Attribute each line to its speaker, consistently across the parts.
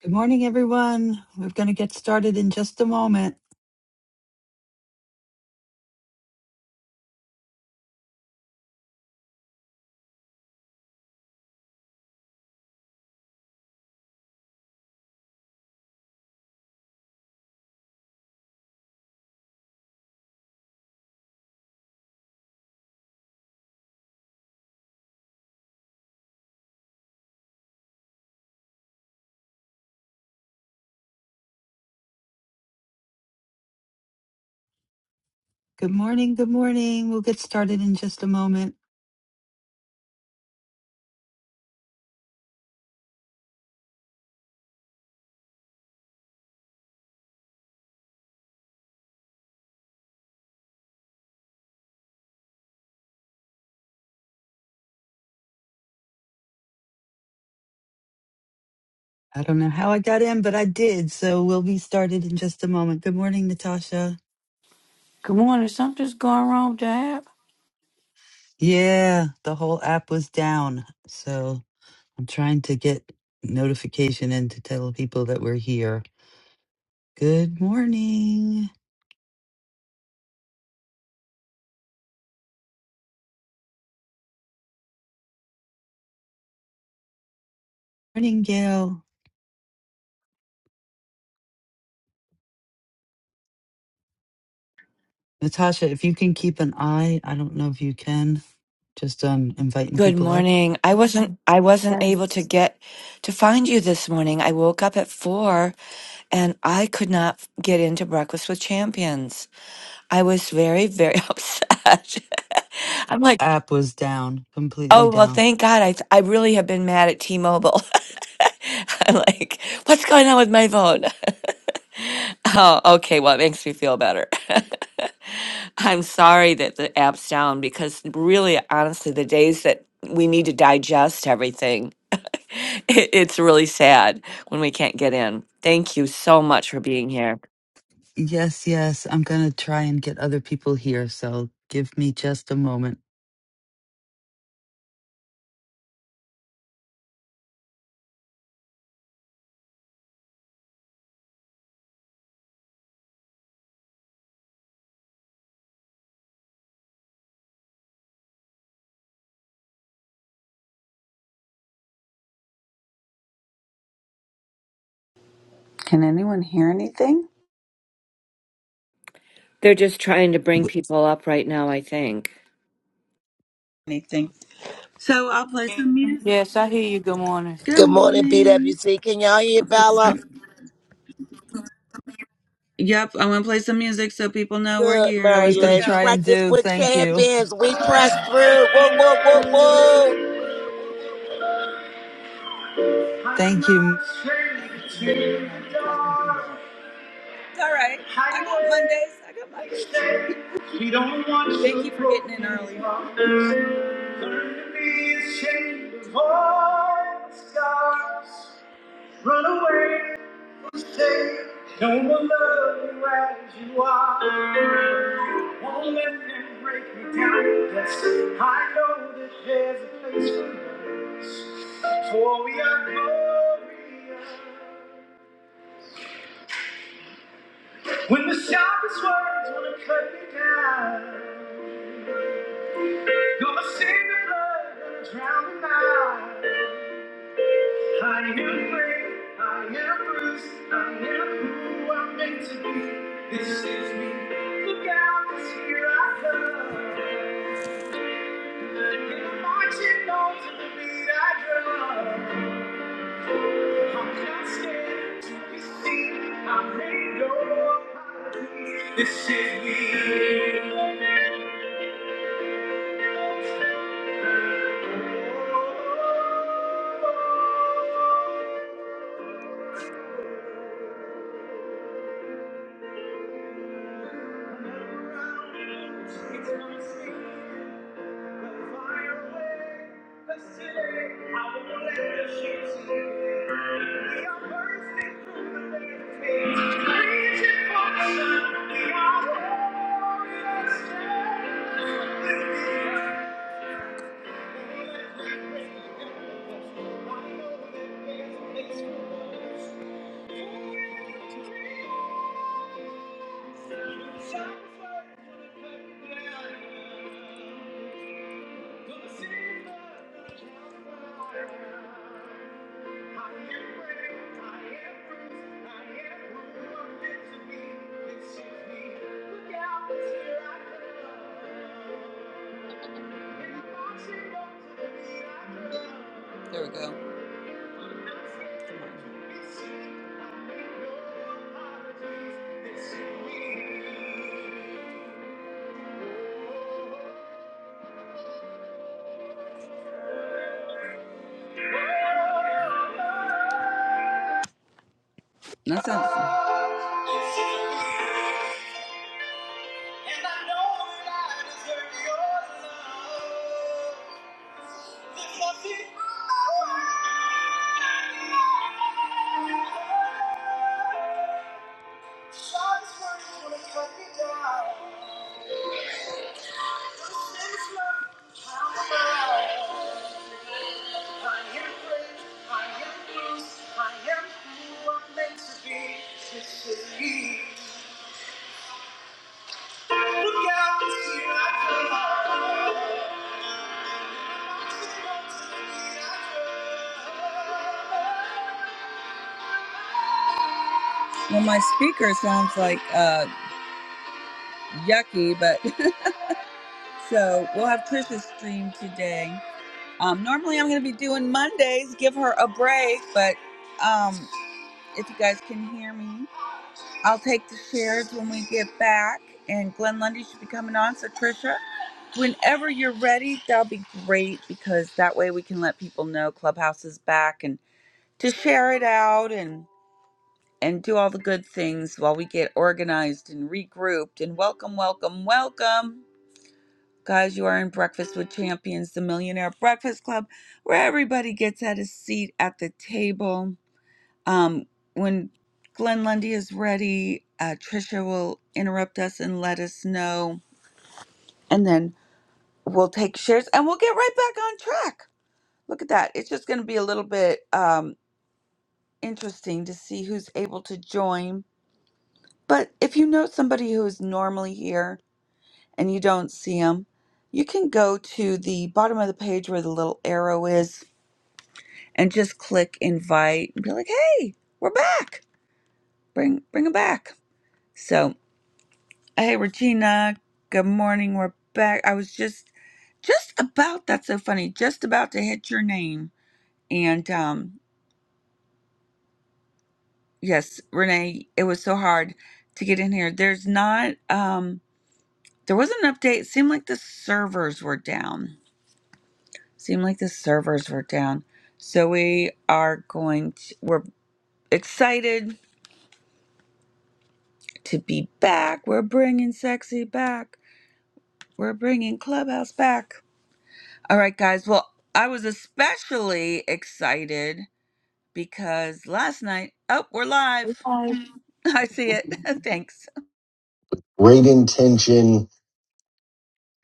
Speaker 1: Good morning, everyone. We're going to get started in just a moment. Good morning. Good morning. We'll get started in just a moment. I don't know how I got in, but I did. So we'll be started in just a moment. Good morning, Natasha.
Speaker 2: Good morning. Something's going wrong with the app.
Speaker 1: Yeah, the whole app was down. So I'm trying to get notification in to tell people that we're here. Good morning. Morning, Gail. Natasha, if you can keep an eye, I don't know if you can, just um, inviting
Speaker 3: Good
Speaker 1: people up.
Speaker 3: morning. I wasn't I wasn't
Speaker 2: Okay.
Speaker 3: able to get to find you this morning. I woke up at 4 and I could not f- get into breakfast with champions. I was very very upset. I'm like
Speaker 1: App was down, completely
Speaker 3: Oh, well,
Speaker 1: down.
Speaker 3: thank God. I I really have been mad at T-Mobile. I'm like, what's going on with my phone? Oh, okay. Well, it makes me feel better. I'm sorry that the app's down because really, honestly, the days that we need to digest everything, it, it's really sad when we can't get in. Thank you so much for being here.
Speaker 1: Yes, yes. I'm going to try and get other people here. So give me just a moment.
Speaker 4: Can anyone hear anything?
Speaker 3: They're just trying to bring people up right now, I think.
Speaker 4: Anything. So I'll play some music.
Speaker 2: Yes, I hear you. Good morning.
Speaker 4: Good
Speaker 5: Good morning,
Speaker 4: morning.
Speaker 5: BWC. Can y'all hear
Speaker 4: I'll play
Speaker 5: Bella?
Speaker 4: some- Yep, I'm gonna play some music so people know we're
Speaker 5: Good,
Speaker 1: I
Speaker 4: here.
Speaker 1: was
Speaker 4: Here
Speaker 1: going
Speaker 4: we
Speaker 1: to
Speaker 4: go.
Speaker 5: Maryland.
Speaker 1: try and
Speaker 5: Breakfast
Speaker 1: do.
Speaker 5: with
Speaker 1: Thank you.
Speaker 5: champions. We press through. Whoa, whoa, whoa, whoa.
Speaker 4: I'm
Speaker 1: Thank
Speaker 4: not
Speaker 1: you.
Speaker 4: ashamed to die. It's all right. I got Mondays. I got Mondays. She don't want you Thank you for getting in early. Learn to be ashamed of all the scars. Run away No one will love you as you are. Won't let them break me down. Yes, I know that there's a place for us. For we are glorious. When the sharpest words wanna cut me down, gonna sing the flood gonna drown the night. I am free, I am loose, I am who I'm meant to be. This is me. Look out, 'cause here I come. And I'm marching on to the beat I drum. I'm not scared to be seen. I'm ready to go. This is me. Oh, oh, oh. Turn around, take my seat. We're Thank you. Look out, it's here I come. There we go. Come on. That sounds. fun. Shots were gonna cut me down. Well, my speaker sounds like uh, yucky, but so we'll have Trisha's stream today. Um, normally, I'm going to be doing Mondays, give her a break, but um, if you guys can hear me. I'll take the shares when we get back, and Glenn Lundy should be coming on. So, Trisha, whenever you're ready, that'll be great because that way we can let people know Clubhouse is back and to share it out and and do all the good things while we get organized and regrouped. And welcome, welcome, welcome. Guys, you are in Breakfast with Champions, the Millionaire Breakfast Club, where everybody gets at a seat at the table um, when Glenn Lundy is ready, uh, Trisha will interrupt us and let us know, and then we'll take shares and we'll get right back on track. Look at that. It's just going to be a little bit um, interesting to see who's able to join. But if you know somebody who is normally here and you don't see them, you can go to the bottom of the page where the little arrow is and just click invite and be like, "Hey, we're back. Bring bring them back." So, Hey, Regina. Good morning. We're back. I was just just about that's so funny. Just about to hit your name. And um yes, Renee, it was so hard to get in here. There's not um there was an update. It seemed like the servers were down. Seemed like the servers were down. So we are going to we're excited to be back. We're bringing sexy back. We're bringing Clubhouse back. All right, guys. Well, I was especially excited because last night, oh, we're live. I see it. Thanks.
Speaker 1: Great intention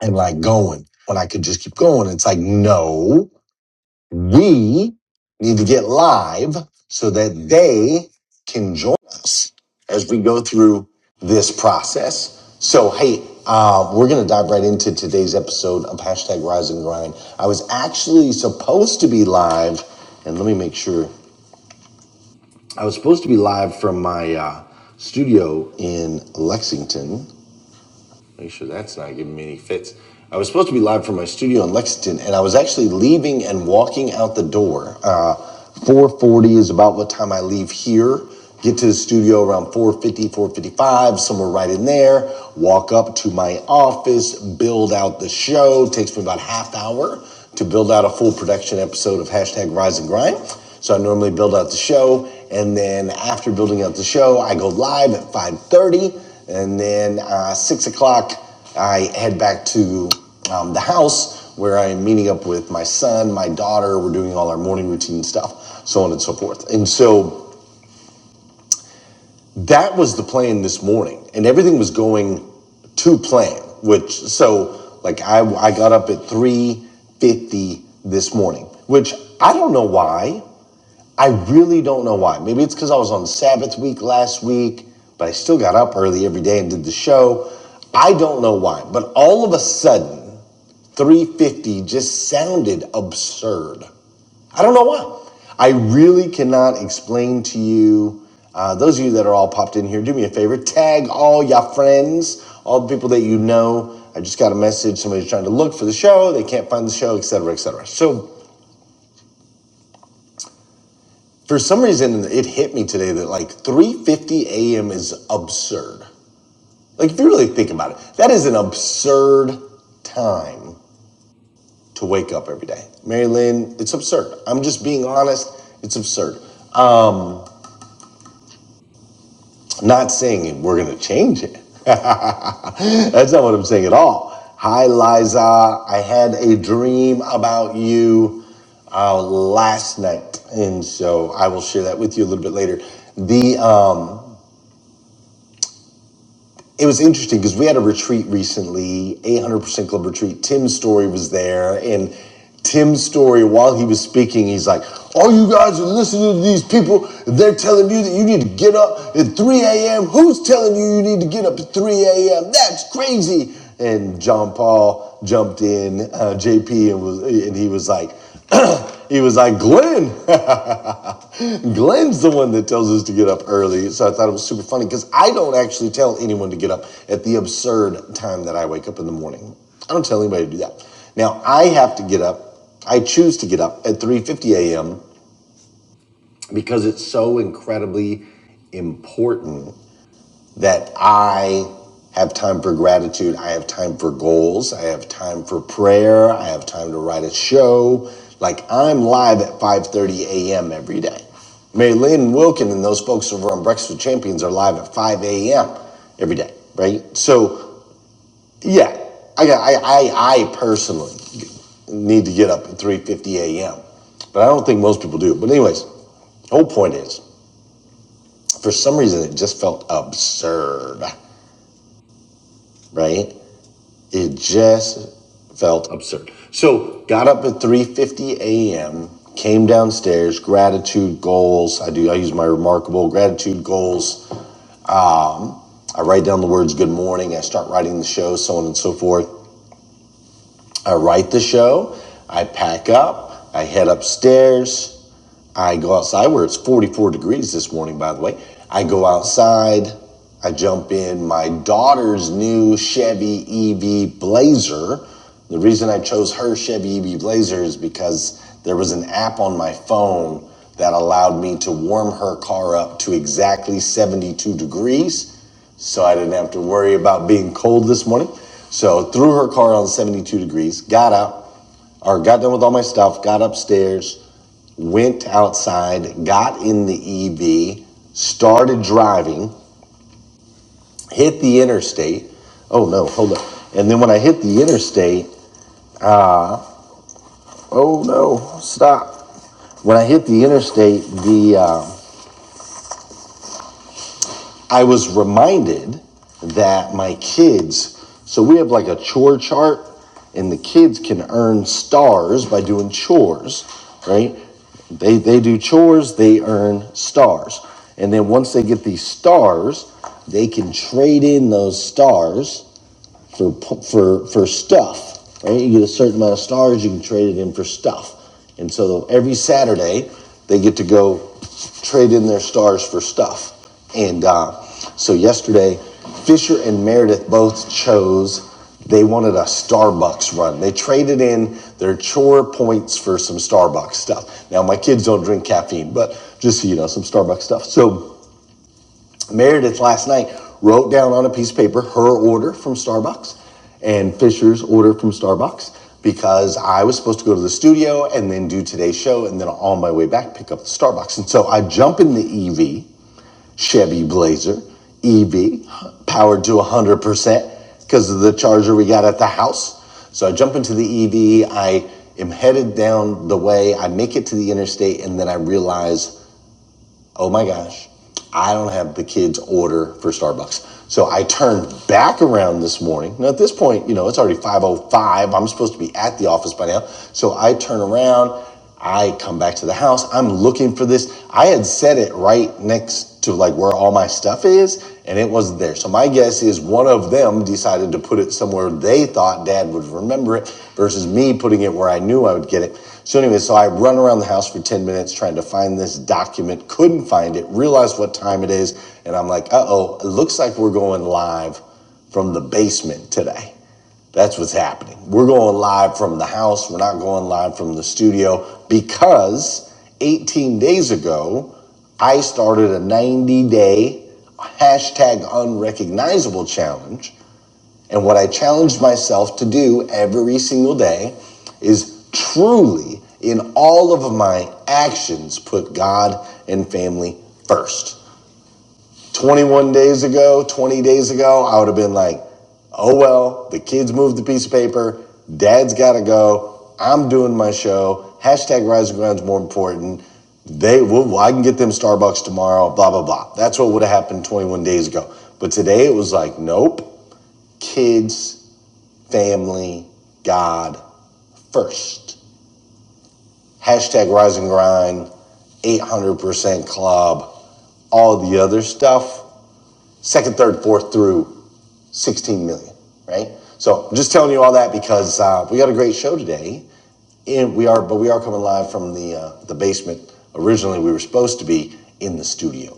Speaker 1: and like going when I could just keep going. It's like, no. We need to get live so that they can join us as we go through this process. So, hey, uh, we're going to dive right into today's episode of hashtag Rise and Grind. I was actually supposed to be live, and let me make sure. I was supposed to be live from my uh, studio in Lexington, Make sure that's not giving me any fits. I was supposed to be live from my studio in Lexington, and I was actually leaving and walking out the door. Uh, 440 is about what time I leave here. Get to the studio around four fifty, four fifty-five, somewhere right in there. Walk up to my office, build out the show. It takes me about half hour to build out a full production episode of hashtag Rise and Grind. So I normally build out the show, and then after building out the show, I go live at 5:30. And then uh, six o'clock, I head back to um, the house where I'm meeting up with my son, my daughter. We're doing all our morning routine stuff, so on and so forth. And so that was the plan this morning, and everything was going to plan. Which so like I I got up at three fifty this morning, which I don't know why. I really don't know why. Maybe it's because I was on Sabbath week last week, but I still got up early every day and did the show. I don't know why, but all of a sudden, 350 just sounded absurd. I don't know why. I really cannot explain to you. Uh, those of you that are all popped in here, do me a favor. Tag all your friends, all the people that you know. I just got a message. Somebody's trying to look for the show. They can't find the show, etc., etc. For some reason, it hit me today that like 3:50 a.m. is absurd. Like if you really think about it, that is an absurd time to wake up every day. Mary Lynn, it's absurd. I'm just being honest. It's absurd. Um, not saying we're gonna change it. That's not what I'm saying at all. Hi, Liza. I had a dream about you uh, last night, and so I will share that with you a little bit later. The um, It was interesting because we had a retreat recently, 800% Club retreat. Tim's story was there. And Tim's story, while he was speaking, he's like, All you guys are listening to these people, they're telling you that you need to get up at 3 a.m. Who's telling you you need to get up at 3 a.m.? That's crazy. And John Paul jumped in, uh, JP, and, was, and he was like, He was like, Glenn. Glenn's the one that tells us to get up early. So I thought it was super funny because I don't actually tell anyone to get up at the absurd time that I wake up in the morning. I don't tell anybody to do that. Now I have to get up. I choose to get up at 3:50 a.m. because it's so incredibly important that I have time for gratitude. I have time for goals. I have time for prayer. I have time to write a show. Like I'm live at 5:30 a.m. every day. Mary Lynn Wilkin and those folks over on Breakfast with Champions are live at 5 a.m. every day, right? So yeah, I got I I, I personally need to get up at 3:50 a.m. But I don't think most people do. But anyways, whole point is, for some reason, it just felt absurd, right? It just felt absurd. So got up at 3:50 a.m. Came downstairs. Gratitude goals. I do. I use my remarkable gratitude goals. Um, I write down the words "Good morning." I start writing the show, so on and so forth. I write the show. I pack up. I head upstairs. I go outside where it's 44 degrees this morning, by the way. I go outside. I jump in my daughter's new Chevy EV Blazer. The reason I chose her Chevy EV Blazer is because there was an app on my phone that allowed me to warm her car up to exactly 72 degrees. So I didn't have to worry about being cold this morning. So threw her car on 72 degrees, got out, or got done with all my stuff, got upstairs, went outside, got in the EV, started driving, hit the interstate. Oh no, hold up. And then when I hit the interstate, oh no, stop. When I hit the interstate, the uh, I was reminded that my kids, so we have like a chore chart, and the kids can earn stars by doing chores, right? They, they do chores, they earn stars. And then once they get these stars, they can trade in those stars for for for stuff. Right? You get a certain amount of stars, you can trade it in for stuff. And so every Saturday, they get to go trade in their stars for stuff. And uh, so yesterday, Fisher and Meredith both chose they wanted a Starbucks run. They traded in their chore points for some Starbucks stuff. Now, my kids don't drink caffeine, but just so you know, some Starbucks stuff. So Meredith last night wrote down on a piece of paper her order from Starbucks and Fisher's order from Starbucks because I was supposed to go to the studio and then do today's show and then on my way back pick up the Starbucks. And so I jump in the EV, Chevy Blazer, EV, powered to 100% because of the charger we got at the house. So I jump into the EV, I am headed down the way, I make it to the interstate, and then I realize oh my gosh, I don't have the kids' order for Starbucks. So I turned back around this morning. Now at this point, you know, it's already 505. I'm supposed to be at the office by now. So I turn around, I come back to the house, I'm looking for this. I had set it right next to like where all my stuff is, and it it wasn't there. So my guess is one of them decided to put it somewhere they thought dad would remember it versus me putting it where I knew I would get it. So anyway, so I run around the house for 10 minutes trying to find this document, couldn't find it, realized what time it is, and I'm like, uh-oh, it looks like we're going live from the basement today. That's what's happening. We're going live from the house. We're not going live from the studio because 18 days ago, I started a 90 day hashtag unrecognizable challenge. And what I challenged myself to do every single day is truly in all of my actions put God and family first. 21 days ago, 20 days ago, I would have been like, oh well, the kids moved the piece of paper, dad's gotta go, I'm doing my show, hashtag rising ground's more important. They will, I can get them Starbucks tomorrow, blah, blah, blah. That's what would have happened 21 days ago. But today it was like, nope, kids, family, God first. Hashtag rise and grind, 800% club, all the other stuff, second, third, fourth through 16 million, right? So I'm just telling you all that because uh, we got a great show today, and we are, but we are coming live from the uh, the basement. Originally, we were supposed to be in the studio,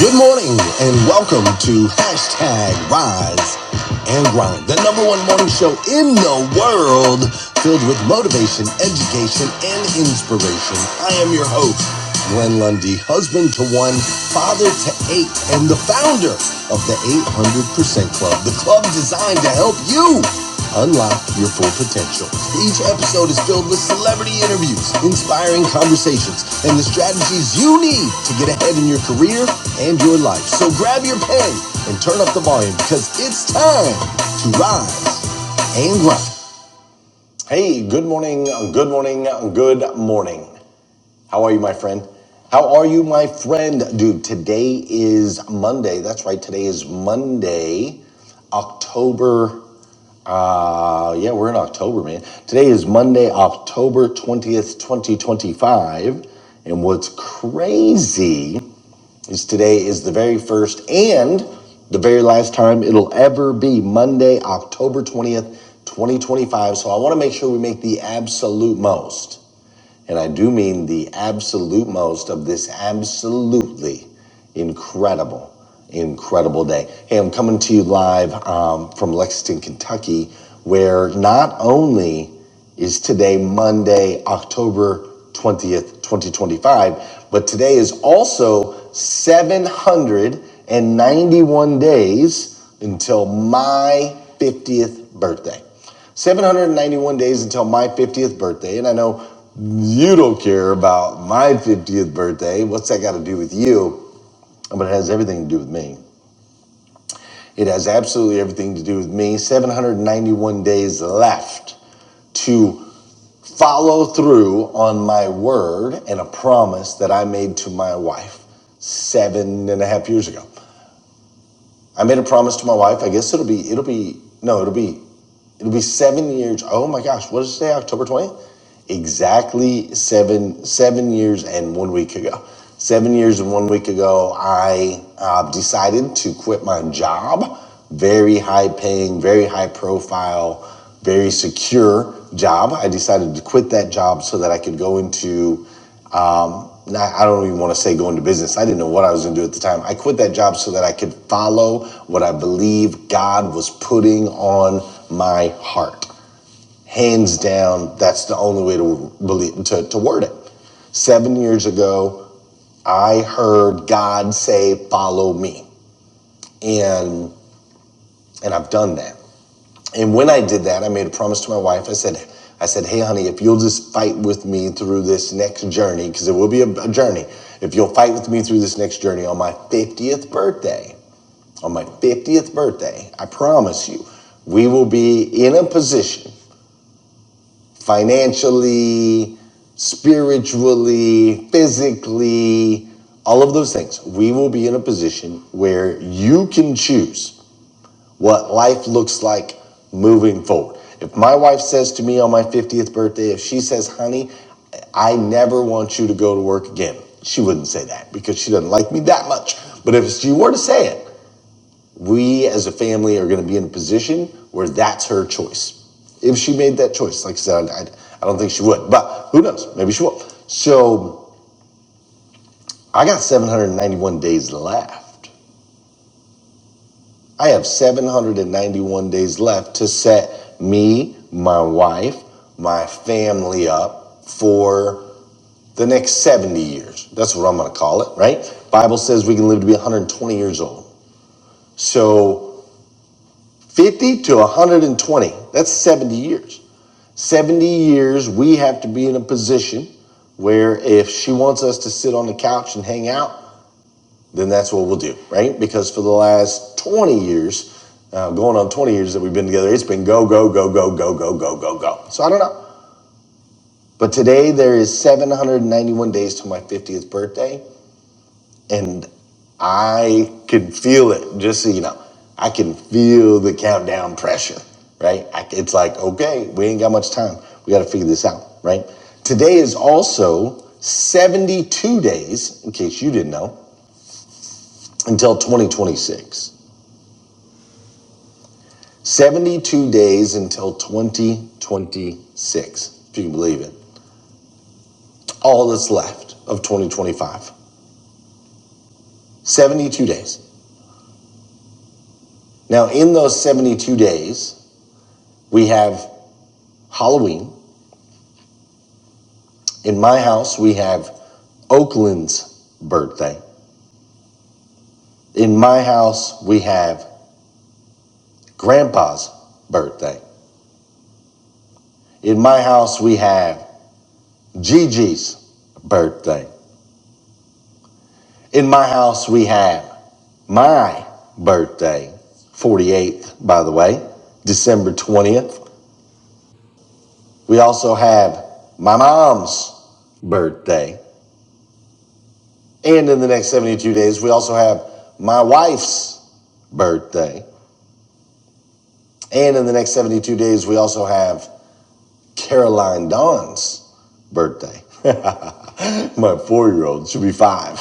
Speaker 1: Good morning and welcome to hashtag Rise and Grind, the number one morning show in the world filled with motivation, education, and inspiration. I am your host, Glenn Lundy, husband to one, father to eight, and the founder of the 800% Club, the club designed to help you Unlock your full potential. Each episode is filled with celebrity interviews, inspiring conversations, and the strategies you need to get ahead in your career and your life. So grab your pen and turn up the volume because it's time to rise and grind. Hey, good morning, good morning, good morning. How are you, my friend? How are you, my friend? Dude, today is Monday. That's right, today is Monday, October uh, yeah, we're in October, man. Today is Monday, October 20th, 2025. And what's crazy is today is the very first and the very last time it'll ever be Monday, October 20th, 2025. So I want to make sure we make the absolute most and I do mean the absolute most of this absolutely incredible, incredible day. Hey, I'm coming to you live um, from Lexington, Kentucky, where not only is today Monday, October 20th, 2025, but today is also 791 days until my 50th birthday. 791 days until my 50th birthday, and I know you don't care about my 50th birthday. What's that got to do with you? But it has everything to do with me. It has absolutely everything to do with me. 791 days left to follow through on my word and a promise that I made to my wife seven and a half years ago. I made a promise to my wife. I guess it'll be it'll be no, it'll be it'll be seven years. Oh my gosh, what did it say? October twentieth? Exactly seven seven years and one week ago. Seven years and one week ago, I uh, decided to quit my job. Very high paying, very high profile, very secure job. I decided to quit that job so that I could go into not I don't even want to say go into business. I didn't know what I was going to do at the time. I quit that job so that I could follow what I believe God was putting on my heart. Hands down, that's the only way to believe to, to word it. Seven years ago, I heard God say, "Follow me," and and I've done that. And when I did that, I made a promise to my wife. I said, I said, hey, honey, if you'll just fight with me through this next journey, because it will be a, a journey, if you'll fight with me through this next journey on my 50th birthday, on my 50th birthday, I promise you, we will be in a position financially, spiritually, physically, all of those things. We will be in a position where you can choose what life looks like moving forward. If my wife says to me on my 50th birthday, if she says, honey, I never want you to go to work again, she wouldn't say that because she doesn't like me that much. But if she were to say it, we as a family are going to be in a position where that's her choice. If she made that choice, like I said, I, I don't think she would, but who knows? Maybe she will. So I got 791 days left. I have 791 days left to set me, my wife, my family up for the next 70 years. That's what I'm going to call it, right? Bible says we can live to be 120 years old. So 50 to 120, that's 70 years. 70 years we have to be in a position where if she wants us to sit on the couch and hang out, then that's what we'll do, right? Because for the last 20 years, uh, going on 20 years that we've been together, it's been go, go, go, go, go, go, go, go, go. So I don't know. But today there is 791 days to my 50th birthday, and I can feel it, just so you know. I can feel the countdown pressure, right? I, it's like, okay, we ain't got much time. We got to figure this out, right? Today is also 72 days, in case you didn't know, until 2026. 72 days until 2026, if you can believe it. All that's left of 2025. 72 days. Now, in those 72 days, we have Halloween. In my house, we have Oakland's birthday. In my house, we have Grandpa's birthday. In my house, we have Gigi's birthday. In my house, we have my birthday, 48th, by the way, December 20th. We also have my mom's birthday. And in the next 72 days, we also have my wife's birthday. And in the next 72 days, we also have Caroline Dawn's birthday. My four year old, she'll be five.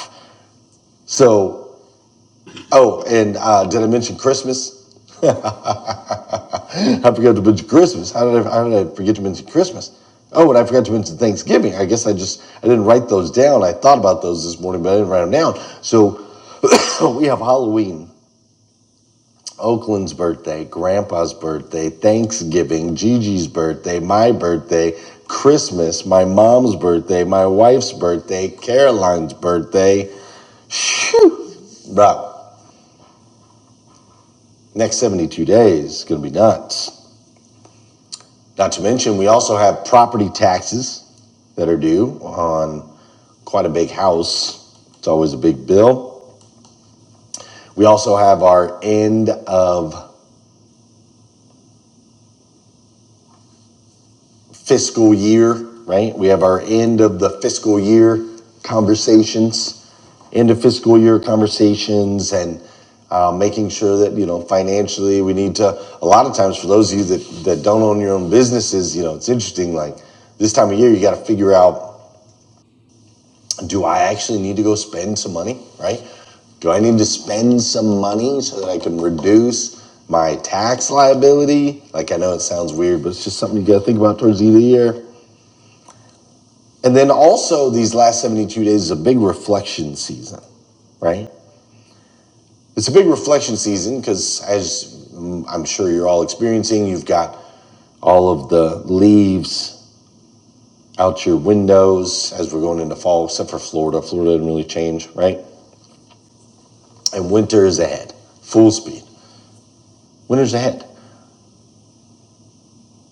Speaker 1: So, oh, and uh, did I mention Christmas? I forgot to mention Christmas. How did I, how did I forget to mention Christmas? Oh, and I forgot to mention Thanksgiving. I guess I just I didn't write those down. I thought about those this morning, but I didn't write them down. So we have Halloween, Oakland's birthday, Grandpa's birthday, Thanksgiving, Gigi's birthday, my birthday, Christmas, my mom's birthday, my wife's birthday, Caroline's birthday. Phew! Bro, next 72 days is gonna be nuts. Not to mention, we also have property taxes that are due on quite a big house. It's always a big bill. We also have our end of fiscal year, right? We have our end of the fiscal year conversations, end of fiscal year conversations, and uh, making sure that you know financially we need to. A lot of times, for those of you that that don't own your own businesses, you know it's interesting. Like this time of year, you got to figure out do I actually need to go spend some money, right? Do I need to spend some money so that I can reduce my tax liability? Like, I know it sounds weird, but it's just something you got to think about towards the end of the year. And then also, these last 72 days is a big reflection season, right? It's a big reflection season because, as mm, I'm sure you're all experiencing, you've got all of the leaves out your windows as we're going into fall, except for Florida. Florida didn't really change, right? And winter is ahead, full speed. Winter's ahead.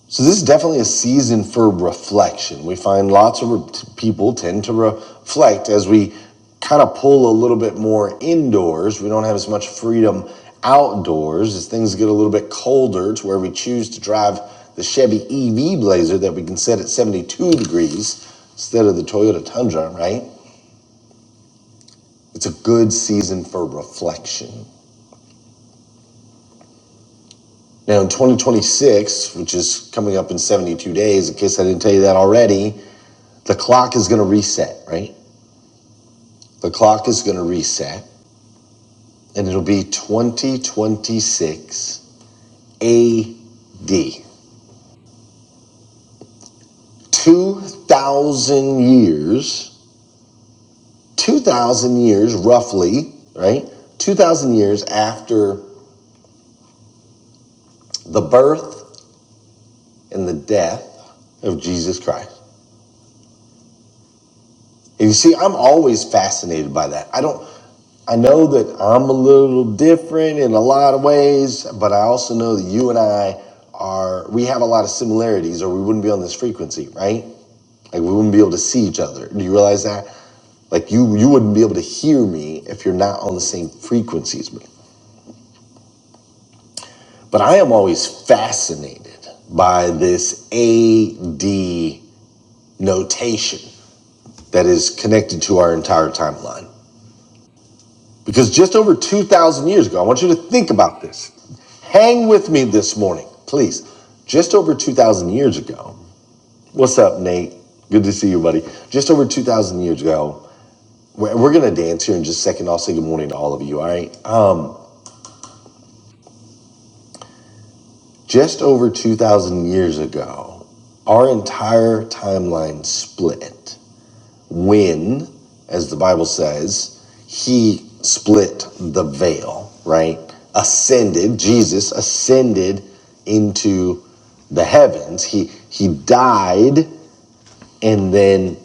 Speaker 1: So this is definitely a season for reflection. We find lots of re- people tend to reflect as we kind of pull a little bit more indoors. We don't have as much freedom outdoors as things get a little bit colder to where we choose to drive the Chevy EV Blazer that we can set at 72 degrees instead of the Toyota Tundra, right? It's a good season for reflection. Now, in 2026, which is coming up in 72 days, in case I didn't tell you that already, The clock is going to reset, right? The clock is going to reset and it'll be 2026 AD. 2,000 years, 2,000 years roughly, right? 2,000 years after the birth and the death of Jesus Christ. You see, I'm always fascinated by that. I don't, I know that I'm a little different in a lot of ways, but I also know that you and I are, we have a lot of similarities or we wouldn't be on this frequency, right? Like we wouldn't be able to see each other. Do you realize that? Like you, you wouldn't be able to hear me if you're not on the same frequency as me. But I am always fascinated by this AD notation that is connected to our entire timeline Because just over 2,000 years ago, I want you to think about this. Hang with me this morning, please. Just over 2,000 years ago, what's up, Nate? Good to see you, buddy. Just over 2,000 years ago, we're, we're going to dance here in just a second. I'll say good morning to all of you, all right? Um, just over 2,000 years ago, our entire timeline split. when, as the Bible says, he split the veil, right? Ascended, Jesus ascended into the heavens. He he died and then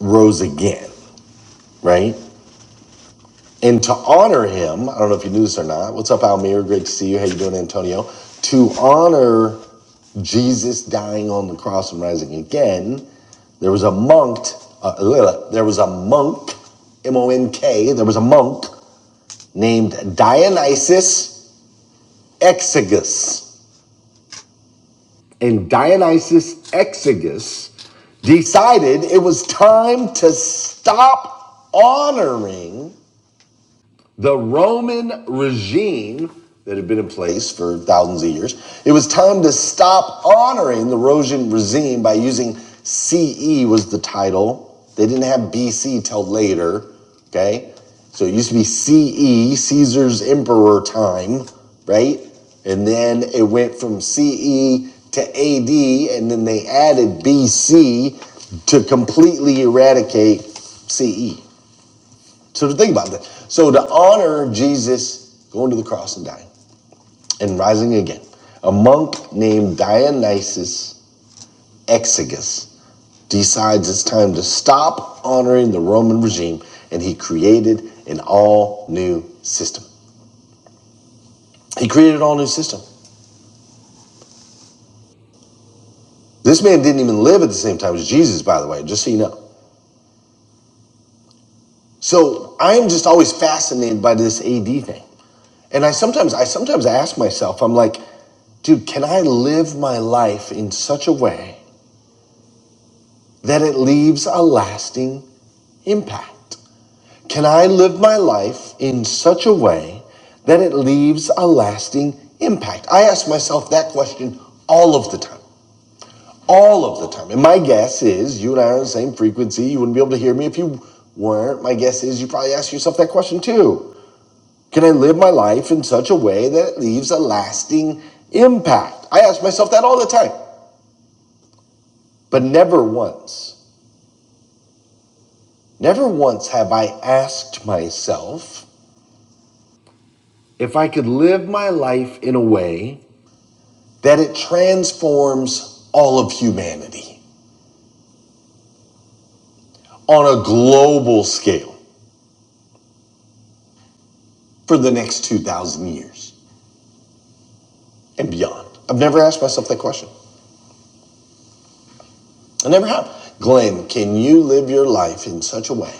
Speaker 1: rose again, right? And to honor him, I don't know if you knew this or not. What's up, Almir? Great to see you. How you doing, Antonio? To honor Jesus dying on the cross and rising again, there was a monk. Uh, uh, there was a monk, M O N K. There was a monk named Dionysius Exiguus, and Dionysius Exiguus decided it was time to stop honoring the Roman regime that had been in place for thousands of years, it was time to stop honoring the Roman regime by using CE was the title. They didn't have BC till later, okay? So it used to be CE, Caesar's emperor time, right? And then it went from CE to AD, and then they added BC to completely eradicate CE. So to think about that. So to honor Jesus going to the cross and dying and rising again, a monk named Dionysius Exiguus decides it's time to stop honoring the Roman regime and he created an all new system. He created an all new system. This man didn't even live at the same time as Jesus, by the way, just so you know. So I'm just always fascinated by this AD thing. And I sometimes I sometimes ask myself, I'm like, dude, can I live my life in such a way that it leaves a lasting impact? Can I live my life in such a way that it leaves a lasting impact? I ask myself that question all of the time. All of the time. And my guess is you and I are on the same frequency. You wouldn't be able to hear me if you weren't. My guess is you probably ask yourself that question too. Can I live my life in such a way that it leaves a lasting impact? I ask myself that all the time, but never once, never once have I asked myself if I could live my life in a way that it transforms all of humanity on a global scale for the next 2,000 years and beyond. I've never asked myself that question. I never have. Glenn, can you live your life in such a way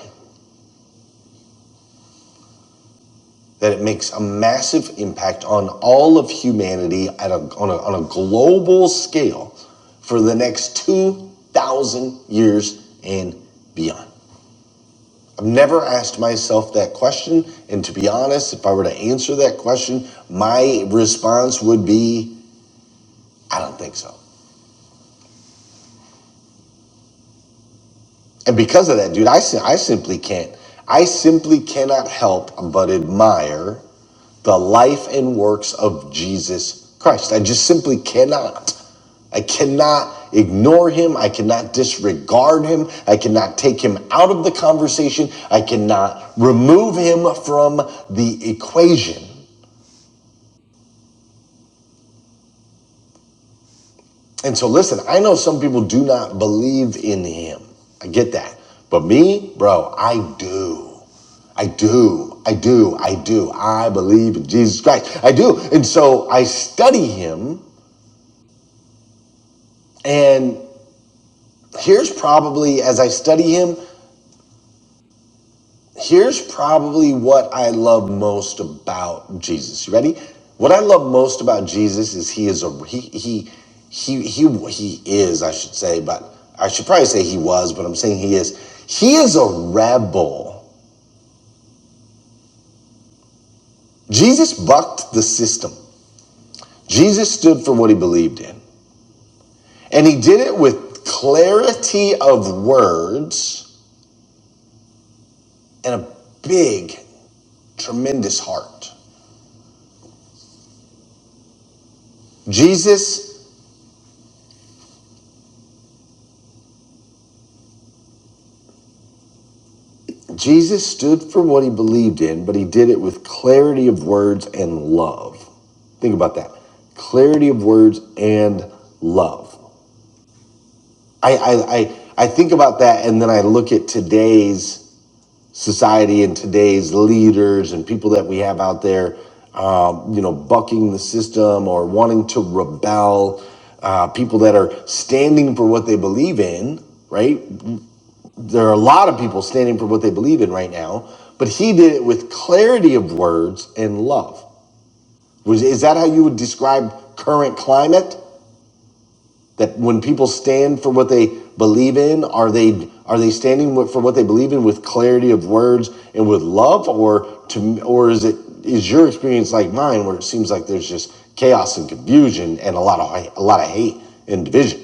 Speaker 1: that it makes a massive impact on all of humanity at a, on, a, on a global scale for the next 2,000 years and beyond. I've never asked myself that question. And to be honest, if I were to answer that question, my response would be I don't think so. And because of that, dude, I, si- I simply can't. I simply cannot help but admire the life and works of Jesus Christ. I just simply cannot. I cannot ignore him. I cannot disregard him. I cannot take him out of the conversation. I cannot remove him from the equation. And so, listen, I know some people do not believe in him. I get that. But me, bro, I do. I do. I do. I do. I believe in Jesus Christ. I do. And so I study him. And here's probably as I study him, Here's probably what I love most about Jesus. You ready? What I love most about Jesus is he is a he he he he he is, I should say, but I should probably say he was, but I'm saying he is. He is a rebel. Jesus bucked the system. Jesus stood for what he believed in. And he did it with clarity of words and a big, tremendous heart. Jesus Jesus stood for what he believed in, but he did it with clarity of words and love. Think about that. Clarity of words and love. I, I, I, I think about that and then I look at today's society and today's leaders and people that we have out there, um, you know, bucking the system or wanting to rebel, uh, people that are standing for what they believe in, right? there are a lot of people standing for what they believe in right now, but he did it with clarity of words and love. Was, is that how you would describe current climate? That when people stand for what they believe in, are they are they standing with- for what they believe in with clarity of words and with love, or to or is it is your experience like mine, where it seems like there's just chaos and confusion and a lot of hi- a lot of hate and division,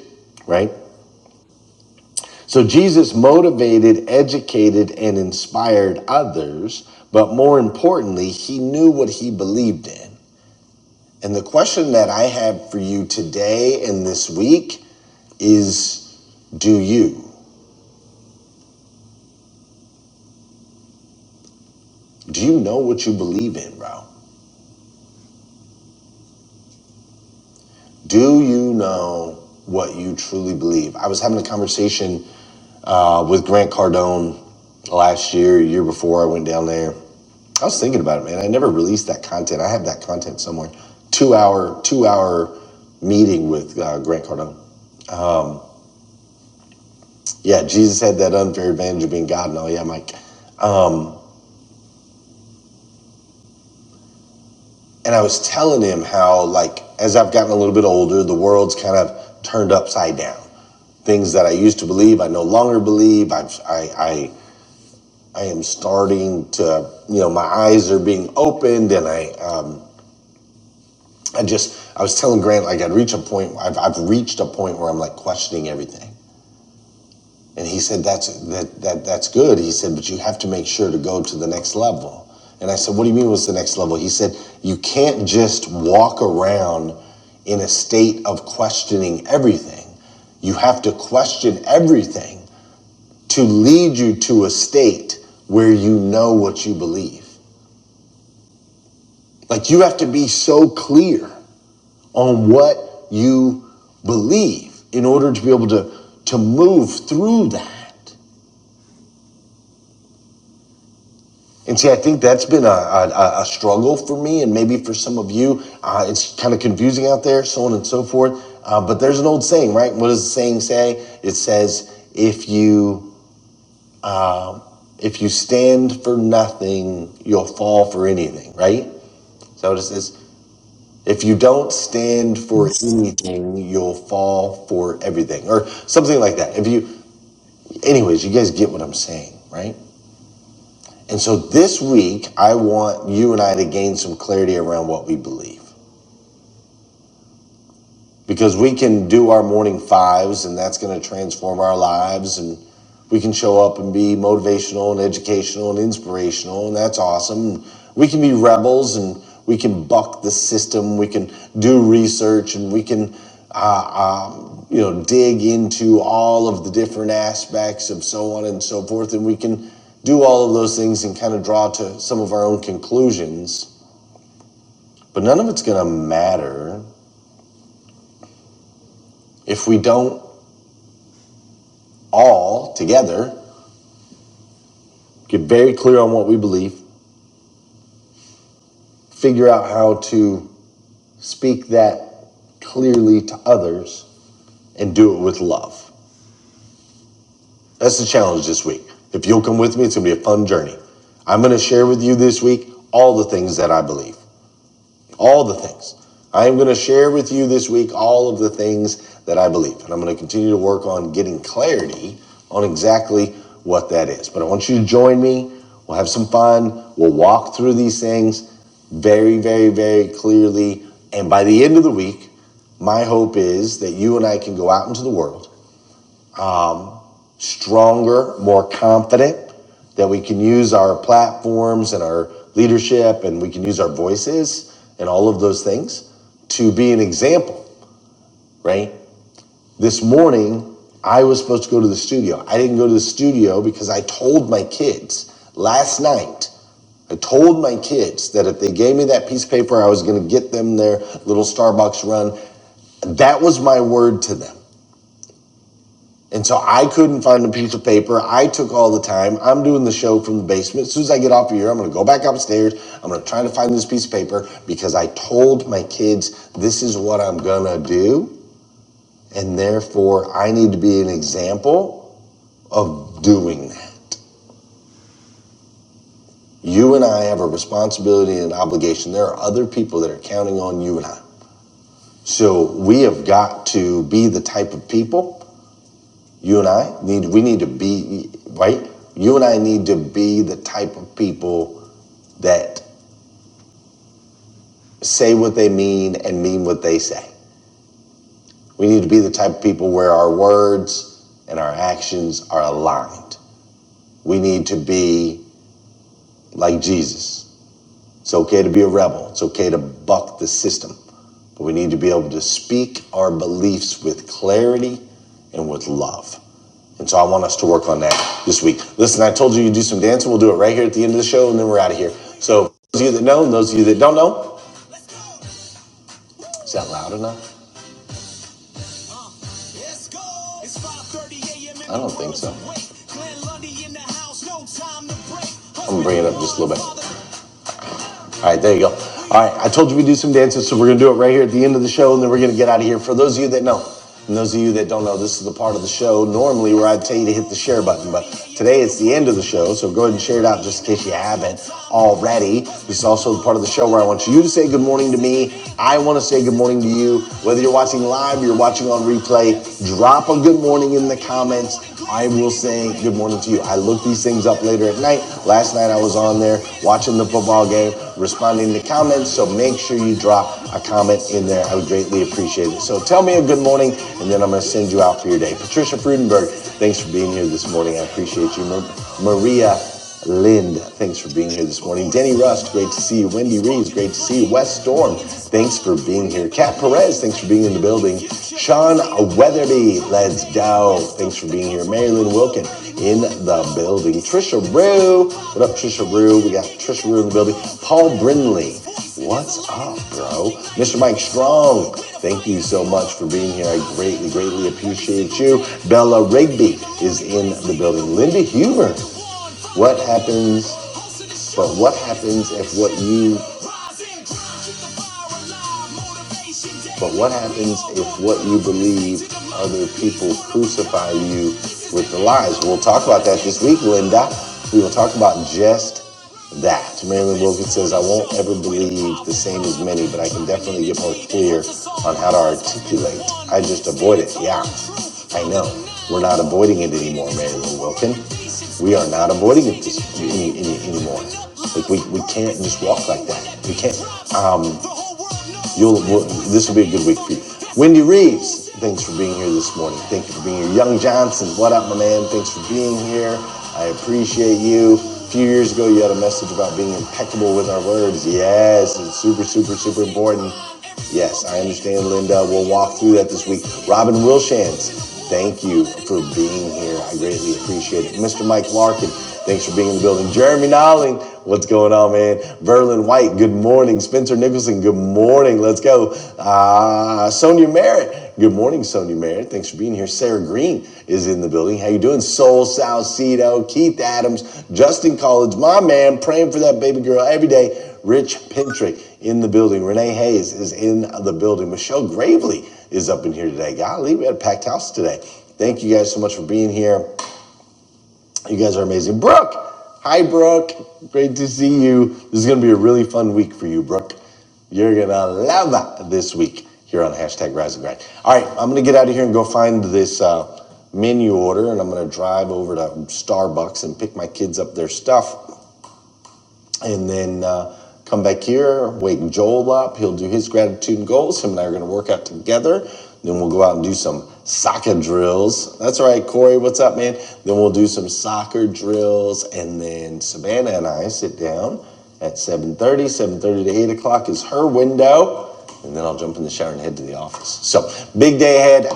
Speaker 1: right? So Jesus motivated, educated, and inspired others, but more importantly, he knew what he believed in. And the question that I have for you today and this week is do you? Do you know what you believe in, bro? Do you know what you truly believe? I was having a conversation uh, with Grant Cardone last year, year before I went down there. I was thinking about it, man. I never released that content. I have that content somewhere. Two hour, two hour meeting with uh, Grant Cardone. Yeah, Jesus had that unfair advantage of being God and all. Yeah, Mike. Um, and I was telling him how, like, as I've gotten a little bit older, the world's kind of turned upside down. Things that I used to believe, I no longer believe. I've, I, I, I am starting to, you know, my eyes are being opened, and I, um, I just, I was telling Grant, like I'd reach a point, I've, I've reached a point where I'm like questioning everything. And he said, that's, that, that, that's good. He said, but you have to make sure to go to the next level. And I said, what do you mean what's the next level? He said, you can't just walk around in a state of questioning everything. You have to question everything to lead you to a state where you know what you believe. Like you have to be so clear on what you believe in order to be able to to move through that. And see, I think that's been a, a, a struggle for me, and maybe for some of you, uh, it's kind of confusing out there, so on and so forth. Uh, but there's an old saying, right? What does the saying say? It says, "If you um, if you stand for nothing, you'll fall for anything." Right? So it says, "If you don't stand for anything, you'll fall for everything," or something like that. If you Anyways, you guys get what I'm saying, right? And so this week, I want you and I to gain some clarity around what we believe. because we can do our morning fives and that's going to transform our lives and we can show up and be motivational and educational and inspirational and that's awesome we can be rebels and we can buck the system we can do research and we can uh, um, you know dig into all of the different aspects of so on and so forth and we can do all of those things and kind of draw to some of our own conclusions but none of it's going to matter if we don't all together, get very clear on what we believe, figure out how to speak that clearly to others, and do it with love. That's the challenge this week. If you'll come with me, it's gonna be a fun journey. I'm gonna share with you this week all the things that I believe. all the things. I am going to share with you this week all of the things that I believe. And I'm going to continue to work on getting clarity on exactly what that is. But I want you to join me. We'll have some fun. We'll walk through these things very, very, very clearly. And by the end of the week, my hope is that you and I can go out into the world stronger, more confident, that we can use our platforms and our leadership and we can use our voices and all of those things to be an example, right? This morning, I was supposed to go to the studio. I didn't go to the studio because I told my kids last night, I told my kids that if they gave me that piece of paper, I was going to get them their little Starbucks run. That was my word to them. And so I couldn't find a piece of paper. I took all the time. I'm doing the show from the basement. As soon as I get off of here, I'm going to go back upstairs. I'm going to try to find this piece of paper because I told my kids this is what I'm going to do. And therefore, I need to be an example of doing that. You and I have a responsibility and an obligation. There are other people that are counting on you and I. So we have got to be the type of people You and I need, we need to be, right? You and I need to be the type of people that say what they mean and mean what they say. We need to be the type of people where our words and our actions are aligned. We need to be like Jesus. It's okay to be a rebel, it's okay to buck the system, but we need to be able to speak our beliefs with clarity and with love. And so I want us to work on that this week. Listen, I told you you do some dancing. We'll do it right here at the end of the show, and then we're out of here. So those of you that know, and those of you that don't know, is that loud enough? All right, there you go. All right, I told you we do some dances, so we're gonna do it right here at the end of the show, and then we're gonna get out of here. For those of you that know, and those of you that don't know, this is the part of the show normally where I tell you to hit the share button, but today it's the end of the show, so go ahead and share it out just in case you haven't already. This is also the part of the show where I want you to say good morning to me. I want to say good morning to you. Whether you're watching live or you're watching on replay, drop a good morning in the comments. I will say good morning to you. I look these things up later at night. Last night I was on there watching the football game. Responding to comments. So make sure you drop a comment in there. I would greatly appreciate it. So tell me a good morning, and then I'm going to send you out for your day. Patricia Frudenberg, thanks for being here this morning. I appreciate you. Maria Lind, thanks for being here this morning. Denny Rust, great to see you. Wendy Reeves, great to see you. Wes Storm, thanks for being here. Kat Perez, thanks for being in the building. Sean Weatherby, let's go. Thanks for being here. Marilyn Wilkin, in the building. Trisha Rue. What up, Trisha Rue? We got Trisha Rue in the building. Paul Brindley, What's up, bro? Mr. Mike Strong. Thank you so much for being here. I greatly, greatly appreciate you. Bella Rigby is in the building. Linda Huber. What happens, but what happens if what you, but what happens if what you believe other people crucify you with the lies? We'll talk about that this week, Linda. We will talk about just that. Marilyn Wilkin says, I won't ever believe the same as many, but I can definitely get more clear on how to articulate. I just avoid it. Yeah, I know. We're not avoiding it anymore, Marilyn Wilkin. We are not avoiding it this, any, any, anymore. Like we, we can't just walk like that. We can't. Um. You'll, this will be a good week for you. Wendy Reeves, thanks for being here this morning. Thank you for being here. Young Johnson, what up, my man? Thanks for being here. I appreciate you. A few years ago, you had a message about being impeccable with our words. Yes, it's super, super, super important. Yes, I understand, Linda. We'll walk through that this week. Robin Wilshans, thank you for being here. I greatly appreciate it. Mr. Mike Larkin, thanks for being in the building. Jeremy Nolling, what's going on, man? Verlin White, good morning. Spencer Nicholson, good morning. Let's go. Uh, Sonia Merritt, good morning, Sonia Merritt. Thanks for being here. Sarah Green is in the building. How you doing? Soul Salcedo, Keith Adams, Justin College, my man, praying for that baby girl every day. Rich Pintrick in the building. Renee Hayes is in the building. Michelle Gravely is up in here today. Golly, we had a packed house today. Thank you guys so much for being here. You guys are amazing. Brooke, hi, Brooke. Great to see you. This is going to be a really fun week for you, Brooke. You're going to love this week here on hashtag Rise and Grind. All right, I'm going to get out of here and go find this uh, menu order, and I'm going to drive over to Starbucks and pick my kids up their stuff and then uh, come back here, waiting Joel up. He'll do his gratitude and goals. Him and I are going to work out together. Then we'll go out and do some soccer drills. That's right, Corey. What's up, man? Then we'll do some soccer drills, and then Savannah and I sit down at 7.30. 7.30 to 8 o'clock is her window. And then I'll jump in the shower and head to the office. So, big day ahead.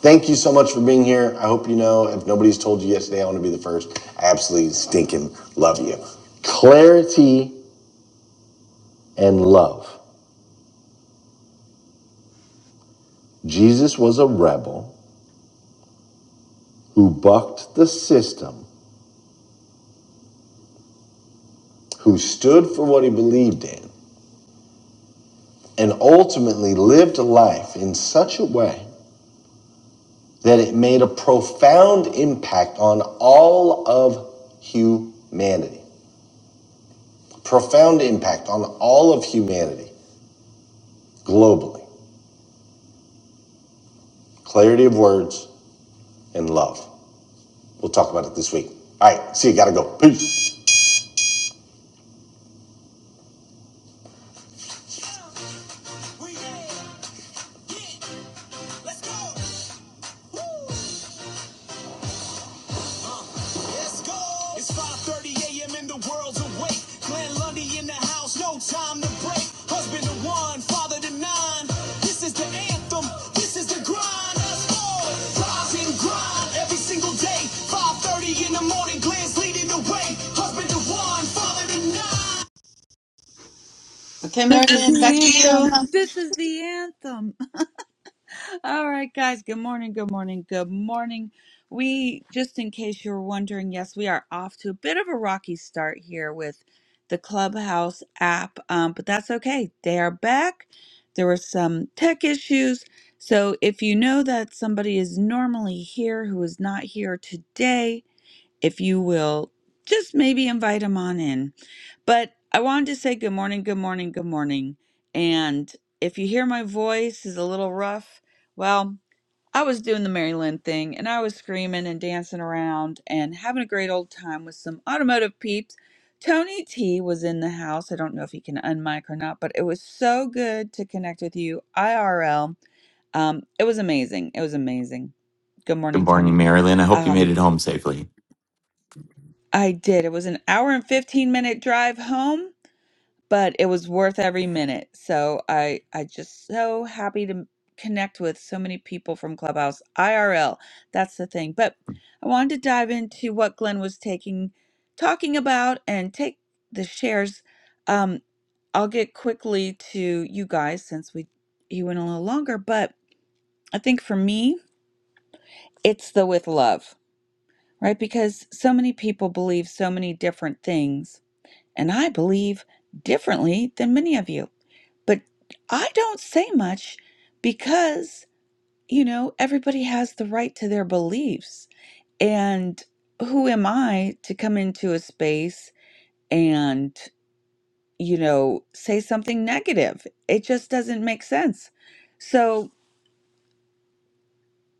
Speaker 1: Thank you so much for being here. I hope you know, if nobody's told you yet. Today, I want to be the first. I absolutely stinking love you. Clarity and love. Jesus was a rebel who bucked the system, who stood for what he believed in, and ultimately lived a life in such a way that it made a profound impact on all of humanity. Profound impact on all of humanity globally. Clarity of words and love. We'll talk about it this week. All right. See you. Gotta go. Peace. Okay,
Speaker 4: This is
Speaker 1: Marianne, back
Speaker 4: the
Speaker 1: to you.
Speaker 4: anthem. This is the anthem. All right, guys. Good morning. Good morning. Good morning. We, just in case you're wondering, yes, we are off to a bit of a rocky start here with the Clubhouse app, um, but that's okay. They are back. There were some tech issues. So if you know that somebody is normally here who is not here today, if you will just maybe invite him on in. But I wanted to say good morning, good morning, good morning. And if you hear my voice is a little rough, well, I was doing the Maryland thing and I was screaming and dancing around and having a great old time with some automotive peeps. Tony T was in the house. I don't know if he can unmic or not, but it was so good to connect with you IRL. Um, it was amazing. It was amazing. Good
Speaker 6: Good
Speaker 4: morning,
Speaker 6: morning,
Speaker 4: Tony.
Speaker 6: Marilyn. I hope you made
Speaker 4: Um,
Speaker 6: it home safely.
Speaker 4: I did. It was an hour and 15 minute drive home, but it was worth
Speaker 6: Yeah.
Speaker 4: every minute. So I I just so happy to connect with so many people from Clubhouse IRL. That's the thing. But I wanted to dive into what Glenn was taking talking about and take the shares. Um I'll get quickly to you guys since we he went a little longer, but I think for me, it's the with love, right? Because so many people believe so many different things and I believe differently than many of you. But I don't say much because, you know, everybody has the right to their beliefs. And who am I to come into a space and, you know, say something negative? It just doesn't make sense. So,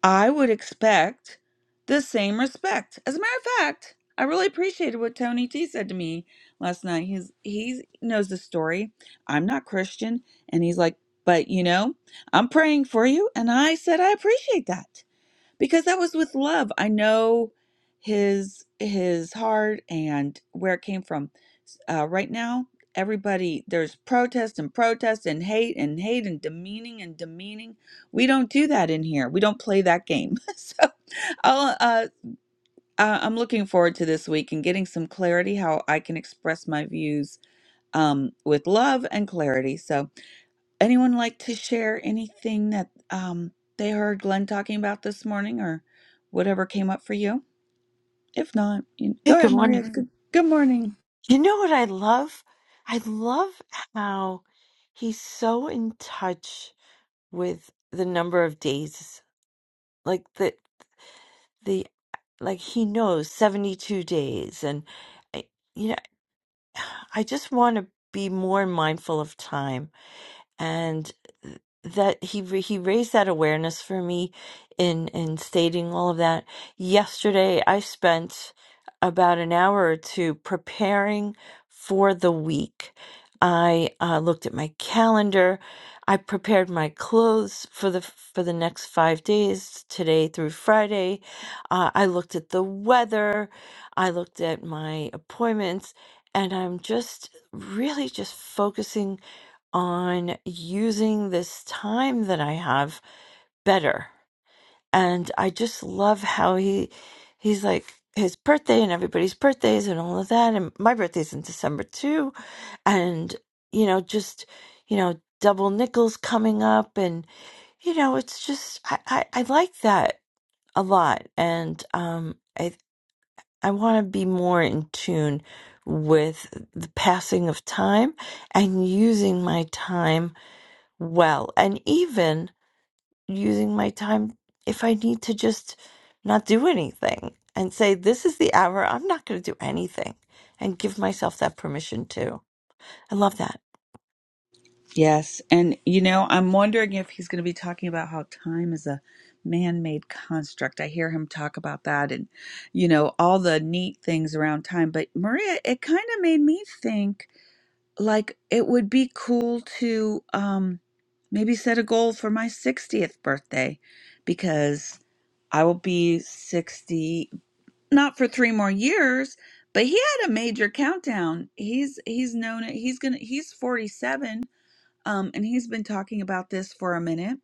Speaker 4: I would expect the same respect. As a matter of fact, I really appreciated what Tony T said to me last night. He's he knows the story. I'm not Christian, and he's like, but you know, I'm praying for you, and I said I appreciate that because that was with love. I know his his heart and where it came from. Uh, right now, everybody there's protest and protest and hate and hate and demeaning and demeaning. We don't do that in here. We don't play that game. so I'll, uh, uh, I'm looking forward to this week and getting some clarity how I can express my views um, with love and clarity. So Anyone like to share anything that um, they heard Glenn talking about this morning or whatever came up for you? If not, you, go
Speaker 7: Hey, good
Speaker 4: ahead, Maria.
Speaker 7: morning.
Speaker 4: Good, good morning.
Speaker 7: You know what I love? I love how he's so in touch with the number of days, like the the like he knows 72 days and I- you know, I just want to be more mindful of time and that he ra- he raised that awareness for me in in stating all of that yesterday i spent about an hour or two preparing for the week i uh, looked at my calendar i prepared my clothes for the for the next five days today through friday uh, i looked at the weather i looked at my appointments and i'm just really just focusing on using this time that I have better. And I just love how he he's like his birthday and everybody's birthdays and all of that. And my birthday's in December too. And, you know, just, you know, double nickels coming up and you know, it's just I, I, I like that a lot. And um I I wanna be more in tune with the passing of time and using my time well. And even using my time if I need to just not do anything and say, this is the hour, I'm not going to do anything and give myself that permission too. I love that.
Speaker 4: Yes. And, you know, I'm wondering if he's going to be talking about how time is a man made construct. I hear him talk about that and, you know, all the neat things around time. But, Maria, it kind of made me think like it would be cool to um, maybe set a goal for my 60th birthday because I will be 60 not for 3 more years, but he had a major countdown. He's he's known it. He's going to he's 47 um and he's been talking about this for a minute,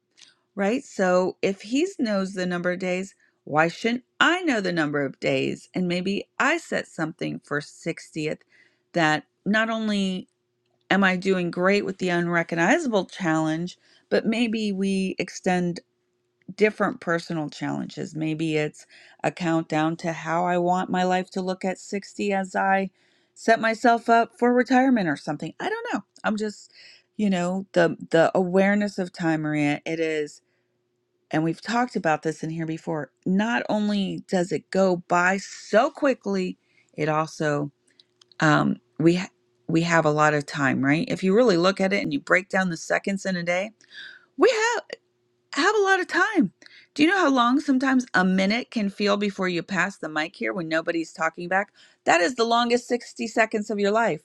Speaker 4: right? So if he knows the number of days, why shouldn't I know the number of days and maybe I set something for 60th that not only am I doing great with the unrecognizable challenge, but maybe we extend different personal challenges. Maybe it's a countdown to how I want my life to look at 60 as I set myself up for retirement or something. I don't know. I'm just, you know, the the awareness of time, Maria, it is and we've talked about this in here before. Not only does it go by so quickly, it also um we ha- we have a lot of time, right? If you really look at it and you break down the seconds in a day, we have. I have a lot of time. Do you know how long sometimes a minute can feel before you pass the mic here when nobody's talking back? That is the longest 60 seconds of your life.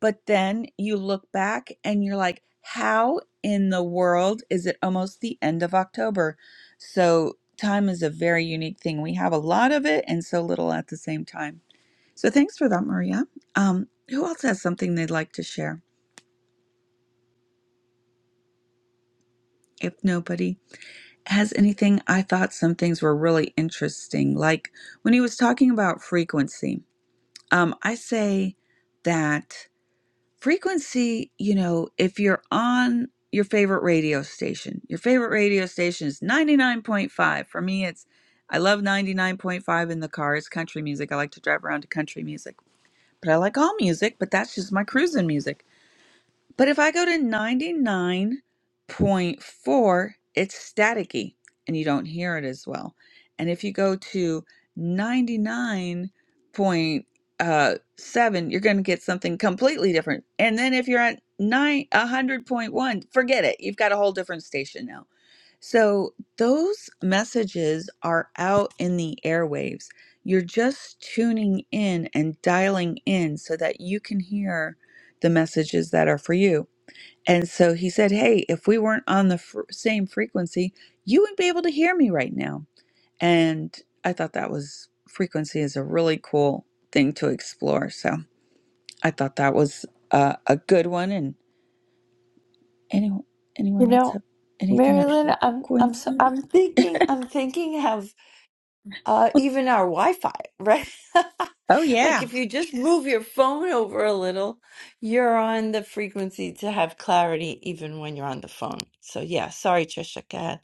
Speaker 4: But then you look back and you're like, how in the world is it almost the end of October? So, time is a very unique thing. We have a lot of it and so little at the same time. So, thanks for that, Maria. Um, who else has something they'd like to share? If nobody, as anything, I thought some things were really interesting. Like when he was talking about frequency, um, I say that frequency, you know, if you're on your favorite radio station, your favorite radio station is 99.5. For me, it's, I love 99.5 in the car. It's country music. I like to drive around to country music, but I like all music, but that's just my cruising music. But if I go to 99.4, it's staticky and you don't hear it as well. And if you go to 99.7, you're going to get something completely different. And then if you're at 9 100.1, forget it. You've got a whole different station now. So those messages are out in the airwaves. You're just tuning in and dialing in so that you can hear the messages that are for you. And so he said, Hey, if we weren't on the fr- same frequency, you wouldn't be able to hear me right now. And I thought that was frequency is a really cool thing to explore. So I thought that was uh, a good one. And anyone,
Speaker 7: You
Speaker 4: anyone else
Speaker 7: know,
Speaker 4: have anything on
Speaker 7: Marilyn, I'm I'm so,
Speaker 4: frequency?
Speaker 7: I'm thinking I'm thinking of uh, even our Wi-Fi, right?
Speaker 4: Oh,
Speaker 7: Like
Speaker 4: yeah.
Speaker 7: if you just move your phone over a little, you're on the frequency to have clarity even when you're on the phone. So yeah, sorry, Trisha, go ahead.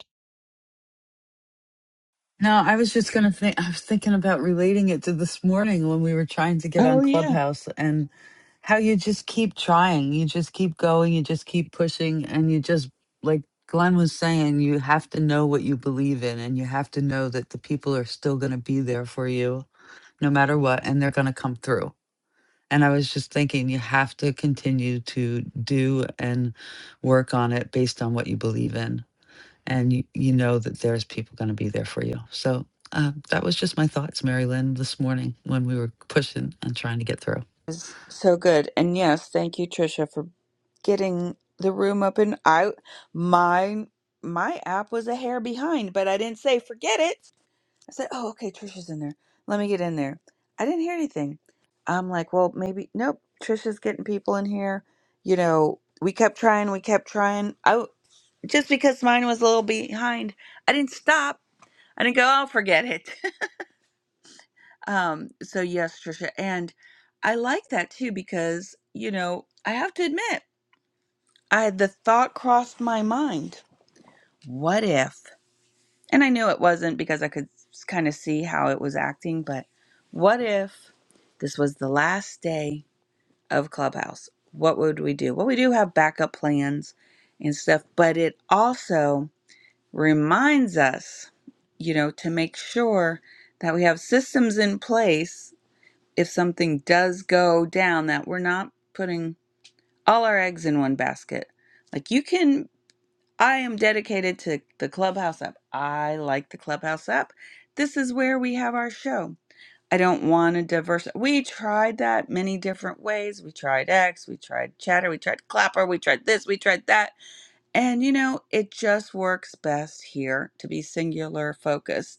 Speaker 1: No, I was just going to think, I was thinking about relating it to this morning when we were trying to get
Speaker 4: Oh,
Speaker 1: on
Speaker 4: yeah.
Speaker 1: Clubhouse and how you just keep trying. You just keep going. You just keep pushing. And you just, like Glenn was saying, you have to know what you believe in and you have to know that the people are still going to be there for you no matter what and they're going to come through. And I was just thinking, you have to continue to do and work on it based on what you believe in. And you, you know that there's people going to be there for you. So uh, that was just my thoughts, Mary Lynn, this morning when we were pushing and trying to get through.
Speaker 4: was so good. And yes, thank you, Trisha, for getting the room open. I my my app was a hair behind, but I didn't say forget it. I said, Oh, okay, Trisha's in there. Let me get in there. I didn't hear anything. I'm like, well, maybe nope, Trisha's getting people in here. You know, we kept trying, we kept trying. I w- just because mine was a little behind, I didn't stop. I didn't go, oh forget it. Um, so yes, Trisha, and I like that too because, you know, I have to admit, I the thought crossed my mind, what if? And I knew it wasn't because I could kind of see how it was acting, but what if this was the last day of Clubhouse? What would we do? Well, we do have backup plans and stuff, but it also reminds us, you know, to make sure that we have systems in place if something does go down that we're not putting all our eggs in one basket. Like you can I am dedicated to the Clubhouse app. I like the Clubhouse app. This is where we have our show. I don't want to diverse. We tried that many different ways. We tried X, we tried Chatter, we tried Clapper, we tried this, we tried that. And you know, it just works best here to be singular focused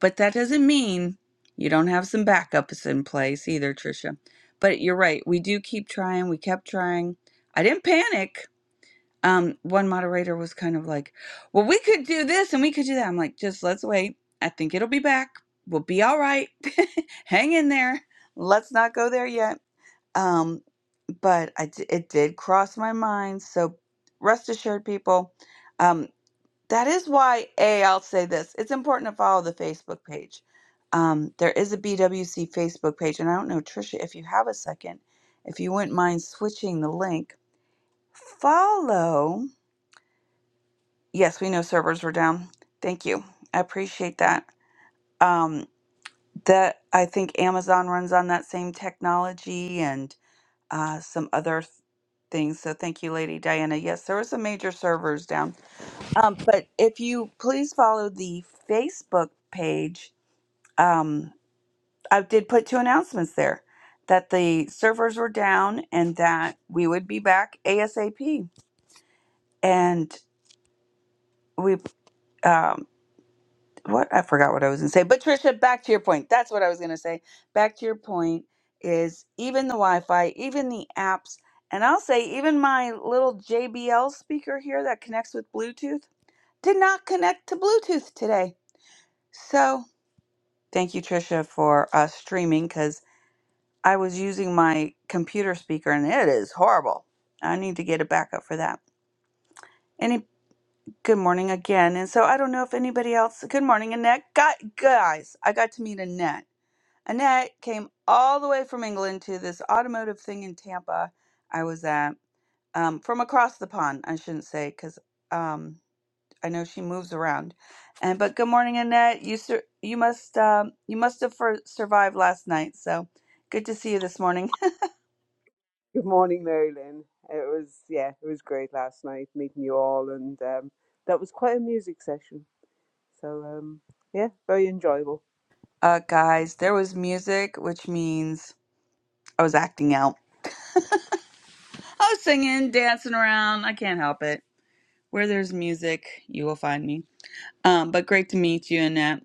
Speaker 4: but that doesn't mean you don't have some backups in place either, Trisha. But you're right. We do keep trying. We kept trying. I didn't panic. Um, one moderator was kind of like, "Well, we could do this and we could do that." I'm like, "Just let's wait. I think it'll be back. We'll be all right. Hang in there. Let's not go there yet." Um, but I d- it did cross my mind. So rest assured, people. um, that is why, A, I'll say this. It's important to follow the Facebook page. Um, there is a BWC Facebook page, and I don't know, Trisha, if you have a second, if you wouldn't mind switching the link, follow. Yes, we know servers were down. Thank you. I appreciate that. Um, that I think Amazon runs on that same technology and uh, some other th- things. So thank you, Lady Diana. Yes, there were some major servers down. Um, but if you please follow the Facebook page, um, I did put two announcements there that the servers were down and that we would be back ASAP. And we, um, what I forgot what I was going to say, but Trisha, back to your point. That's what I was going to say. Back to your point is even the Wi Fi, even the apps, and I'll say even my little JBL speaker here that connects with Bluetooth did not connect to Bluetooth today. So thank you, Trisha, for uh, streaming because I was using my computer speaker and it is horrible. I need to get a backup for that. Any good morning again. And so I don't know if anybody else good morning, Annette. Got guys, I got to meet Annette. Annette came all the way from England to this automotive thing in Tampa I was at. Um, from across the pond, I shouldn't say, because um I know she moves around. And but good morning, Annette. You sur- you must um, you must have for- survived last night. So good to see you this morning.
Speaker 8: Good morning, Marilyn. It was yeah, it was great last night meeting you all, and um, that was quite a music session. So um, yeah, very enjoyable.
Speaker 4: Uh, guys, there was music, which means I was acting out. I was singing, dancing around. I can't help it. Where there's music, you will find me. Um, but great to meet you, Annette.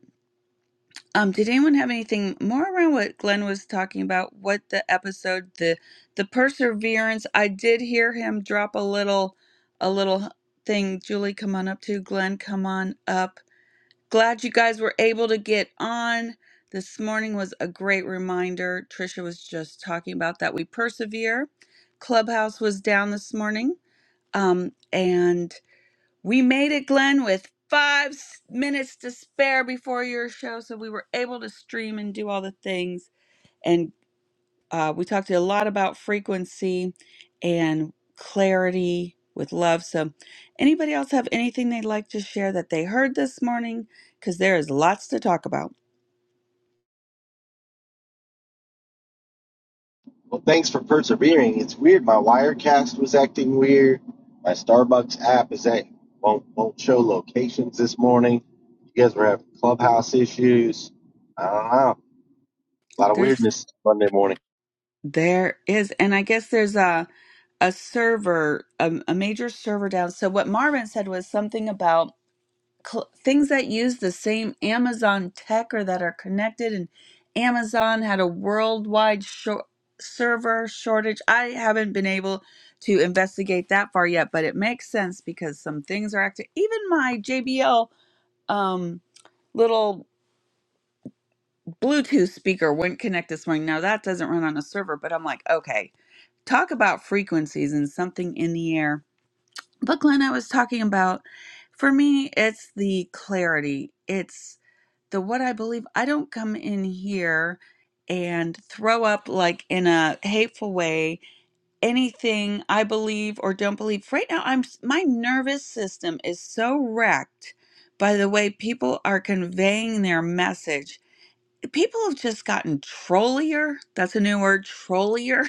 Speaker 4: Um, did anyone have anything more around what Glenn was talking about? What the episode, the the perseverance. I did hear him drop a little, a little thing. Julie, come on up to Glenn. Come on up. Glad you guys were able to get on. This morning was a great reminder. Trisha was just talking about that we persevere. Clubhouse was down this morning. Um, and we made it, Glenn, with five s- minutes to spare before your show. So we were able to stream and do all the things. and. Uh, we talked a lot about frequency and clarity with love. So, anybody else have anything they'd like to share that they heard this morning? Because there is lots to talk about.
Speaker 9: Well, thanks for persevering. It's weird. My Wirecast was acting weird. My Starbucks app is act won't won't show locations this morning. You guys were having clubhouse issues. I don't know. A lot of
Speaker 4: There's
Speaker 9: weirdness Monday morning.
Speaker 4: There is, and I guess there's a a server, a, a major server down. So what Marvin said was something about cl- things that use the same Amazon tech or that are connected, and Amazon had a worldwide shor- server shortage. I haven't been able to investigate that far yet, but it makes sense because some things are active. Even my JBL um, little Bluetooth speaker wouldn't connect this morning. Now that doesn't run on a server, but I'm like, okay talk about frequencies and something in the air. But Glenn, I was talking about, for me, it's the clarity. It's the what I believe. I don't come in here and throw up like in a hateful way anything I believe or don't believe. Right now, I'm my nervous system is so wrecked by the way people are conveying their message. People have just gotten trollier. That's a new word, trollier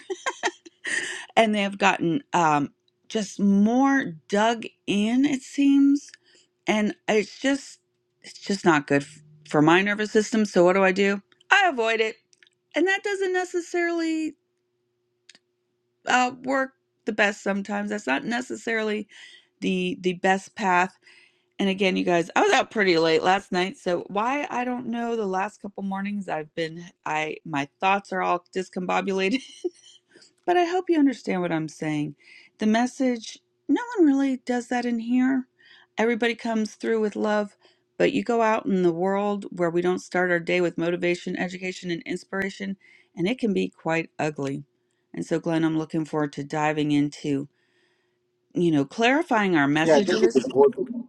Speaker 4: and they have gotten um, just more dug in, it seems. And it's just, it's just not good f- for my nervous system. So what do I do? I avoid it. And that doesn't necessarily uh, work the best sometimes. That's not necessarily the the best path. And again, you guys, I was out pretty late last night, so why I don't know. The last couple mornings, I've been I my thoughts are all discombobulated But I hope you understand what I'm saying. The message, no one really does that in here. Everybody comes through with love, but you go out in the world where we don't start our day with motivation, education, and inspiration, and it can be quite ugly. And so, Glenn, I'm looking forward to diving into, you know, clarifying our
Speaker 9: Yeah, I think it's
Speaker 4: messages.
Speaker 9: important.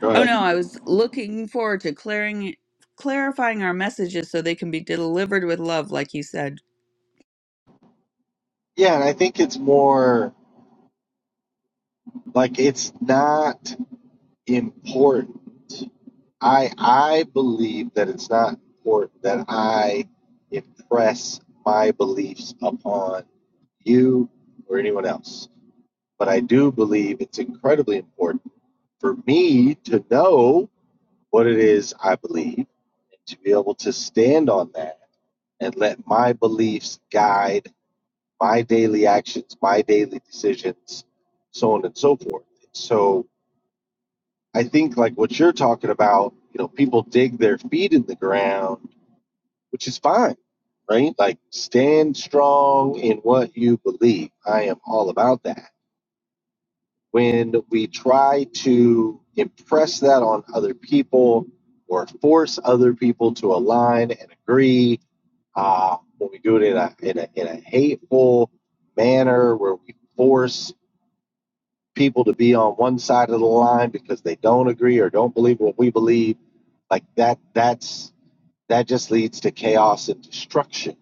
Speaker 9: Go
Speaker 4: Oh
Speaker 9: ahead.
Speaker 4: no, I was looking forward to clearing clarifying our messages so they can be delivered with love, like you said.
Speaker 9: Yeah, and I think it's more like it's not important. I I believe that it's not important that I impress my beliefs upon you or anyone else but I do believe it's incredibly important for me to know what it is I believe and to be able to stand on that and let my beliefs guide my daily actions, my daily decisions, so on and so forth. So I think like what you're talking about, you know, people dig their feet in the ground, which is fine, right? Like stand strong in what you believe. I am all about that when we try to impress that on other people or force other people to align and agree, uh, when we do it in a, in, a, in a hateful manner where we force people to be on one side of the line because they don't agree or don't believe what we believe, like that, that's, that just leads to chaos and destruction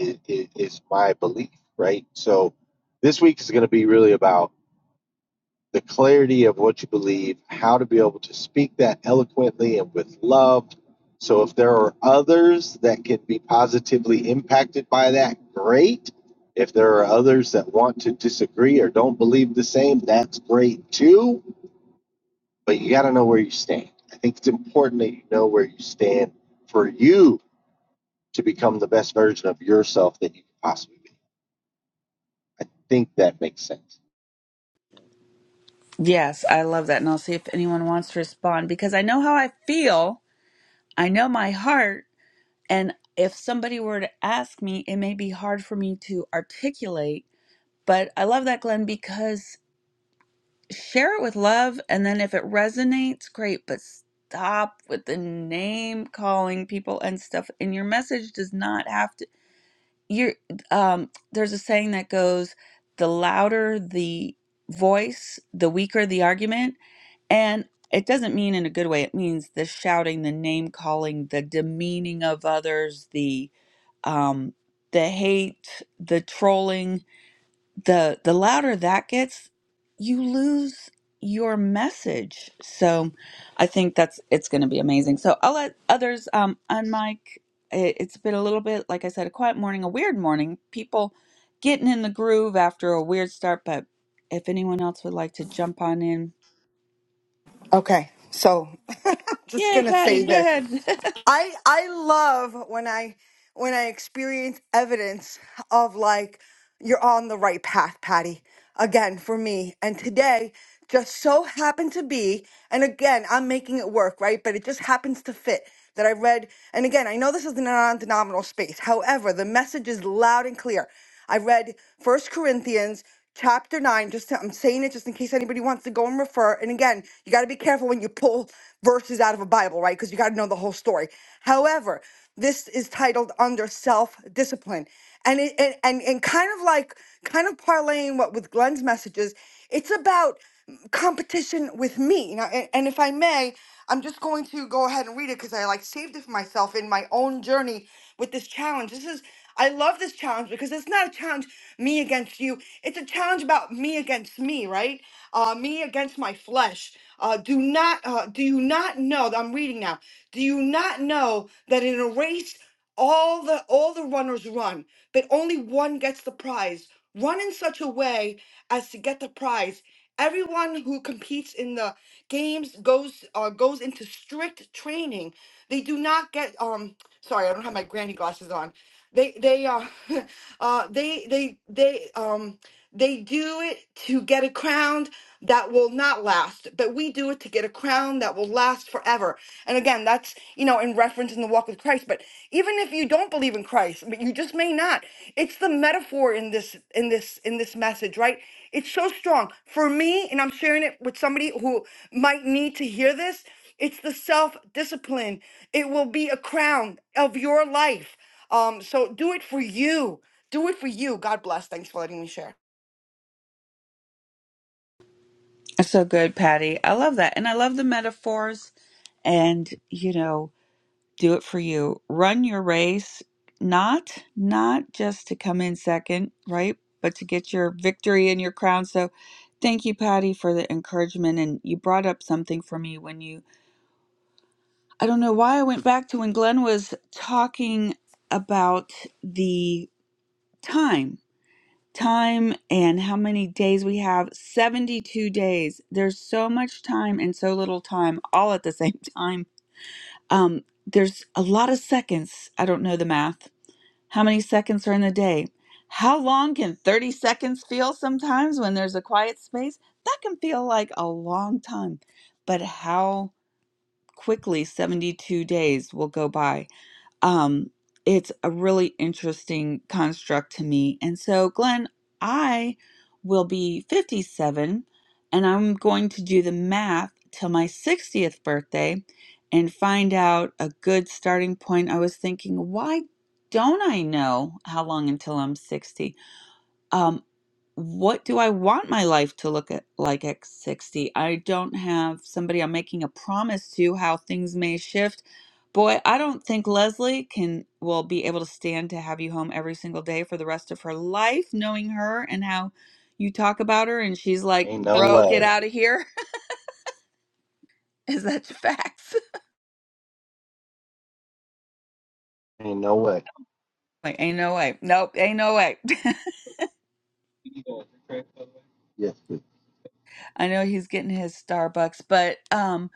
Speaker 9: i is my belief, right? So this week is going to be really about the clarity of what you believe, how to be able to speak that eloquently and with love. So, if there are others that can be positively impacted by that, great. If there are others that want to disagree or don't believe the same, that's great too. But you got to know where you stand. I think it's important that you know where you stand for you to become the best version of yourself that you can possibly be. I think that makes sense.
Speaker 4: Yes, I love that. And I'll see if anyone wants to respond because I know how I feel. I know my heart. And if somebody were to ask me, it may be hard for me to articulate. But I love that, Glenn, because share it with love. And then if it resonates, great. But stop with the name calling people and stuff. And your message does not have to. You're, um, there's a saying that goes the louder the voice, the weaker the argument and it doesn't mean in a good way. It means the shouting, the name calling, the demeaning of others, the um, the hate, the trolling. The the louder that gets, you lose your message. So, I think that's it's going to be amazing. So I'll let others um, unmic. It, it's been a little bit, like I said, a quiet morning, a weird morning. People getting in the groove after a weird start, but if anyone else would like to jump on in
Speaker 10: Okay, so I'm just
Speaker 4: Yay,
Speaker 10: gonna
Speaker 4: Patty,
Speaker 10: say
Speaker 4: go
Speaker 10: this.
Speaker 4: ahead.
Speaker 10: I I love when I when I experience evidence of like you're on the right path, Patty. Again, for me, and today just so happened to be, and again, I'm making it work, right? But it just happens to fit that I read. And again, I know this is in a non-denominational space. However, the message is loud and clear. I read First Corinthians chapter 9 just to, I'm saying it just in case anybody wants to go and refer and again you got to be careful when you pull verses out of a bible right because you got to know the whole story however this is titled under self discipline and it and, and and kind of like kind of parlaying what with Glenn's messages it's about competition with me now and, and if I may I'm just going to go ahead and read it because I like saved it for myself in my own journey with this challenge this is I love this challenge because it's not a challenge me against you. It's a challenge about me against me, right? Uh, me against my flesh. Uh, do not, uh, do you not know? that I'm reading now. Do you not know that in a race, all the all the runners run, but only one gets the prize. Run in such a way as to get the prize. Everyone who competes in the games goes uh, goes into strict training. They do not get um. Sorry, I don't have my granny glasses on they they uh, uh they they they um they do it to get a crown that will not last but we do it to get a crown that will last forever and again that's you know in reference in the walk with christ but even if you don't believe in christ but you just may not it's the metaphor in this in this in this message right it's so strong for me and i'm sharing it with somebody who might need to hear this it's the self discipline. It will be a crown of your life. Um, so do it for you. Do it for you. God bless. Thanks for letting me share.
Speaker 4: So good, Patty. I love that. And I love the metaphors and, you know, do it for you. Run your race, not not just to come in second, right? But to get your victory and your crown. So thank you, Patty, for the encouragement. And you brought up something for me when you I don't know why I went back to when Glenn was talking about the time time and how many days we have 72 days there's so much time and so little time all at the same time um there's a lot of seconds i don't know the math how many seconds are in the day how long can 30 seconds feel sometimes when there's a quiet space that can feel like a long time but how quickly 72 days will go by um, it's a really interesting construct to me. And so, Glenn, I will be 57 and I'm going to do the math till my 60th birthday and find out a good starting point. I was thinking, why don't I know how long until I'm 60? um, what do I want my life to look at, like at 60? I don't have somebody I'm making a promise to how things may shift. Boy, I don't think Leslie can will be able to stand to have you home every single day for the rest of her life, knowing her and how you talk about her, and she's like,
Speaker 9: Ain't no
Speaker 4: "Bro, get
Speaker 9: way.
Speaker 4: out of here." Is that facts?
Speaker 9: Ain't no way.
Speaker 4: Like, ain't no way. Nope, ain't no way.
Speaker 9: Yes.
Speaker 4: I know he's getting his Starbucks, but um,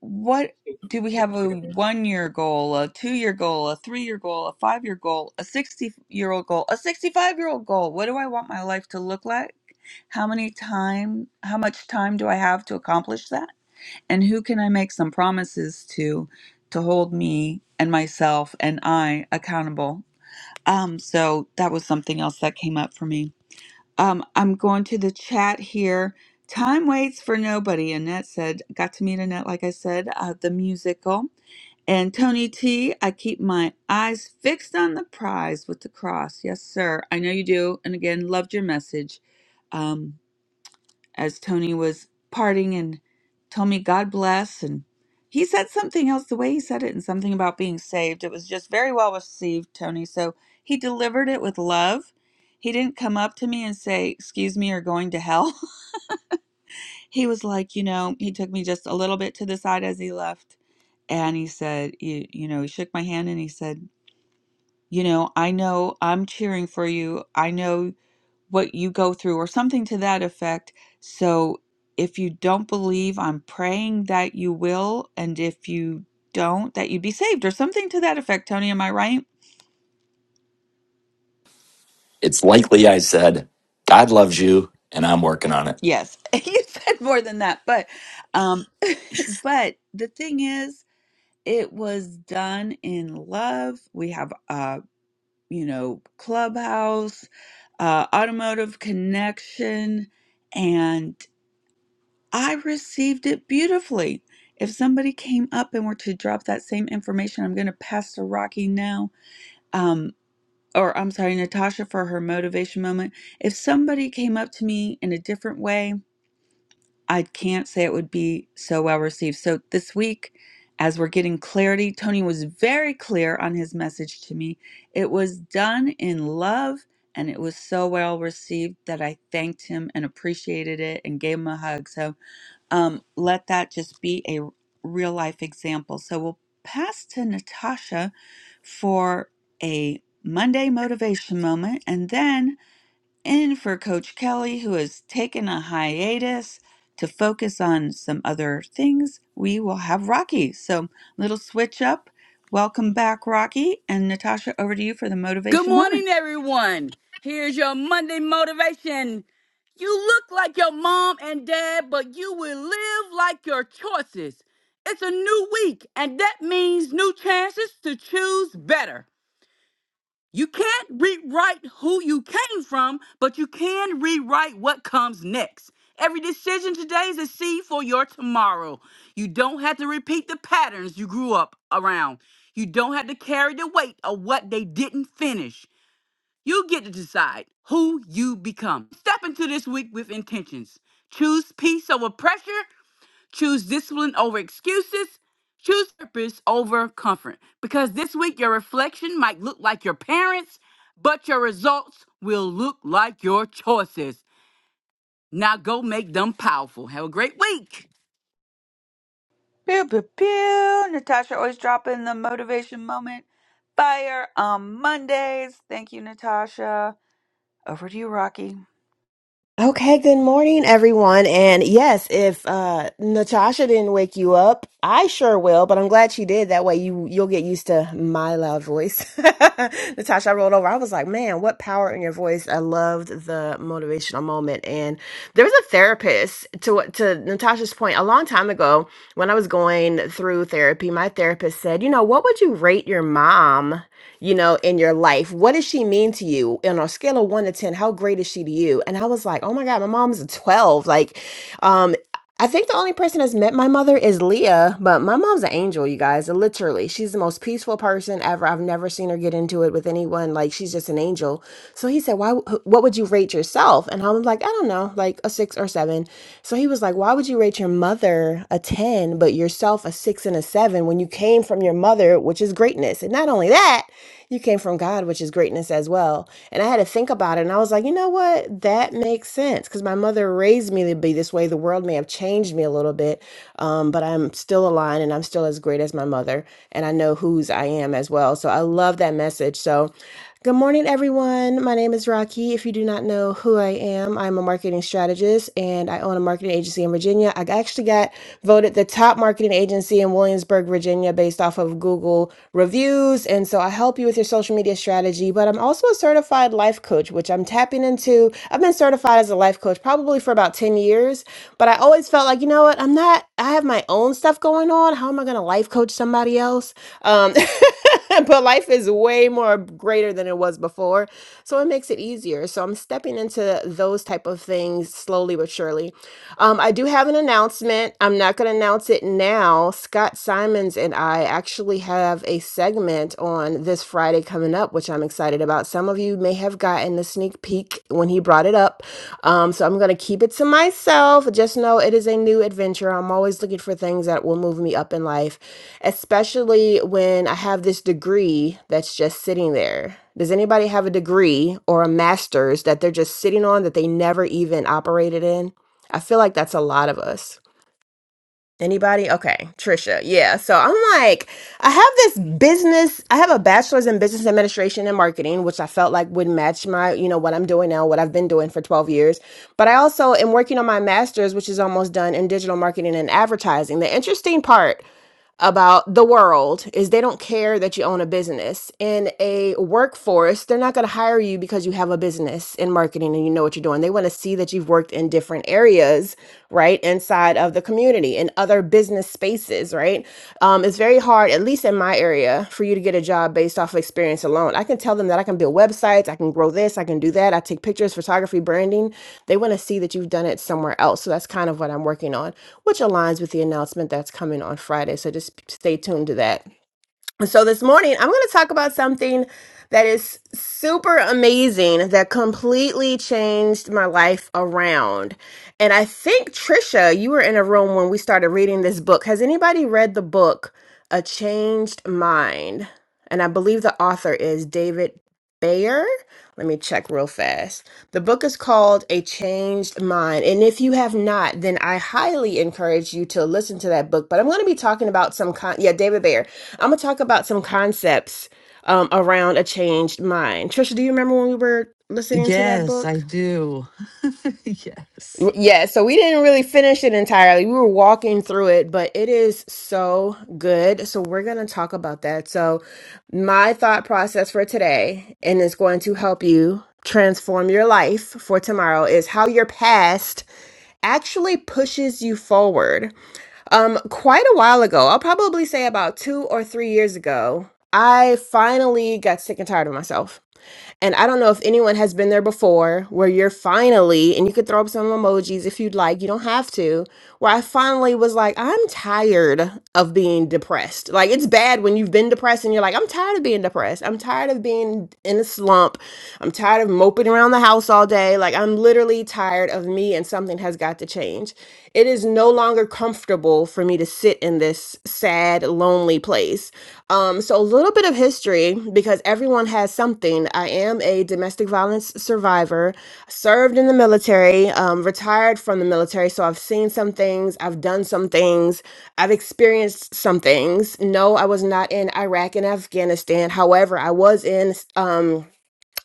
Speaker 4: what do we have a one year goal, a two year goal, a three year goal, a five year goal, a 60 year old goal, a 65 year old goal? What do I want my life to look like? How many time, how much time do I have to accomplish that? And who can I make some promises to to hold me and myself and I accountable? Um, so that was something else that came up for me. Um, I'm going to the chat here. Time waits for nobody. Annette said, got to meet Annette, like I said, uh, the musical. And Tony T, I keep my eyes fixed on the prize with the cross. Yes, sir. I know you do. And again, loved your message. Um, as Tony was parting and told me God bless and he said something else the way he said it and something about being saved. It was just very well received, Tony. So he delivered it with love. He didn't come up to me and say, "Excuse me, you're going to hell." he was like, you know, he took me just a little bit to the side as he left and he said, you, you know, he shook my hand and he said, "You know, I know I'm cheering for you. I know what you go through or something to that effect. So if you don't believe, I'm praying that you will. And if you don't, that you'd be saved or something to that effect. Tony, am I right?
Speaker 6: It's likely I said, God loves you, and I'm working on it.
Speaker 4: Yes. you said more than that. But, um, but the thing is, it was done in love. We have, uh, you know, clubhouse, uh, automotive connection, and. I received it beautifully. If somebody came up and were to drop that same information, I'm going to pass to Rocky now. Um, or I'm sorry, Natasha for her motivation moment. If somebody came up to me in a different way, I can't say it would be so well received. So this week, as we're getting clarity, Tony was very clear on his message to me. It was done in love and it was so well received that I thanked him and appreciated it and gave him a hug. So um, let that just be a real life example. So we'll pass to Natasha for a Monday motivation moment and then in for Coach Kelly, who has taken a hiatus to focus on some other things. We will have Rocky. So, little switch up. Welcome back, Rocky. And Natasha, over to you for the
Speaker 2: Good
Speaker 4: motivation moment.
Speaker 2: morning. Here's your Monday motivation. You look like your mom and dad, but you will live like your choices. It's a new week, and that means new chances to choose better. You can't rewrite who you came from, but you can rewrite what comes next. Every decision today is a seed for your tomorrow. You don't have to repeat the patterns you grew up around. You don't have to carry the weight of what they didn't finish. You get to decide who you become. Step into this week with intentions. Choose peace over pressure Choose discipline over excuses. Choose purpose over comfort. Because this week, your reflection might look like your parents, but your results will look like your choices. Now go make them powerful. Have a great week.
Speaker 4: Pew pew pew. Natasha always dropping the motivation moment fire on Mondays. Thank you, Natasha. Over to you, Rocky. I
Speaker 11: Okay, good morning, everyone. And yes, if uh, Natasha didn't wake you up, I sure will. But I'm glad she did. That way, you you'll get used to my loud voice. Natasha, I rolled over. I was like, man, what power in your voice! I loved the motivational moment. And there was a therapist to to Natasha's point a long time ago when I was going through therapy, my therapist said, you know, what would you rate your mom, you know, in your life? What does she mean to you? On a scale of one to 10, how great is she to you? And I was like, oh my God, my mom's a 12. Like, um, I think the only person that's met my mother is Leah, but my mom's an angel, you guys. Literally, she's the most peaceful person ever. I've never seen her get into it with anyone. Like, she's just an angel. So he said, "Why? wh- What would you rate yourself?" And I'm like, "I don't know, like a six or seven." So he was like, "Why would you rate your mother?" father a 10, but yourself a six and a seven when you came from your mother, which is greatness. And not only that, you came from God, which is greatness as well. And I had to think about it. And I was like, you know what? That makes sense because my mother raised me to be this way. The world may have changed me a little bit, um, but I'm still aligned and I'm still as great as my mother. And I know whose I am as well. So I love that message. So, Good morning, everyone. My name is Rocky. If you do not know who I am, I'm a marketing strategist and I own a marketing agency in Virginia. I actually got voted the top marketing agency in Williamsburg, Virginia, based off of Google reviews. And so I help you with your social media strategy, but I'm also a certified life coach, which I'm tapping into. I've been certified as a life coach probably for about 10 years, but I always felt like, you know what? I'm not, I have my own stuff going on. How am I going to life coach somebody else? Um, but life is way more greater than it was before. So it makes it easier. So I'm stepping into those type of things slowly but surely. Um, I do have an announcement. I'm not going to announce it now. Scott Simons and I actually have a segment on this Friday coming up, which I'm excited about. Some of you may have gotten gotten the sneak peek when he brought it up. Um, so I'm going to keep it to myself. Just know it is a new adventure. I'm always looking for things that will move me up in life, especially when I have this degree that's just sitting there. Does anybody have a degree or a master's that they're just sitting on that they never even operated in? I feel like that's a lot of us. Anybody? Okay, Trisha. Yeah. So I'm like, I have this business. I have a bachelor's in business administration and marketing, which I felt like would match my, you know, what I'm doing now, what I've been doing for 12 years. But I also am working on my master's, which is almost done in digital marketing and advertising. The interesting part about the world is they don't care that you own a business. In a workforce, they're not going to hire you because you have a business in marketing and you know what you're doing. They want to see that you've worked in different areas, right, inside of the community and other business spaces, right? Um, it's very very hard, at least in my area, for you to get a job based off of experience alone. I can tell them that I can build websites, I can grow this, I can do that. I take pictures, photography, branding. They want to see that you've done it somewhere else. So that's kind of what I'm working on, which aligns with the announcement that's coming on Friday. So just stay tuned to that. So this morning, I'm going to talk about something that is super amazing that completely changed my life around. And I think Trisha, you were in a room when we started reading this book. Has anybody read the book A Changed Mind? And I believe the author is David Bayer. Let me check real fast. The book is called A Changed Mind. And if you have not, then I highly encourage you to listen to that book. But I'm going to be talking about some con yeah, David Bayer. I'm gonna talk about some concepts um, around a changed mind. Trisha, do you remember when we were listening to that
Speaker 1: Yes, I
Speaker 11: book?
Speaker 1: do. yes.
Speaker 11: Y- Yeah, so we didn't really finish it entirely. We were walking through it, but it is so good. So we're gonna talk about that. So my thought process for today, and it's going to help you transform your life for tomorrow, is how your past actually pushes you forward. Um, quite a while ago, I'll probably say about two or three years ago, I finally got sick and tired of myself. And I don't know if anyone has been there before where you're finally, and you could throw up some emojis if you'd like, you don't have to, where I finally was like, I'm tired of being depressed. Like, it's bad when you've been depressed and you're like, I'm tired of being depressed. I'm tired of being in a slump. I'm tired of moping around the house all day. Like, I'm literally tired of me, and something has got to change. It is no longer comfortable for me to sit in this sad, lonely place place. Um, so a little bit of history because everyone has something. I am a domestic violence survivor, served in the military, um, retired from the military. So I've seen some things, I've done some things, I've experienced some things. No, I was not in Iraq and Afghanistan. However, I was in. Um,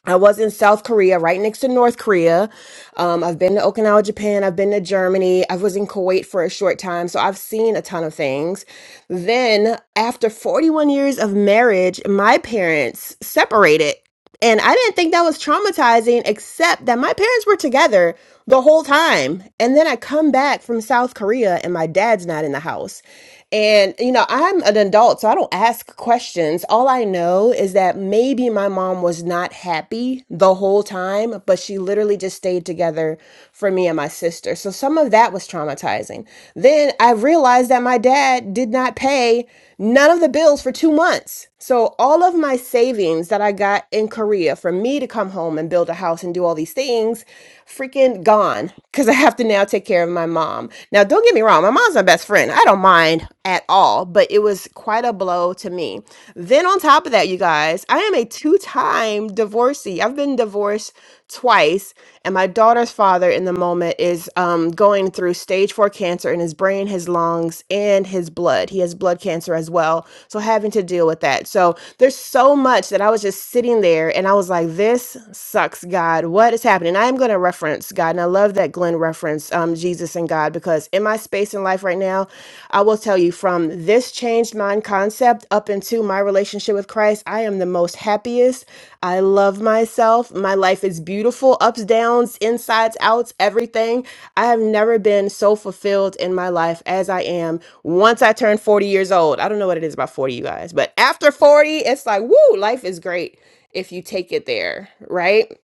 Speaker 11: I was in South Korea, right next to North Korea. Um, I've been to Okinawa, Japan. I've been to Germany. I was in Kuwait for a short time. So I've seen a ton of things. Then, after 41 years of marriage, my parents separated. And I didn't think that was traumatizing, except that my parents were together the whole time. And then I come back from South Korea and my dad's not in the house. And, you know, I'm an adult, so I don't ask questions. All I know is that maybe my mom was not happy the whole time, but she literally just stayed together for me and my sister. So some of that was traumatizing. Then I I've realized that my dad did not pay none of the bills for two months. So, all of my savings that I got in Korea for me to come home and build a house and do all these things, freaking gone because I have to now take care of my mom. Now, don't get me wrong, my mom's my best friend. I don't mind at all, but it was quite a blow to me. Then, on top of that, you guys, I am a two time divorcee. I've been divorced twice. And my daughter's father, in the moment, is um, going through stage four cancer in his brain, his lungs, and his blood. He has blood cancer as well. So, having to deal with that. So, there's so much that I was just sitting there and I was like, this sucks, God. What is happening? I am going to reference God. And I love that Glenn referenced um, Jesus and God because in my space in life right now, I will tell you from this changed mind concept up into my relationship with Christ, I am the most happiest. I love myself. My life is beautiful, ups, downs, insides, outs, everything. I have never been so fulfilled in my life as I am once I turned 40 years old. I don't know what it is about 40, you guys, but after 40, it's like, woo, life is great if you take it there, right?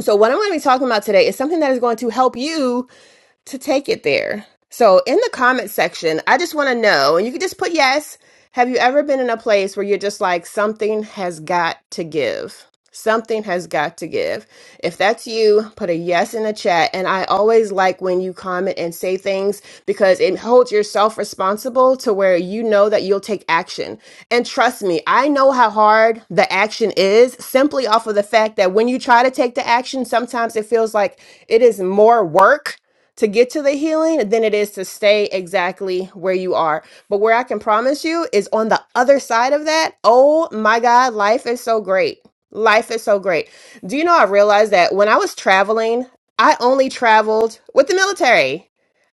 Speaker 11: So, what I'm going to be talking about today is something that is going to help you to take it there. So in the comment section, I just want to know, and you can just put yes. Have you ever been in a place where you're just like, something has got to give? Something has got to give. If that's you, put a yes in the chat. And I always like when you comment and say things because it holds yourself responsible to where you know that you'll take action. And trust me, I know how hard the action is simply off of the fact that when you try to take the action, sometimes it feels like it is more work to get to the healing than it is to stay exactly where you are. But where I can promise you is on the other side of that. Oh my God, life is so great. Life is so great. Do you know I realized that when I was traveling, I only traveled with the military.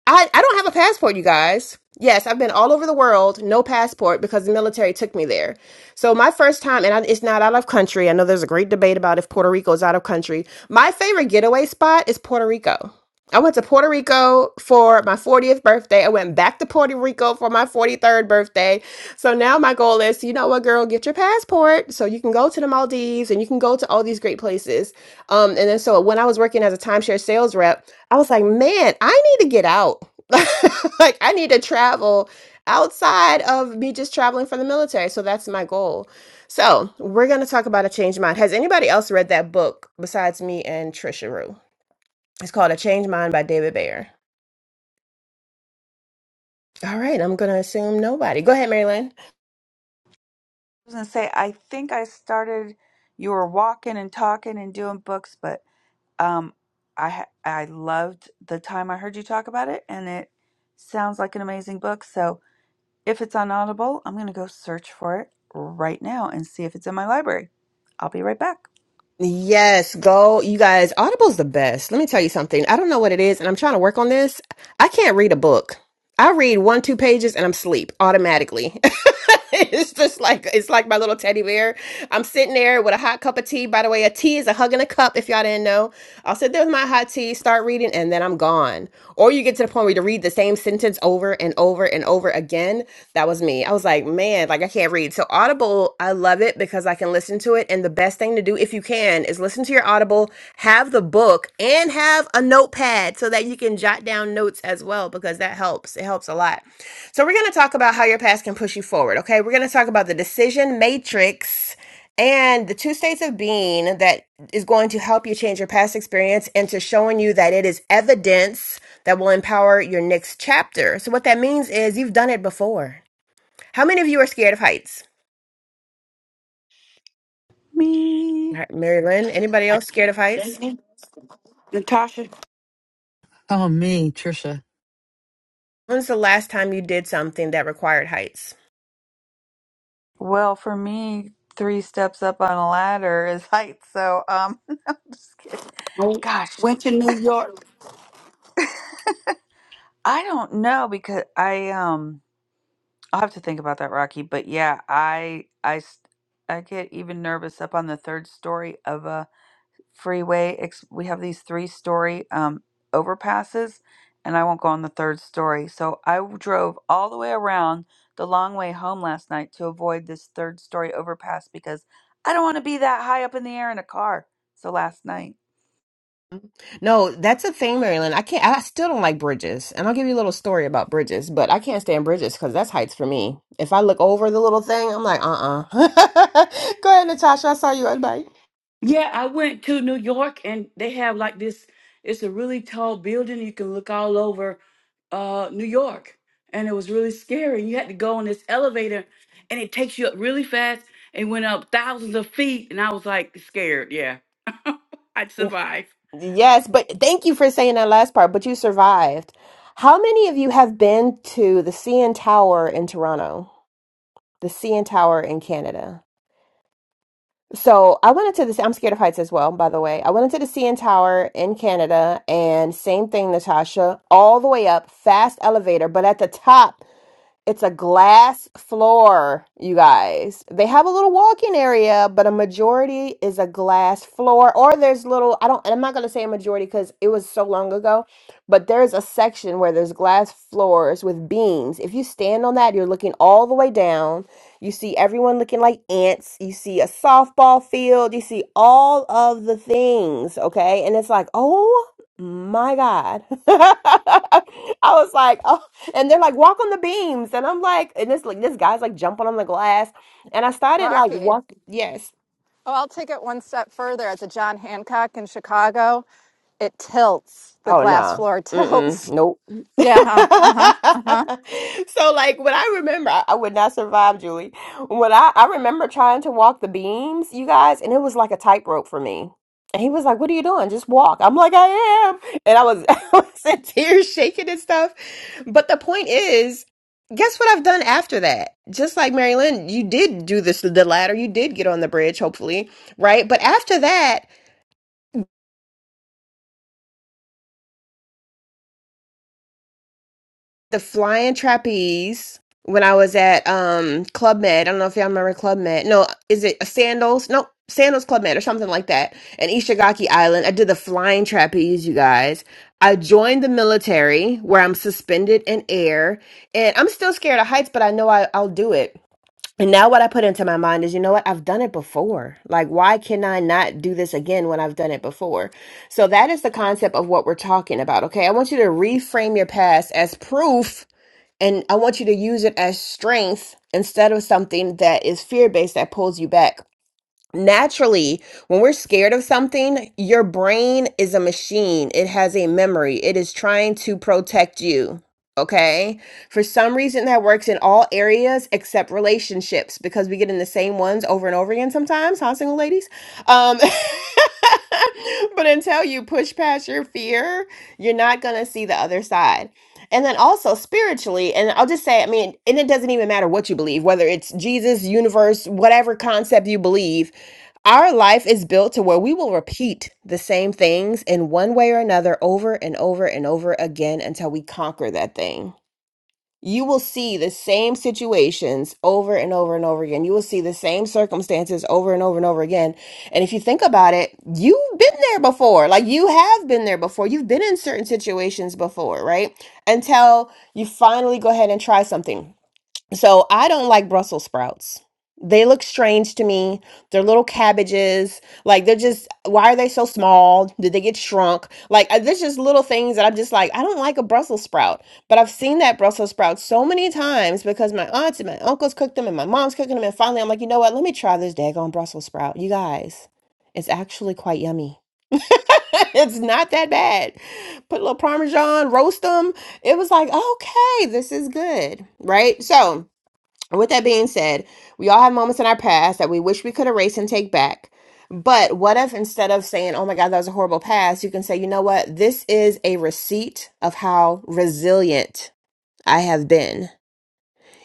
Speaker 11: I, I don't have a passport, you guys. Yes, I've been all over the world, no passport because the military took me there. So my first time, and I, it's not out of country. I know there's a great debate about if Puerto Rico is out of country. My favorite getaway spot is Puerto Rico. I went to Puerto Rico for my 40th birthday. I went back to Puerto Rico for my 43rd birthday. So now my goal is, you know what, girl, get your passport so you can go to the Maldives and you can go to all these great places. Um, and then so when I was working as a timeshare sales rep, I was like, man, I need to get out. like I need to travel outside of me just traveling for the military. So that's my goal. So we're gonna talk about a change mind. Has anybody else read that book besides me and Trisha Rue? It's called A Change Mind by David Bayer. All right, I'm gonna assume nobody. Go ahead, Marilyn.
Speaker 4: was gonna say I think I started. You were walking and talking and doing books, but um, I ha- I loved the time I heard you talk about it, and it sounds like an amazing book. So if it's on Audible, I'm gonna go search for it right now and see if it's in my library. I'll be right back.
Speaker 11: Yes, go. You guys, Audible's the best. Let me tell you something. I don't know what it is, and I'm trying to work on this. I can't read a book. I read one, two pages, and I'm asleep automatically. it's just like it's like my little teddy bear. I'm sitting there with a hot cup of tea. By the way, a tea is a hug and a cup, if y'all didn't know. I'll sit there with my hot tea, start reading, and then I'm gone. Or you get to the point where you read the same sentence over and over and over again. That was me. I was like, man, like I can't read. So Audible, I love it because I can listen to it. And the best thing to do, if you can, is listen to your Audible, have the book, and have a notepad so that you can jot down notes as well because that helps. It helps a lot. So we're going to talk about how your past can push you forward. Okay, we're going to talk about the decision matrix and the two states of being that is going to help you change your past experience into showing you that it is evidence that will empower your next chapter. So, what that means is you've done it before. How many of you are scared of heights?
Speaker 4: Me.
Speaker 11: All right, Mary Lynn, anybody else scared of heights?
Speaker 2: Natasha,
Speaker 1: Oh, me, Trisha.
Speaker 11: When's the last time you did something that required heights?
Speaker 4: Well, for me, three steps up on a ladder is height. So, um, no, I'm just kidding.
Speaker 2: I
Speaker 4: Gosh,
Speaker 2: went to New York.
Speaker 4: I don't know because I um I'll have to think about that, Rocky. But yeah, I I s- I get even nervous up on the third story of a freeway. Ex- we have these three story um, overpasses, and I won't go on the third story. So I w- drove all the way around the long way home last night to avoid this third story overpass because I don't want to be that high up in the air in a car. So last night,
Speaker 11: No, that's a thing, Marilyn. I can't. I still don't like bridges, and I'll give you a little story about bridges. But I can't stand bridges because that's heights for me. If I look over the little thing, I'm like, uh, uh Go ahead, Natasha. I saw you on bike.
Speaker 2: Yeah, I went to New York and they have like this, it's a really tall building. You can look all over uh New York. And it was really scary. You had to go on this elevator and it takes you up really fast. It went up thousands of feet and I was like scared, yeah. I survived.
Speaker 11: Yes, but thank you for saying that last part, but you survived. How many of you have been to the CN Tower in Toronto? The CN Tower in Canada. So I went into this. I'm scared of heights as well, by the way. I went into the CN Tower in Canada, and same thing, Natasha, all the way up, fast elevator, but at the top. It's a glass floor, you guys. They have a little walk-in area, but a majority is a glass floor. Or there's little, I don't, and I'm not gonna say a majority because it was so long ago, but there's a section where there's glass floors with beams. If you stand on that, you're looking all the way down. You see everyone looking like ants. You see a softball field. You see all of the things, okay? And it's like, oh my God. I was like, oh and they're like, walk on the beams. And I'm like, and this like this guy's like jumping on the glass. And I started like
Speaker 12: Rocky.
Speaker 11: walk yes.
Speaker 12: Oh, I'll take it one step further. At the John Hancock in Chicago, it tilts. The
Speaker 11: Oh
Speaker 12: glass
Speaker 11: no.
Speaker 12: floor
Speaker 11: Mm-mm.
Speaker 12: tilts.
Speaker 11: Nope.
Speaker 12: Yeah. Uh huh. Uh huh.
Speaker 11: So like when I remember, I, I would not survive, Julie. When I, I remember trying to walk the beams, you guys, and it was like a tightrope for me. And he was like, What are you doing? Just walk. I'm like, I am. And I was I was in tears shaking and stuff. But the point is, guess what I've done after that? Just like Mary Lynn, you did do this the ladder, you did get on the bridge, hopefully, right? But after that. the flying trapeze when I was at um Club Med. I don't know if y'all remember Club Med. No, is it Sandals? No, Sandals Club Med or something like that. And Ishigaki Island. I did the flying trapeze, you guys. I joined the military where I'm suspended in air. And I'm still scared of heights, but I know I, I'll do it. And now what I put into my mind is, you know what? I've done it before. Like, why can I not do this again when I've done it before? So that is the concept of what we're talking about. Okay. I want you to reframe your past as proof and I want you to use it as strength instead of something that is fear based that pulls you back naturally when we're scared of something your brain is a machine it has a memory it is trying to protect you okay for some reason that works in all areas except relationships because we get in the same ones over and over again sometimes huh single ladies um but until you push past your fear you're not going to see the other side and then also spiritually and i'll just say i mean and it doesn't even matter what you believe whether it's jesus universe whatever concept you believe our life is built to where we will repeat the same things in one way or another over and over and over again until we conquer that thing. You will see the same situations over and over and over again. You will see the same circumstances over and over and over again. And if you think about it, you've been there before. Like you have been there before. You've been in certain situations before, right? Until you finally go ahead and try something so I don't like Brussels sprouts. They look strange to me. They're little cabbages. Like they're just why are they so small? Did they get shrunk? Like uh, there's just little things that I'm just like I don't like a Brussels sprout. But I've seen that Brussels sprout so many times because my aunts and my uncles cooked them and my mom's cooking them and finally I'm like, "You know what? Let me try this daggone Brussels sprout." You guys, it's actually quite yummy. it's not that bad. Put a little parmesan, roast them. It was like, "Okay, this is good." Right? So, and With that being said, we all have moments in our past that we wish we could erase and take back. But what if instead of saying, oh my God, that was a horrible past, you can say, you know what? This is a receipt of how resilient I have been.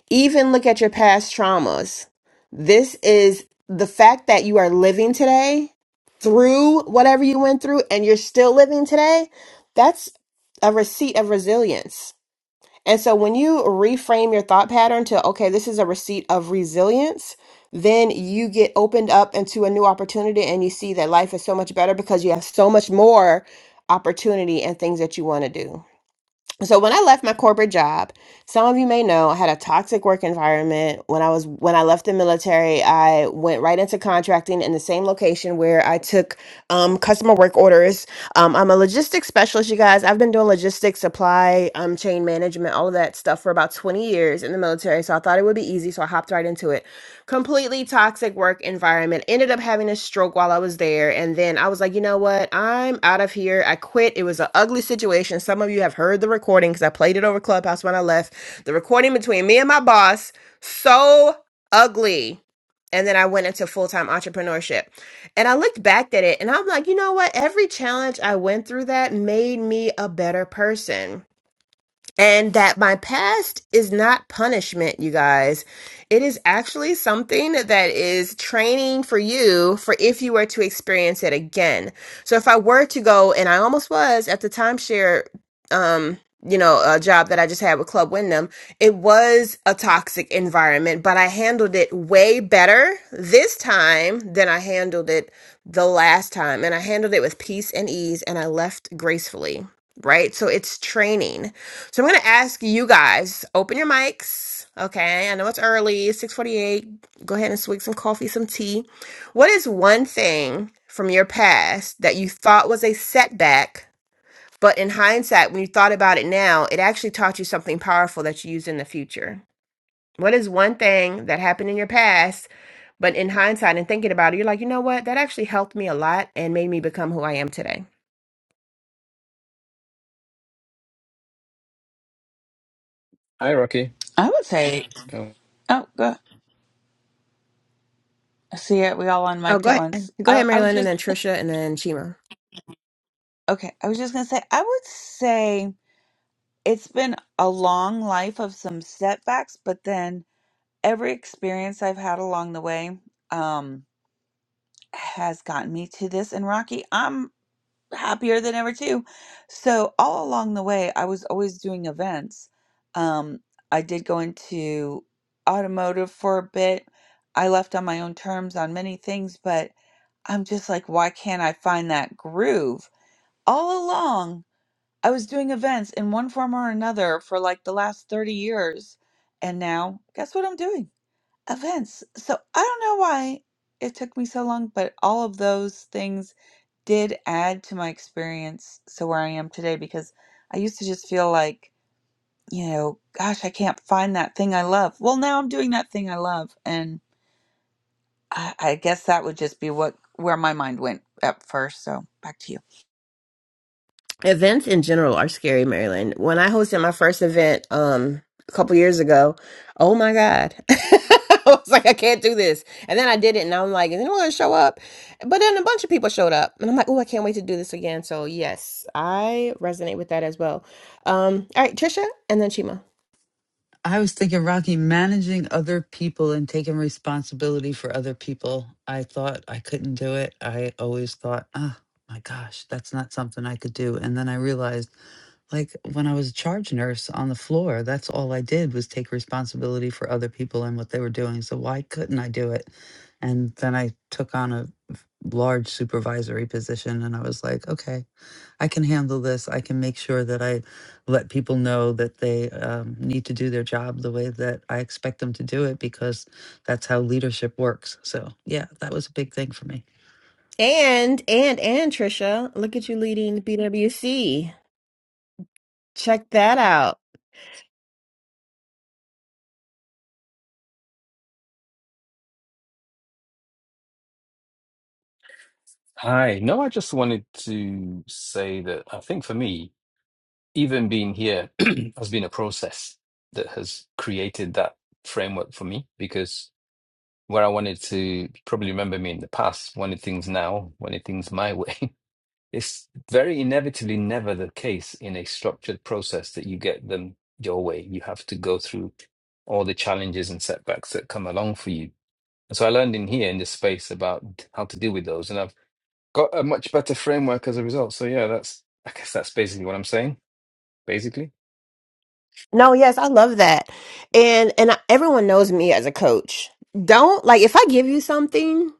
Speaker 11: Even look at your past traumas. This is the fact that you are living today through whatever you went through and you're still living today. That's a receipt of resilience and so when you reframe your thought pattern to, okay, this is a receipt of resilience, then you get opened up into a new opportunity and you see that life is so much better because you have so much more opportunity and things that you want to do so when I left my corporate job, some of you may know I had a toxic work environment. When I was when I left the military, I went right into contracting in the same location where I took um, customer work orders. Um, I'm a logistics specialist, you guys. I've been doing logistics, supply, um, chain management, all of that stuff for about 20 years in the military. So I thought it would be easy, so I hopped right into it completely toxic work environment. Ended up having a stroke while I was there. And then I was like, you know what? I'm out of here. I quit. It was an ugly situation. Some of you have heard the recording because I played it over Clubhouse when I left. The recording between me and my boss, so ugly. And then I went into full time entrepreneurship. And I looked back at it and I'm like, you know what? Every challenge I went through that made me a better person and that my past is not punishment, you guys. It is actually something that is training for you for if you were to experience it again. So if I were to go, and I almost was at the timeshare, um, you know, a job that I just had with Club Wyndham, it was a toxic environment, but I handled it way better this time than I handled it the last time. And I handled it with peace and ease, and I left gracefully, right? So it's training so I'm gonna ask you guys, open your mics. Okay, I know it's early, 648. Go ahead and swig some coffee, some tea. What is one thing from your past that you thought was a setback, but in hindsight, when you thought about it now, it actually taught you something powerful that you use in the future? What is one thing that happened in your past, but in hindsight and thinking about it, you're like, you know what? That actually helped me a lot and made me become who I am today.
Speaker 13: Hi, Rocky.
Speaker 4: I would say,
Speaker 13: Oh.
Speaker 4: oh, go. See it. We all unmiked
Speaker 11: Oh, go
Speaker 4: at
Speaker 11: ahead.
Speaker 4: once.
Speaker 11: Go ahead,
Speaker 4: I, I was
Speaker 11: Marilyn, and
Speaker 4: just,
Speaker 11: then Trisha, and then Chima.
Speaker 4: okay. I was just going to say, I would say it's been a long life of some setbacks, but then every experience I've had along the way. um. has gotten me to this. And Rocky, I'm happier than ever too. So all along the way, I was always doing events. Um, I did go into automotive for a bit. I left on my own terms on many things, but I'm just like, why can't I find that groove? All along, I was doing events in one form or another for like the last 30 years. And now, guess what I'm doing? Events. So I don't know why it took me so long, but all of those things did add to my experience so where I am today because I used to just feel like, you know, gosh, I can't find that thing I love. Well, now I'm doing that thing I love. And I, I guess that would just be what where my mind went at first. So back to you.
Speaker 11: events in general are scary, Maryland. When I hosted my first event um a couple years ago, oh my God. I was like, I can't do this. And then I did it and I'm like, is anyone gonna show up? But then a bunch of people showed up and I'm like, oh, I can't wait to do this again. So yes, I resonate with that as well. Um, all right, Trisha and then Chima.
Speaker 1: I was thinking, Rocky, managing other people and taking responsibility for other people. I thought I couldn't do it. I always thought, oh my gosh, that's not something I could do. And then I realized, like when I was a charge nurse on the floor, that's all I did was take responsibility for other people and what they were doing. So why couldn't I do it? And then I took on a f- large supervisory position and I was like, okay, I can handle this. I can make sure that I let people know that they um, need to do their job the way that I expect them to do it because that's how leadership works. So, yeah, that was a big thing for me.
Speaker 11: And and and Trisha, look at you leading BWC. Check that out.
Speaker 13: Hi. No, I just wanted to say that I think for me, even being here has been a process that has created that framework for me because where I wanted to probably remember me in the past, wanted things now, wanted things my way. It's very inevitably never the case in a structured process that you get them your way. You have to go through all the challenges and setbacks that come along for you. And so I learned in here in this space about how to deal with those. And I've got a much better framework as a result. So yeah, that's I guess that's basically what I'm saying. Basically,
Speaker 11: No, yes, I love that. And and I, everyone knows me as a coach. Don't like if I give you something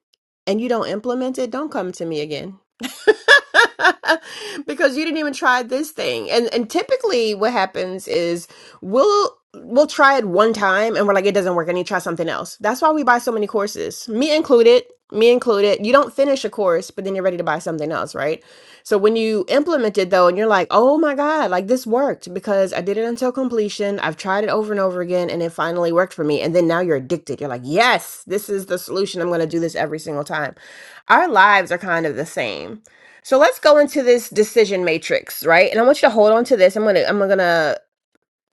Speaker 11: and you don't implement it, don't come to me again. because you didn't even try this thing. And and typically what happens is we'll we'll try it one time and we're like it doesn't work. I need to try something else. That's why we buy so many courses. Me included, me included. You don't finish a course, but then you're ready to buy something else, right? So when you implement it though, and you're like, oh my God, like this worked because I did it until completion. I've tried it over and over again and it finally worked for me. And then now you're addicted. You're like, yes, this is the solution. I'm going to do this every single time. Our lives are kind of the same. So let's go into this decision matrix, right? And I want you to hold on to this. I'm going to, I'm going to,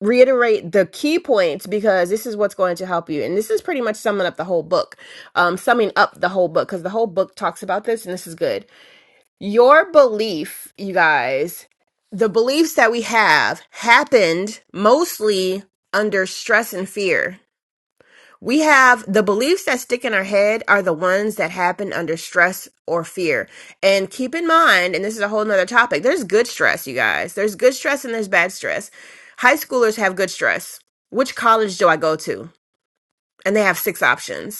Speaker 11: reiterate the key points because this is what's going to help you and this is pretty much summing up the whole book um summing up the whole book because the whole book talks about this and this is good your belief, you guys, the beliefs that we have happened mostly under stress and fear. We have the beliefs that stick in our head are the ones that happen under stress or fear. And keep in mind, and this is a whole nother topic, there's good stress, you guys. There's good stress and there's bad stress. High schoolers have good stress. Which college do I go to? And they have six options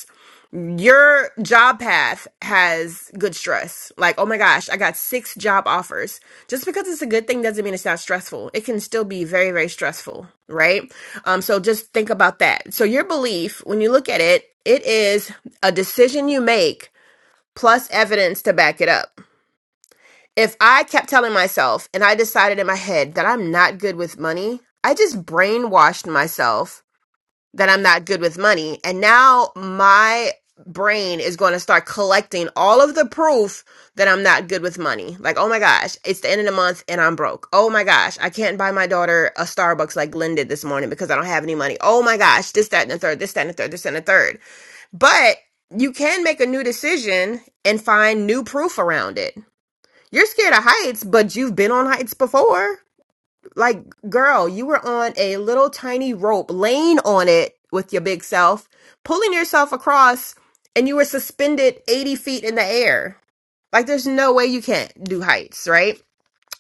Speaker 11: your job path has good stress. Like, oh my gosh, I got six job offers. Just because it's a good thing doesn't mean it's not stressful. It can still be very, very stressful, right? Um, so just think about that. So your belief, when you look at it, it is a decision you make plus evidence to back it up. If I kept telling myself and I decided in my head that I'm not good with money, I just brainwashed myself that I'm not good with money. And now my brain is going to start collecting all of the proof that I'm not good with money. Like, oh my gosh, it's the end of the month and I'm broke. Oh my gosh, I can't buy my daughter a Starbucks like Glenn did this morning because I don't have any money. Oh my gosh, this, that, and the third, this, that, and the third, this, and the third. But you can make a new decision and find new proof around it. You're scared of heights, but you've been on heights before. Like, girl, you were on a little tiny rope, laying on it with your big self, pulling yourself across, and you were suspended 80 feet in the air. Like, there's no way you can't do heights, right?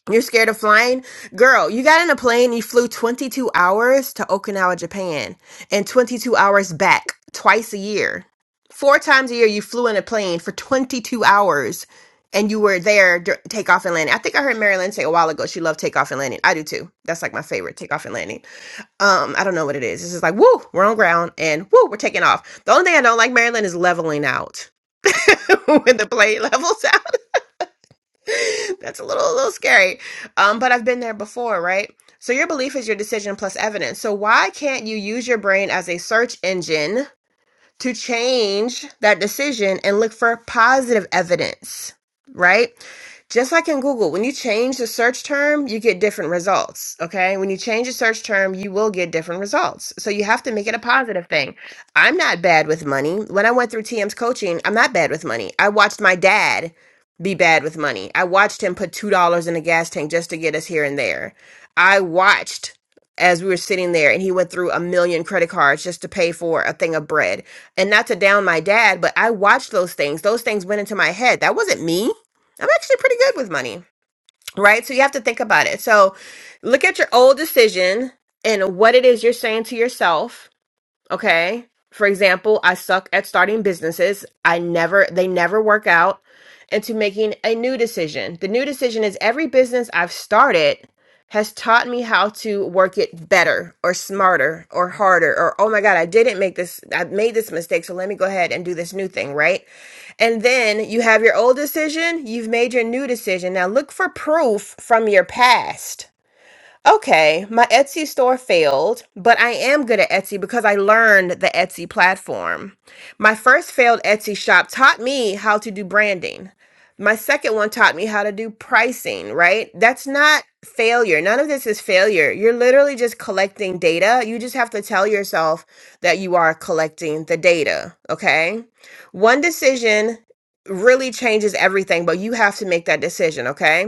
Speaker 11: You're scared of flying? Girl, you got in a plane, you flew 22 hours to Okinawa, Japan, and 22 hours back twice a year. Four times a year, you flew in a plane for 22 hours and you were there dur- takeoff and landing. I think I heard Marilyn say a while ago she loved takeoff and landing. I do too. That's like my favorite takeoff and landing. Um, I don't know what it is. It's just like, woo, we're on ground and woo, we're taking off. The only thing I don't like, Marilyn, is leveling out when the plane levels out. That's a little, a little scary. Um, but I've been there before, right? So your belief is your decision plus evidence. So why can't you use your brain as a search engine? to change that decision and look for positive evidence, right? Just like in Google, when you change the search term, you get different results. Okay. When you change a search term, you will get different results. So you have to make it a positive thing. I'm not bad with money. When I went through TM's coaching, I'm not bad with money. I watched my dad be bad with money. I watched him put $2 in a gas tank just to get us here and there. I watched as we were sitting there and he went through a million credit cards just to pay for a thing of bread and not to down my dad, but I watched those things. Those things went into my head. That wasn't me. I'm actually pretty good with money, right? So you have to think about it. So look at your old decision and what it is you're saying to yourself Okay. For example, I suck at starting businesses. I never, they never work out. And to making a new decision. The new decision is every business I've started has taught me how to work it better or smarter or harder or, oh my God, I didn't make this, I made this mistake. So let me go ahead and do this new thing, right? And then you have your old decision, you've made your new decision. Now look for proof from your past Okay, my Etsy store failed, but I am good at Etsy because I learned the Etsy platform. My first failed Etsy shop taught me how to do branding. My second one taught me how to do pricing, right? That's not failure. None of this is failure. You're literally just collecting data. You just have to tell yourself that you are collecting the data, okay? One decision really changes everything, but you have to make that decision, okay?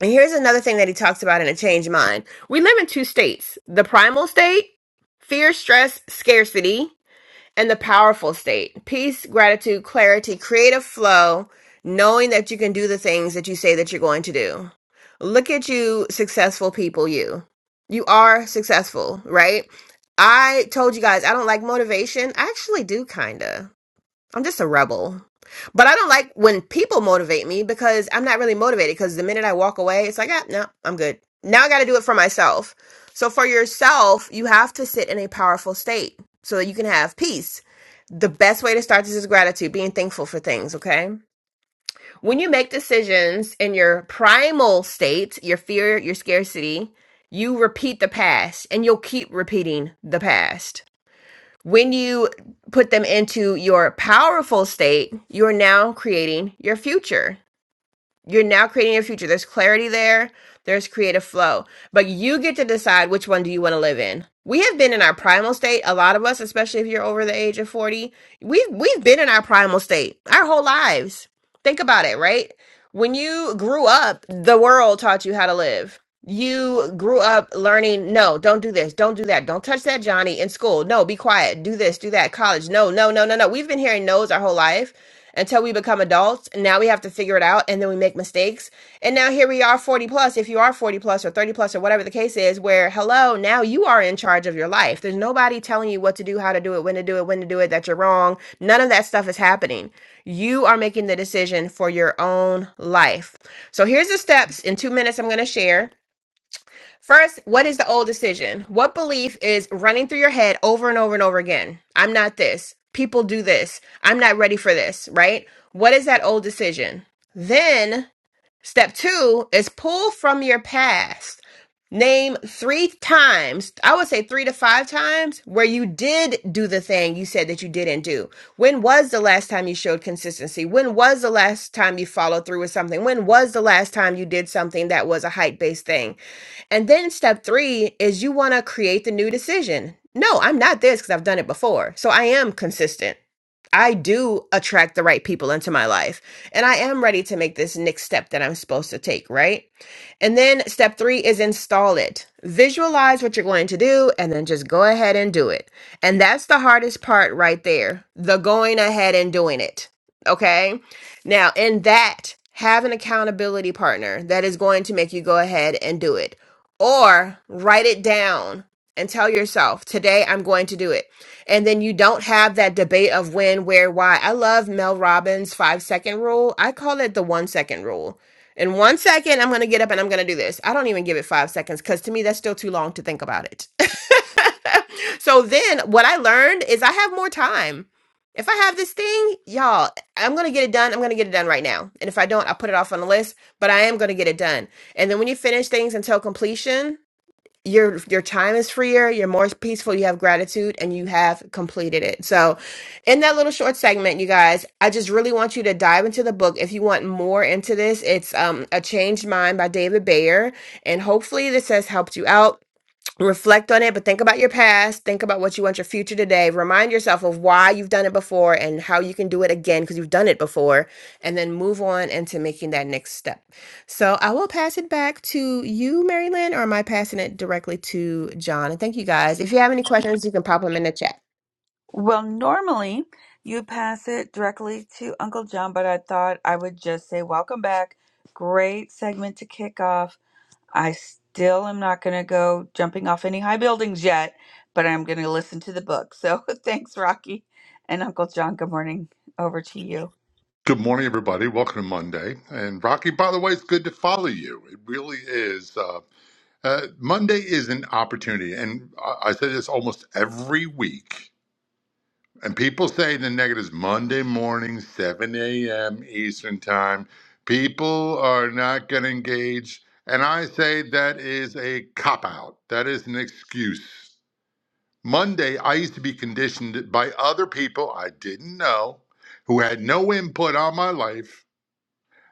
Speaker 11: And here's another thing that he talks about in A Changed Mind. We live in two states the primal state, fear, stress, scarcity, and the powerful state peace, gratitude, clarity, creative flow, knowing that you can do the things that you say that you're going to do. Look at you, successful people, you. You are successful, right? I told you guys I don't like motivation. I actually do, kinda. I'm just a rebel. But I don't like when people motivate me because I'm not really motivated because the minute I walk away, it's like, ah, no, I'm good. Now I got to do it for myself. So for yourself, you have to sit in a powerful state so that you can have peace. The best way to start this is gratitude, being thankful for things, okay? When you make decisions in your primal state, your fear, your scarcity, you repeat the past and you'll keep repeating the past. When you put them into your powerful state, you're now creating your future. You're now creating your future. There's clarity there, there's creative flow, but you get to decide which one do you want to live in. We have been in our primal state, a lot of us, especially if you're over the age of 40. We've we've been in our primal state our whole lives. Think about it, right? When you grew up, the world taught you how to live. You grew up learning, no, don't do this, don't do that, don't touch that Johnny in school. No, be quiet, do this, do that, college. No, no, no, no, no. We've been hearing no's our whole life until we become adults. And now we have to figure it out and then we make mistakes. And now here we are 40 plus, if you are 40 plus or 30 plus or whatever the case is, where hello, now you are in charge of your life. There's nobody telling you what to do, how to do it, when to do it, when to do it, that you're wrong. None of that stuff is happening. You are making the decision for your own life. So here's the steps in two minutes I'm going to share First, what is the old decision? What belief is running through your head over and over and over again? I'm not this. People do this. I'm not ready for this, right? What is that old decision? Then, step two is pull from your past. Name three times, I would say three to five times, where you did do the thing you said that you didn't do. When was the last time you showed consistency? When was the last time you followed through with something? When was the last time you did something that was a height based thing? And then step three is you want to create the new decision. No, I'm not this because I've done it before. So I am consistent. I do attract the right people into my life. And I am ready to make this next step that I'm supposed to take, right? And then step three is install it. Visualize what you're going to do and then just go ahead and do it. And that's the hardest part right there the going ahead and doing it. Okay. Now, in that, have an accountability partner that is going to make you go ahead and do it. Or write it down and tell yourself, today I'm going to do it. And then you don't have that debate of when, where, why. I love Mel Robbins' five second rule. I call it the one second rule in one second, I'm going to get up and I'm going to do this. I don't even give it five seconds because to me, that's still too long to think about it. so then what I learned is I have more time. If I have this thing, y'all, I'm going to get it done. I'm going to get it done right now. And if I don't, I'll put it off on the list, but I am going to get it done. And then when you finish things until completion, your your time is freer you're more peaceful you have gratitude and you have completed it so in that little short segment you guys i just really want you to dive into the book if you want more into this it's um a changed mind by david bayer and hopefully this has helped you out reflect on it, but think about your past. Think about what you want your future today. Remind yourself of why you've done it before and how you can do it again because you've done it before. And then move on into making that next step. So I will pass it back to you, Mary Lynn, or am I passing it directly to John? And thank you guys. If you have any questions, you can pop them in the chat.
Speaker 4: Well, normally you pass it directly to Uncle John, but I thought I would just say, Welcome back. Great segment to kick off. I still am not going to go jumping off any high buildings yet, but I'm going to listen to the book. So thanks, Rocky and Uncle John. Good morning. Over to you.
Speaker 14: Good morning, everybody. Welcome to Monday. And Rocky, by the way, it's good to follow you. It really is. Uh, uh, Monday is an opportunity. And I, I say this almost every week. And people say the negatives Monday morning, 7 a.m. Eastern Time. People are not going to engage. And I say that is a cop out, that is an excuse. Monday, I used to be conditioned by other people I didn't know who had no input on my life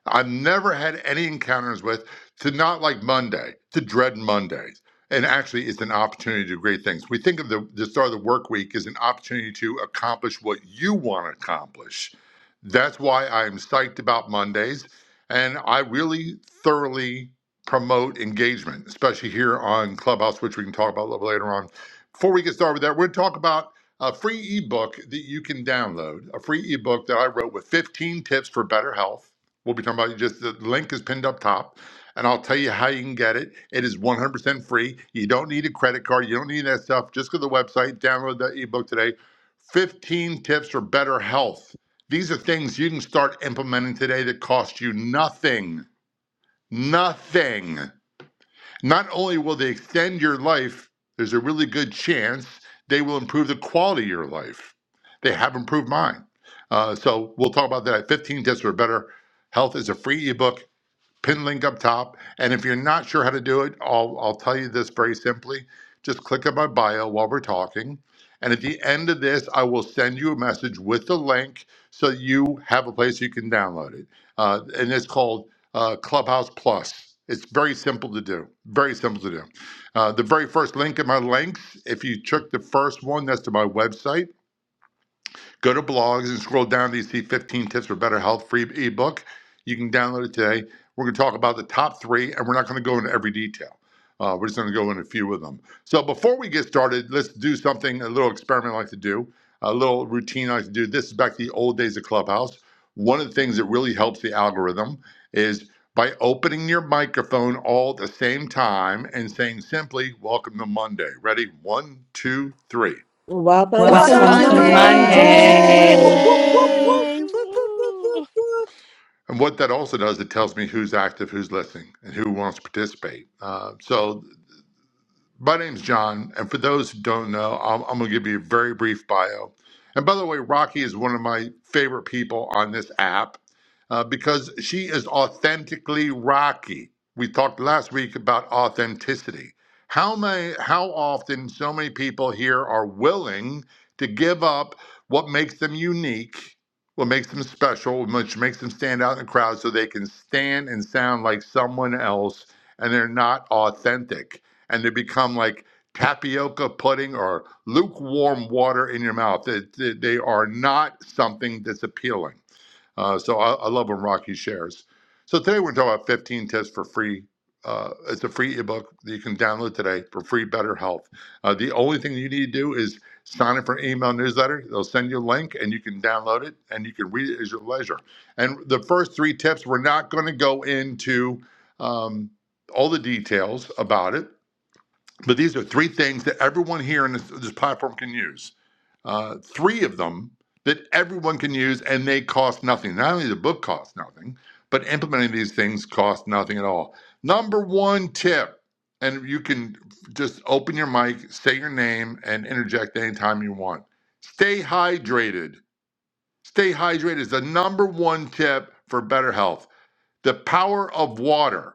Speaker 14: I've never had any encounters with to not like Monday, to dread Mondays. And actually, it's an opportunity to do great things. We think of the, the start of the work week as an opportunity to accomplish what you want to accomplish. That's why I'm psyched about Mondays. And I really thoroughly promote engagement, especially here on Clubhouse, which we can talk about a little later on. Before we get started with that, we're going to talk about a free ebook that you can download, a free ebook that I wrote with 15 tips for better health We'll be talking about just the link is pinned up top, and I'll tell you how you can get it. It is 100% free. You don't need a credit card. You don't need that stuff. Just go to the website, download the ebook today. 15 tips for better health. These are things you can start implementing today that cost you nothing. Nothing. Not only will they extend your life, there's a really good chance they will improve the quality of your life. They have improved mine. Uh, so we'll talk about that. 15 tips for better Health is a free ebook pin link up top. And if you're not sure how to do it, I'll, I'll tell you this very simply. Just click on my bio while we're talking. And at the end of this, I will send you a message with the link so you have a place you can download it. Uh, and it's called uh, Clubhouse Plus. It's very simple to do. Very simple to do. Uh, the very first link in my links, if you took the first one, that's to my website Go to blogs and scroll down to you see 15 tips for better health free ebook. You can download it today. We're going to talk about the top three, and we're not going to go into every detail. Uh, we're just going to go into a few of them. So before we get started, let's do something, a little experiment I like to do, a little routine I like to do. This is back to the old days of Clubhouse. One of the things that really helps the algorithm is by opening your microphone all at the same time and saying simply, Welcome to Monday. Ready? One, two, three.
Speaker 11: Welcome
Speaker 15: Come
Speaker 16: Welcome
Speaker 15: on,
Speaker 16: to
Speaker 11: to
Speaker 1: Welcome
Speaker 10: Welcome
Speaker 3: Welcome
Speaker 10: to
Speaker 1: to
Speaker 3: to
Speaker 17: Welcome to
Speaker 16: Monday.
Speaker 10: Monday.
Speaker 4: Good
Speaker 15: Whoop,
Speaker 3: Monday.
Speaker 15: whoop, whoop,
Speaker 4: Monday.
Speaker 17: Monday.
Speaker 11: Monday.
Speaker 15: whoop.
Speaker 1: Monday. Whoop, whoop, whoop,
Speaker 17: Woo.
Speaker 1: whoop, whoop.
Speaker 14: And what that also does, it tells me who's active, who's listening, and who wants to participate. Uh, so my name's John, and for those who don't know, I'm, I'm going to give you a very brief bio. And by the way, Rocky is one of my favorite people on this app uh, because she is authentically Rocky. We talked last week about authenticity. How many, how often so many people here are willing to give up what makes them unique, what makes them special, which makes them stand out in the crowd, so they can stand and sound like someone else, and they're not authentic and they become like tapioca pudding or lukewarm water in your mouth. They, they, they are not something that's appealing. Uh, so I, I love when Rocky shares. So today we're talking about 15 tips for free. Uh, it's a free ebook that you can download today for free better health. Uh, the only thing you need to do is sign up for an email newsletter. They'll send you a link and you can download it and you can read it at your leisure. And the first three tips, we're not going to go into um, all the details about it but these are three things that everyone here in this, this platform can use. Uh, three of them that everyone can use and they cost nothing. Not only the book costs nothing, but implementing these things costs nothing at all. Number one tip, and you can just open your mic, say your name, and interject anytime you want. Stay hydrated. Stay hydrated is the number one tip for better health. The power of water.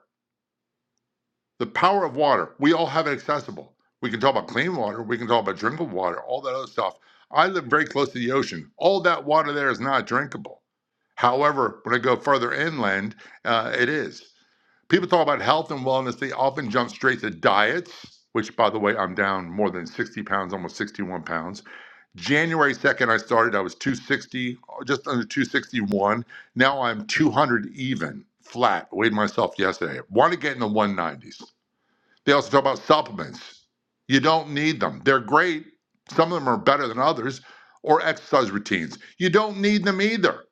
Speaker 14: The power of water. We all have it accessible. We can talk about clean water. We can talk about drinkable water, all that other stuff. I live very close to the ocean. All that water there is not drinkable. However, when I go further inland, uh, it is. People talk about health and wellness. They often jump straight to diets, which, by the way, I'm down more than 60 pounds, almost 61 pounds. January 2nd, I started. I was 260, just under 261. Now I'm 200 even, flat. Weighed myself yesterday. Want to get in the 190s. They also talk about supplements. You don't need them. They're great. Some of them are better than others, or exercise routines. You don't need them either.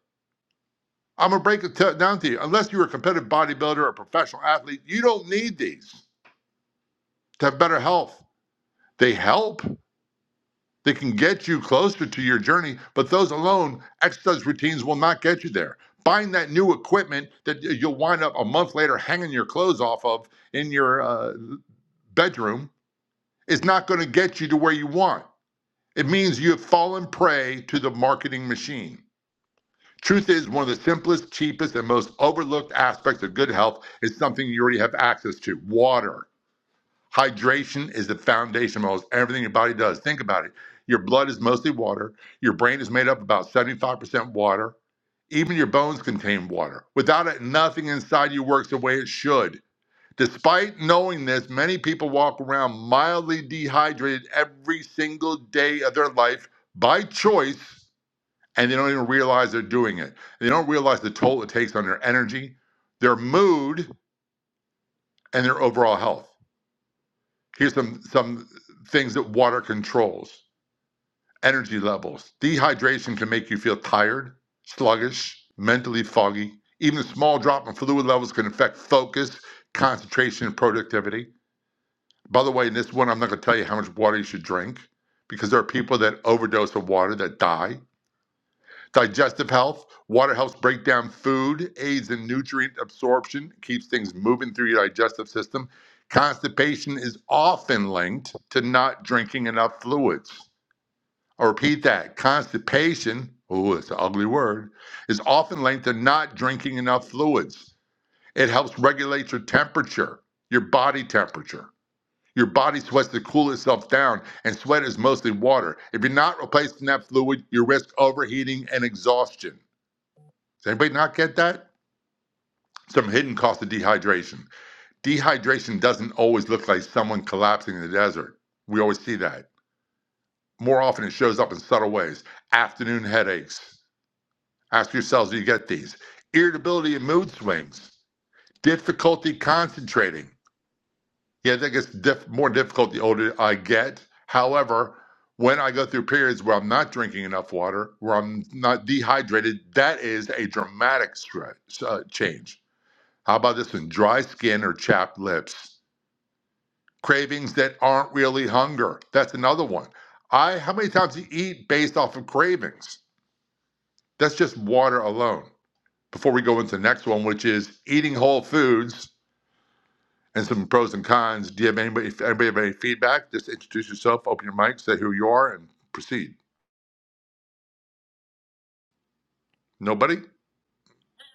Speaker 14: I'm going to break it down to you. Unless you're a competitive bodybuilder or a professional athlete, you don't need these to have better health. They help, they can get you closer to your journey, but those alone, exercise routines will not get you there. Buying that new equipment that you'll wind up a month later hanging your clothes off of in your uh, bedroom is not going to get you to where you want. It means you have fallen prey to the marketing machine. Truth is, one of the simplest, cheapest, and most overlooked aspects of good health is something you already have access to water. Hydration is the foundation of almost everything your body does. Think about it. Your blood is mostly water. Your brain is made up about 75% water. Even your bones contain water. Without it, nothing inside you works the way it should. Despite knowing this, many people walk around mildly dehydrated every single day of their life by choice, and they don't even realize they're doing it. They don't realize the toll it takes on their energy, their mood, and their overall health. Here's some, some things that water controls energy levels. Dehydration can make you feel tired, sluggish, mentally foggy. Even a small drop in fluid levels can affect focus, concentration, and productivity. By the way, in this one, I'm not going to tell you how much water you should drink because there are people that overdose of water that die. Digestive health, water helps break down food, aids in nutrient absorption, keeps things moving through your digestive system. Constipation is often linked to not drinking enough fluids. I'll repeat that. Constipation, oh, it's an ugly word, is often linked to not drinking enough fluids. It helps regulate your temperature, your body temperature. Your body sweats to cool itself down, and sweat is mostly water. If you're not replacing that fluid, you risk overheating and exhaustion. Does anybody not get that? Some hidden cost of dehydration. Dehydration doesn't always look like someone collapsing in the desert. We always see that. More often, it shows up in subtle ways. Afternoon headaches. Ask yourselves, do you get these? Irritability and mood swings. Difficulty concentrating Yeah, that gets diff- more difficult the older I get. However, when I go through periods where I'm not drinking enough water, where I'm not dehydrated, that is a dramatic stre- uh, change. How about this one? Dry skin or chapped lips. Cravings that aren't really hunger. That's another one. I how many times do you eat based off of cravings? That's just water alone. Before we go into the next one, which is eating whole foods and some pros and cons. Do you have anybody? If anybody have any feedback, just introduce yourself, open your mic, say who you are, and proceed. Nobody.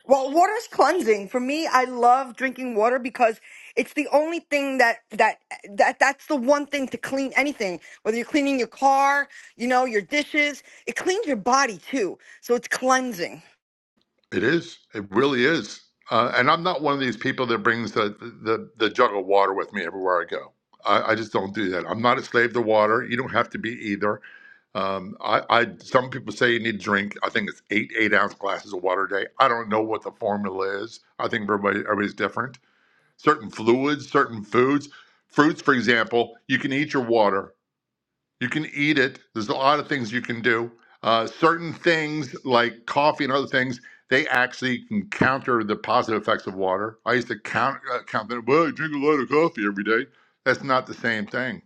Speaker 10: Well, water is cleansing. For me, I love drinking water because it's the only thing that that that that's the one thing to clean anything. Whether you're cleaning your car, you know, your dishes, it cleans your body too. So it's cleansing.
Speaker 14: It is. It really is. Uh, and I'm not one of these people that brings the, the the jug of water with me everywhere I go. I, I just don't do that. I'm not a slave to water. You don't have to be either. Um, I, I some people say you need to drink. I think it's eight eight ounce glasses of water a day. I don't know what the formula is. I think everybody everybody's different. certain fluids, certain foods. Fruits, for example, you can eat your water. You can eat it. There's a lot of things you can do. Uh, certain things like coffee and other things, they actually can counter the positive effects of water. I used to count uh, count that. Well, I drink a lot of coffee every day. That's not the same thing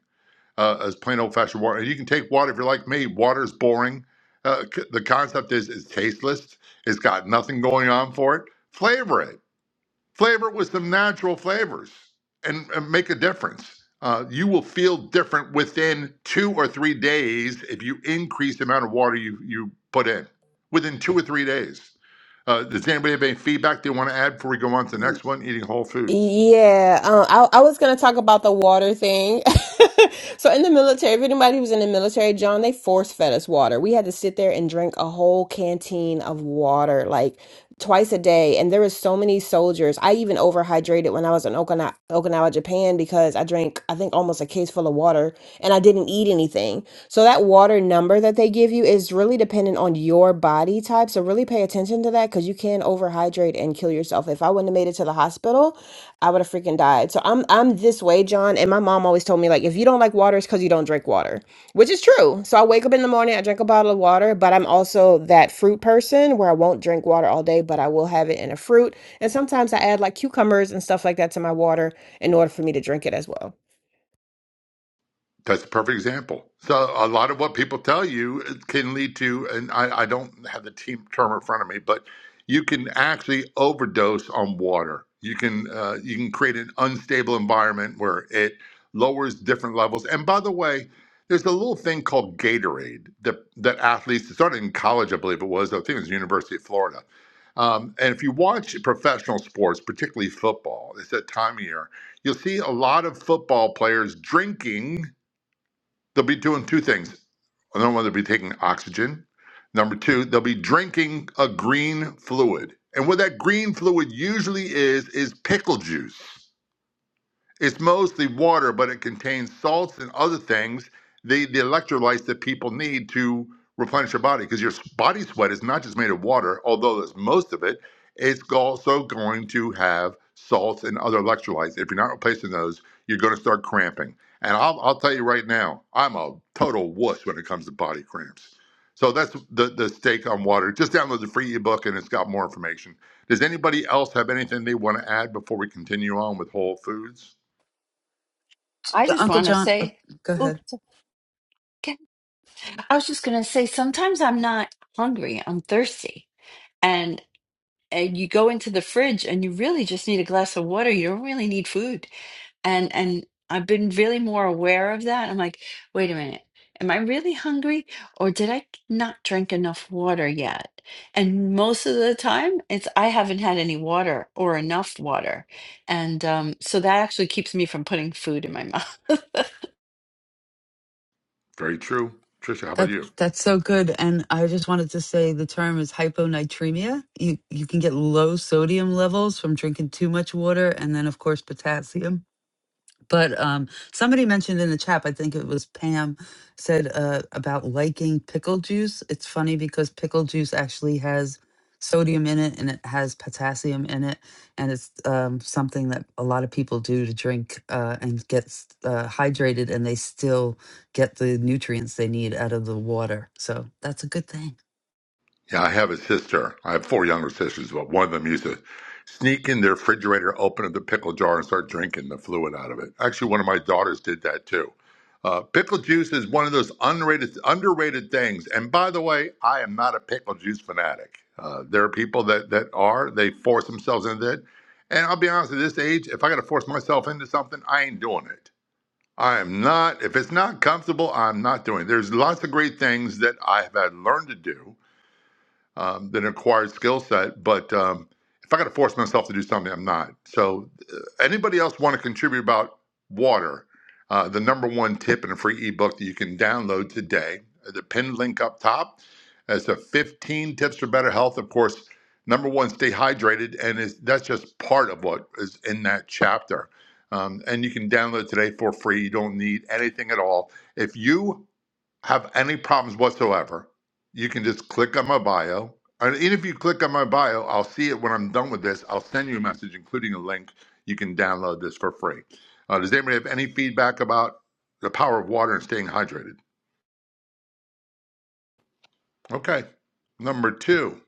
Speaker 14: uh, as plain old fashioned water. And you can take water if you're like me. Water's boring. Uh, c- the concept is it's tasteless. It's got nothing going on for it. Flavor it flavor it with some natural flavors and, and make a difference. Uh, you will feel different within two or three days if you increase the amount of water you, you put in within two or three days. Uh, does anybody have any feedback they want to add before we go on to the next one? Eating whole foods.
Speaker 11: Yeah, um, I, I was going to talk about the water thing. So in the military, if anybody was in the military, John, they force fed us water. We had to sit there and drink a whole canteen of water like twice a day. And there was so many soldiers. I even overhydrated when I was in Okina Okinawa, Japan, because I drank, I think, almost a case full of water and I didn't eat anything. So that water number that they give you is really dependent on your body type. So really pay attention to that because you can overhydrate and kill yourself. If I wouldn't have made it to the hospital, I would have freaking died. So I'm I'm this way, John. And my mom always told me like, if you don't like water, it's because you don't drink water, which is true. So I wake up in the morning, I drink a bottle of water, but I'm also that fruit person where I won't drink water all day, but I will have it in a fruit. And sometimes I add like cucumbers and stuff like that to my water in order for me to drink it as well.
Speaker 14: That's a perfect example. So a lot of what people tell you uh, can lead to, and I, I don't have the team term in front of me, but you can actually overdose on water. You can uh, you can create an unstable environment where it lowers different levels. And by the way, there's a little thing called Gatorade that that athletes it started in college, I believe it was. I think it was the University of Florida. Um, and if you watch professional sports, particularly football, it's that time of year. You'll see a lot of football players drinking. They'll be doing two things. Number one, they'll be taking oxygen. Number two, they'll be drinking a green fluid. And what that green fluid usually is, is pickle juice. It's mostly water, but it contains salts and other things, the, the electrolytes that people need to replenish your body. Because your body sweat is not just made of water, although that's most of it, it's also going to have salts and other electrolytes. If you're not replacing those, you're going to start cramping. And I'll, I'll tell you right now, I'm a total wuss when it comes to body cramps. So that's the, the stake on water. Just download the free ebook and it's got more information. Does anybody else have anything they want to add before we continue on with Whole Foods?
Speaker 7: I
Speaker 1: The
Speaker 7: just
Speaker 1: Uncle
Speaker 7: want to
Speaker 1: John, oh,
Speaker 7: say,
Speaker 1: go
Speaker 7: oh,
Speaker 1: ahead.
Speaker 7: it's okay. I was just going to say, sometimes I'm not hungry, I'm thirsty. And, and you go into the fridge and you really just need a glass of water. You don't really need food. And, and I've been really more aware of that. I'm like, wait a minute. Am I really hungry or did I not drink enough water yet? And most of the time, it's I haven't had any water or enough water. And um, so that actually keeps me from putting food in my mouth.
Speaker 14: Very true. Trisha, how about
Speaker 1: That,
Speaker 14: you?
Speaker 1: that's so good. And I just wanted to say the term is hyponatremia. You, you can get low sodium levels from drinking too much water and then, of course, potassium. But um, somebody mentioned in the chat, I think it was Pam, said uh, about liking pickle juice. It's funny because pickle juice actually has sodium in it and it has potassium in it. And it's um, something that a lot of people do to drink uh, and get s- uh, hydrated and they still get the nutrients they need out of the water. So that's a good thing.
Speaker 14: Yeah, I have a sister. I have four younger sisters, but one of them used to sneak in the refrigerator, open up the pickle jar, and start drinking the fluid out of it. Actually, one of my daughters did that too. Uh, pickle juice is one of those underrated, underrated things. And by the way, I am not a pickle juice fanatic. Uh, there are people that that are. They force themselves into it. And I'll be honest, at this age, if I got to force myself into something, I ain't doing it. I am not, if it's not comfortable, I'm not doing it. There's lots of great things that I have had learned to do um, than an acquired skill set. But um, if I got to force myself to do something, I'm not. So, uh, anybody else want to contribute about water? Uh, the number one tip in a free ebook that you can download today, uh, the pinned link up top. It's a 15 tips for better health. Of course, number one, stay hydrated, and is that's just part of what is in that chapter. Um, and you can download it today for free. You don't need anything at all. If you have any problems whatsoever, you can just click on my bio. And even if you click on my bio, I'll see it when I'm done with this. I'll send you a message, including a link. You can download this for free. Uh, does anybody have any feedback about the power of water and staying hydrated? Okay. Number two,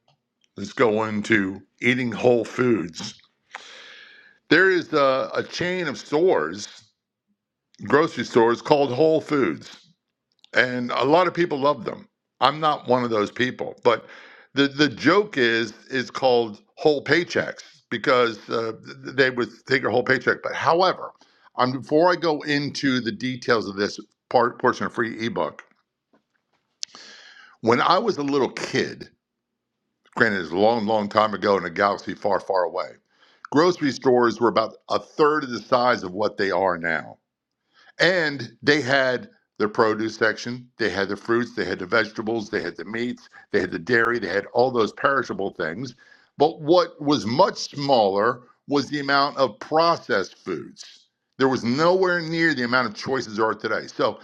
Speaker 14: let's go into eating whole foods. There is a, a chain of stores, grocery stores called Whole Foods. and a lot of people love them. I'm not one of those people, but the the joke is is called whole paychecks because uh, they would take your whole paycheck. But however, um, before I go into the details of this part portion of free ebook, when I was a little kid, granted it's a long, long time ago in a galaxy far, far away, grocery stores were about a third of the size of what they are now And they had the produce section, they had the fruits, they had the vegetables, they had the meats, they had the dairy, they had all those perishable things. But what was much smaller was the amount of processed foods. There was nowhere near the amount of choices there are today. So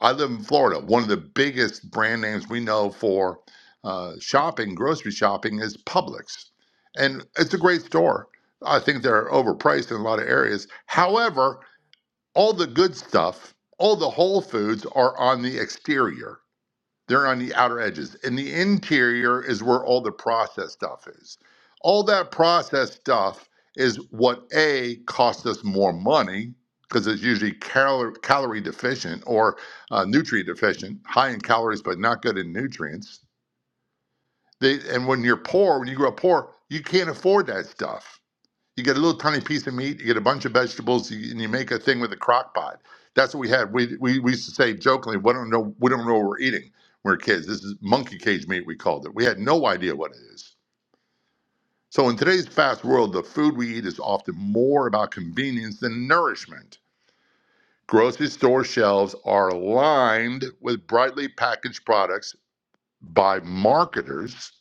Speaker 14: I live in Florida. One of the biggest brand names we know for uh, shopping, grocery shopping, is Publix. And it's a great store. I think they're overpriced in a lot of areas. However, all the good stuff, all the whole foods are on the exterior. They're on the outer edges. And the interior is where all the processed stuff is. All that processed stuff is what A costs us more money because it's usually cal- calorie deficient or uh, nutrient deficient, high in calories but not good in nutrients. They, and when you're poor, when you grow up poor, you can't afford that stuff you get a little tiny piece of meat, you get a bunch of vegetables, you, and you make a thing with a crock pot. That's what we had. We, we, we used to say jokingly, we don't know we don't know what we're eating. when we We're kids. This is monkey cage meat. We called it. We had no idea what it is. So in today's fast world, the food we eat is often more about convenience than nourishment. Grocery store shelves are lined with brightly packaged products by marketers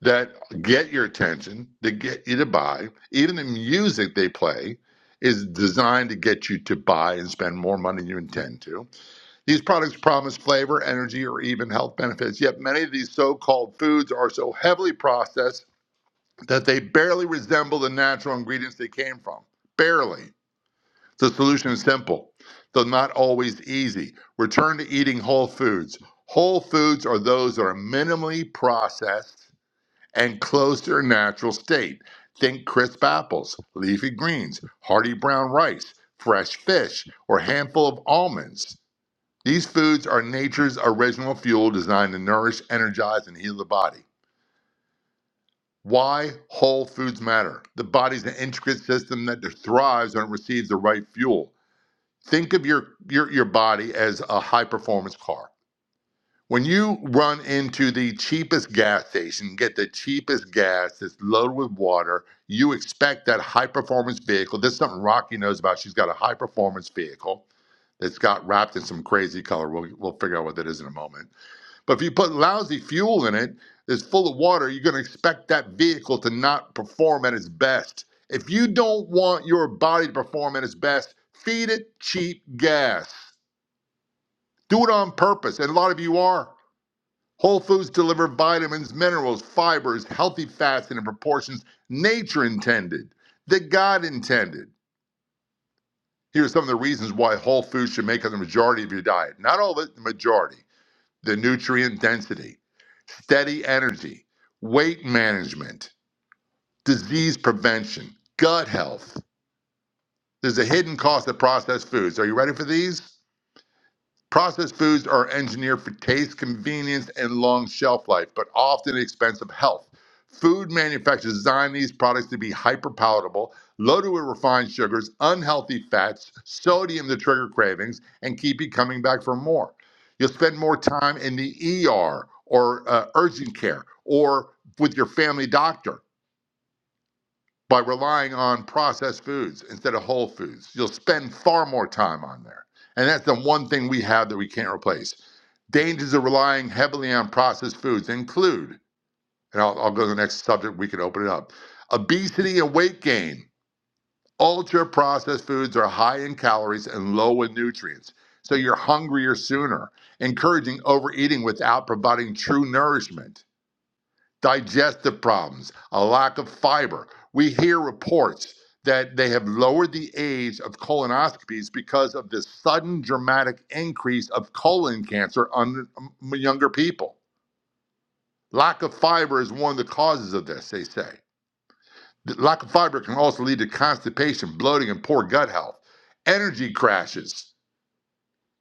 Speaker 14: that get your attention, that get you to buy. Even the music they play is designed to get you to buy and spend more money than you intend to. These products promise flavor, energy, or even health benefits. Yet many of these so called foods are so heavily processed that they barely resemble the natural ingredients they came from. Barely. The solution is simple, though not always easy. Return to eating whole foods. Whole foods are those that are minimally processed and close to their natural state. Think crisp apples, leafy greens, hearty brown rice, fresh fish, or a handful of almonds. These foods are nature's original fuel designed to nourish, energize, and heal the body. Why whole foods matter. The body's an intricate system that thrives when it receives the right fuel. Think of your, your, your body as a high performance car When you run into the cheapest gas station, get the cheapest gas that's loaded with water, you expect that high performance vehicle. This is something Rocky knows about. She's got a high performance vehicle that's got wrapped in some crazy color. We'll, we'll figure out what that is in a moment. But if you put lousy fuel in it that's full of water, you're going to expect that vehicle to not perform at its best. If you don't want your body to perform at its best, feed it cheap gas. Do it on purpose. And a lot of you are. Whole foods deliver vitamins, minerals, fibers, healthy fats, and in proportions nature intended, that God intended. Here are some of the reasons why whole foods should make up the majority of your diet. Not all of it, the majority. The nutrient density, steady energy, weight management, disease prevention, gut health. There's a hidden cost of processed foods. Are you ready for these? Processed foods are engineered for taste, convenience, and long shelf life, but often at the expense of health. Food manufacturers design these products to be hyper palatable, loaded with refined sugars, unhealthy fats, sodium to trigger cravings, and keep you coming back for more. You'll spend more time in the ER or uh, urgent care or with your family doctor by relying on processed foods instead of whole foods. You'll spend far more time on there. And that's the one thing we have that we can't replace Dangers of relying heavily on processed foods include, and I'll, I'll go to the next subject, we can open it up obesity and weight gain. Ultra processed foods are high in calories and low in nutrients, so you're hungrier sooner, encouraging overeating without providing true nourishment. Digestive problems, a lack of fiber. We hear reports that they have lowered the age of colonoscopies because of this sudden dramatic increase of colon cancer on um, younger people Lack of fiber is one of the causes of this, they say. The Lack of fiber can also lead to constipation, bloating, and poor gut health. Energy crashes.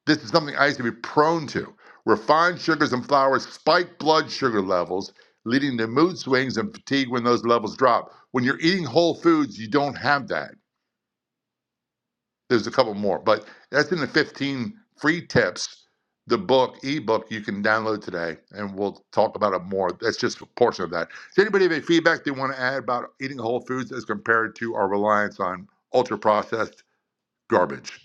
Speaker 14: This is something I used to be prone to. Refined sugars and flours spike blood sugar levels, leading to mood swings and fatigue when those levels drop. When you're eating whole foods, you don't have that. There's a couple more, but that's in the 15 free tips. The book, ebook, you can download today, and we'll talk about it more. That's just a portion of that. Does anybody have any feedback they want to add about eating whole foods as compared to our reliance on ultra processed garbage?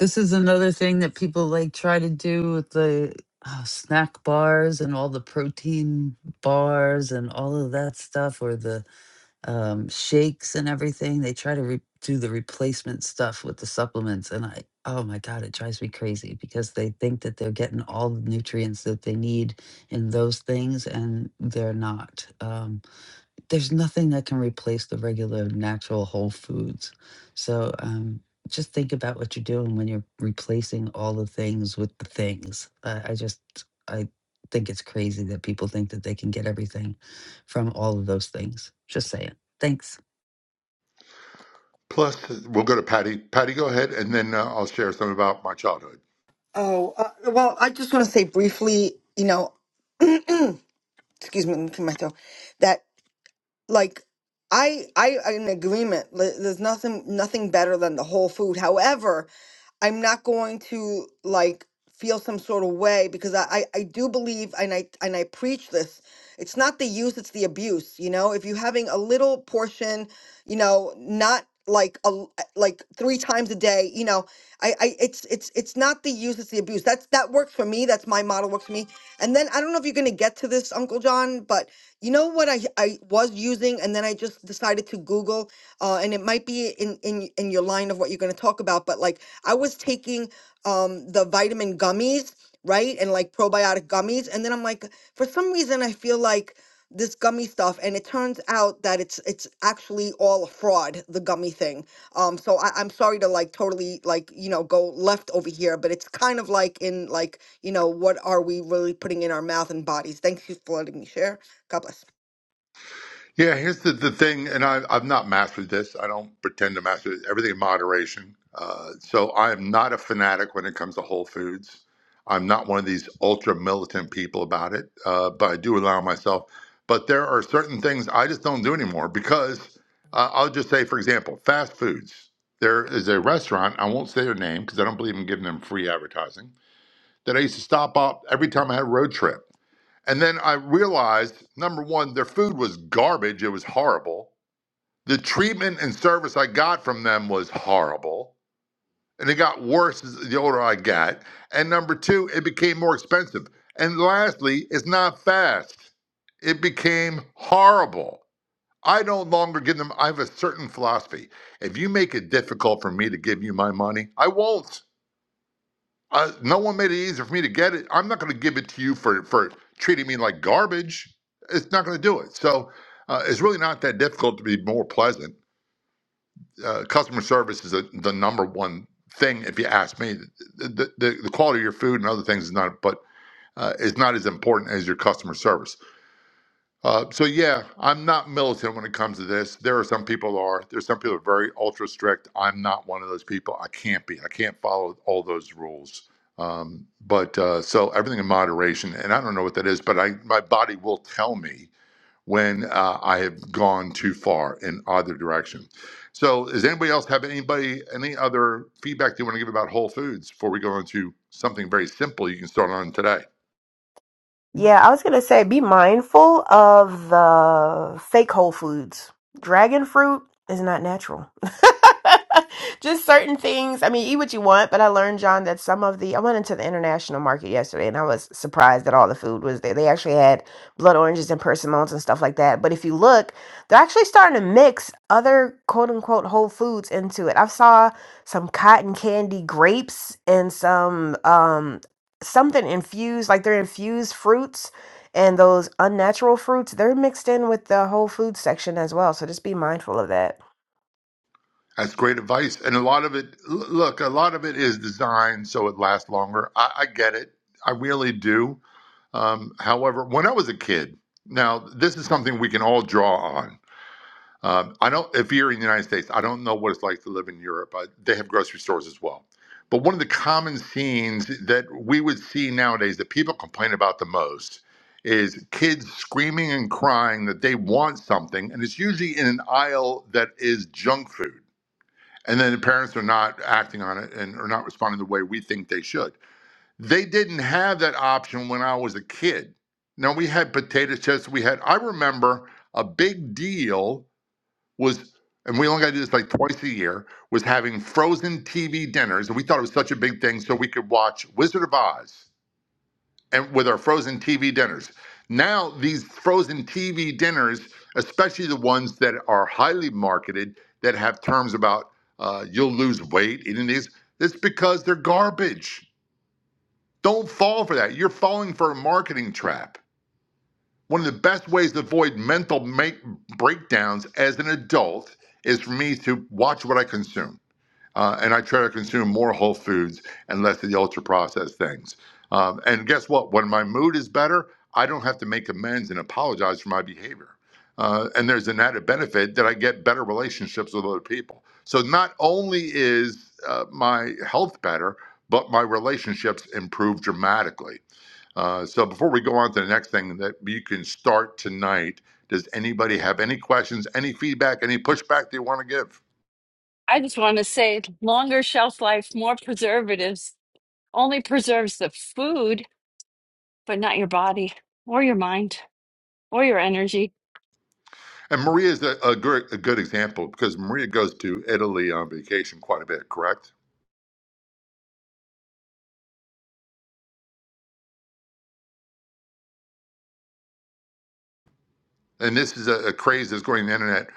Speaker 1: This is another thing that people like try to do with the uh, snack bars and all the protein bars and all of that stuff, or the um, shakes and everything. They try to re- do the replacement stuff with the supplements, and I, oh my God, it drives me crazy because they think that they're getting all the nutrients that they need in those things, and they're not. Um, there's nothing that can replace the regular natural whole foods. So um, just think about what you're doing when you're replacing all the things with the things. Uh, I just, I think it's crazy that people think that they can get everything from all of those things. Just saying. Thanks.
Speaker 14: Plus, we'll go to Patty. Patty, go ahead, and then uh, I'll share some about my childhood.
Speaker 10: Oh, uh, well, I just want to say briefly, you know, excuse me, let me clear myself, that like I I I'm in agreement. li- There's nothing nothing better than the whole food. However, I'm not going to like feel some sort of way because I, I I do believe and I and I preach this. It's not the use, it's the abuse. You know, if you're having a little portion, you know, not like a l- like three times a day, you know, I I it's it's it's not the use, it's the abuse. That's that works for me. That's my my model works for me. And then I don't know if you're gonna get to this, Uncle John, but you know what I I was using, and then I just decided to Google, uh, and it might be in in in your line of what you're gonna talk about, but like I was taking um the vitamin gummies, right, and like probiotic gummies, and then I'm like, for some reason I feel like this gummy stuff and it turns out that it's it's actually all a fraud the gummy thing um so I, i'm sorry to like totally like you know go left over here but it's kind of like in like you know what are we really putting in our mouth and bodies thank you for letting me share god bless
Speaker 14: Yeah, here's the, the thing, and I, I've not mastered this. I don't pretend to master this. Everything in moderation. Uh, so I am not a fanatic when it comes to Whole Foods. I'm not one of these ultra militant people about it, uh, but I do allow myself. But there are certain things I just don't do anymore because uh, I'll just say, for example, fast foods. There is a restaurant, I won't say their name because I don't believe in giving them free advertising, that I used to stop up every time I had a road trip. And then I realized number one, their food was garbage. It was horrible. The treatment and service I got from them was horrible. And it got worse as the older I got. And number two, it became more expensive. And lastly, it's not fast. It became horrible. I no longer give them, I have a certain philosophy. If you make it difficult for me to give you my money, I won't. Uh, no one made it easier for me to get it. I'm not going to give it to you for for treating me like garbage. It's not going to do it. So uh, it's really not that difficult to be more pleasant. Uh, customer service is the the number one thing, if you ask me. The, the the the quality of your food and other things is not, but uh, is not as important as your customer service. Uh, so yeah, I'm not militant when it comes to this. There are some people who are. There's some people who are very ultra strict. I'm not one of those people. I can't be. I can't follow all those rules. Um, but uh, so everything in moderation, and I don't know what that is, but I my body will tell me when uh, I have gone too far in either direction. So does anybody else have anybody any other feedback they want to give about Whole Foods before we go into something very simple you can start on today?
Speaker 11: Yeah, I was gonna say be mindful of the fake whole foods. Dragon fruit is not natural. Just certain things. I mean, eat what you want, but I learned, John, that some of the I went into the international market yesterday and I was surprised that all the food was there. They actually had blood oranges and persimmons and stuff like that. But if you look, they're actually starting to mix other quote unquote whole foods into it. I saw some cotton candy grapes and some um something infused, like they're infused fruits and those unnatural fruits, they're mixed in with the whole food section as well. So just be mindful of that.
Speaker 14: That's great advice. And a lot of it, l- look, a lot of it is designed so it lasts longer. I, I get it. I really do. Um, however, when I was a kid, now this is something we can all draw on. Um, I don't, if you're in the United States, I don't know what it's like to live in Europe. I, they have grocery stores as well. But one of the common scenes that we would see nowadays that people complain about the most is kids screaming and crying that they want something. And it's usually in an aisle that is junk food and then the parents are not acting on it and are not responding the way we think they should. They didn't have that option when I was a kid. Now we had potato chips. We had. I remember a big deal was, and we only got to do this like twice a year, was having frozen TV dinners, and we thought it was such a big thing, so we could watch Wizard of Oz and with our frozen TV dinners. Now, these frozen TV dinners, especially the ones that are highly marketed, that have terms about uh, you'll lose weight eating these, it's because they're garbage. Don't fall for that. You're falling for a marketing trap. One of the best ways to avoid mental make breakdowns as an adult is for me to watch what I consume uh, and I try to consume more whole foods and less of the ultra processed things. Um, and guess what? When my mood is better, I don't have to make amends and apologize for my behavior. Uh, and there's an added benefit that I get better relationships with other people. So not only is uh, my health better, but my relationships improve dramatically. Uh, so before we go on to the next thing that you can start tonight, does anybody have any questions, any feedback, any pushback they want to give?
Speaker 7: I just want to say longer shelf life, more preservatives only preserves the food, but not your body or your mind or your energy.
Speaker 14: And Maria is a, a, good, a good example because Maria goes to Italy on vacation quite a bit, correct? And this is a, a craze that's going on the internet.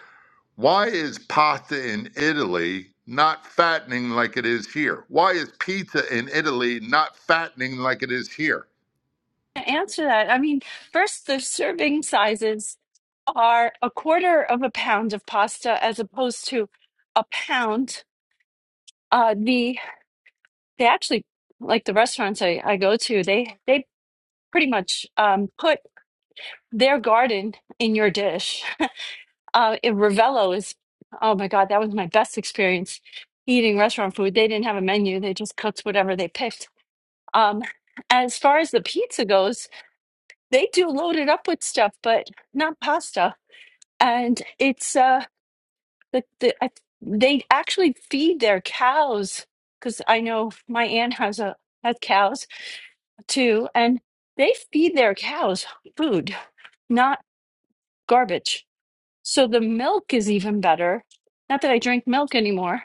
Speaker 14: Why is pasta in Italy not fattening like it is here? Why is pizza in Italy not fattening like it is here?
Speaker 7: To answer that, I mean, first, the serving sizes are a quarter of a pound of pasta as opposed to a pound. Uh, the they actually like the restaurants I, I go to, they they pretty much um, put their garden in your dish. Uh, in Ravello is, oh my God, that was my best experience eating restaurant food. They didn't have a menu, they just cooked whatever they picked. Um, as far as the pizza goes, they do load it up with stuff, but not pasta. And it's, uh, the, the, I, they actually feed their cows because I know my aunt has a has cows too, and they feed their cows food, not garbage. So the milk is even better. Not that I drink milk anymore,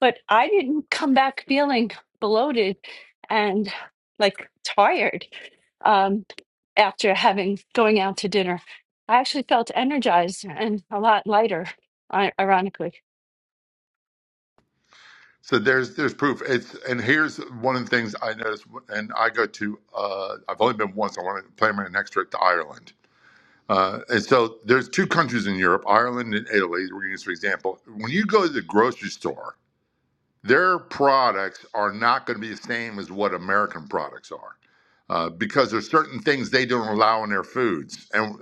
Speaker 7: but I didn't come back feeling bloated and like tired um, after having going out to dinner. I actually felt energized and a lot lighter, i- ironically.
Speaker 14: So there's there's proof. It's and here's one of the things I noticed. And I go to uh, I've only been once. I want to plan my next trip to Ireland. Uh, and so there's two countries in Europe, Ireland and Italy. We're going to use for example. When you go to the grocery store Their products are not going to be the same as what American products are uh, because there's certain things they don't allow in their foods, and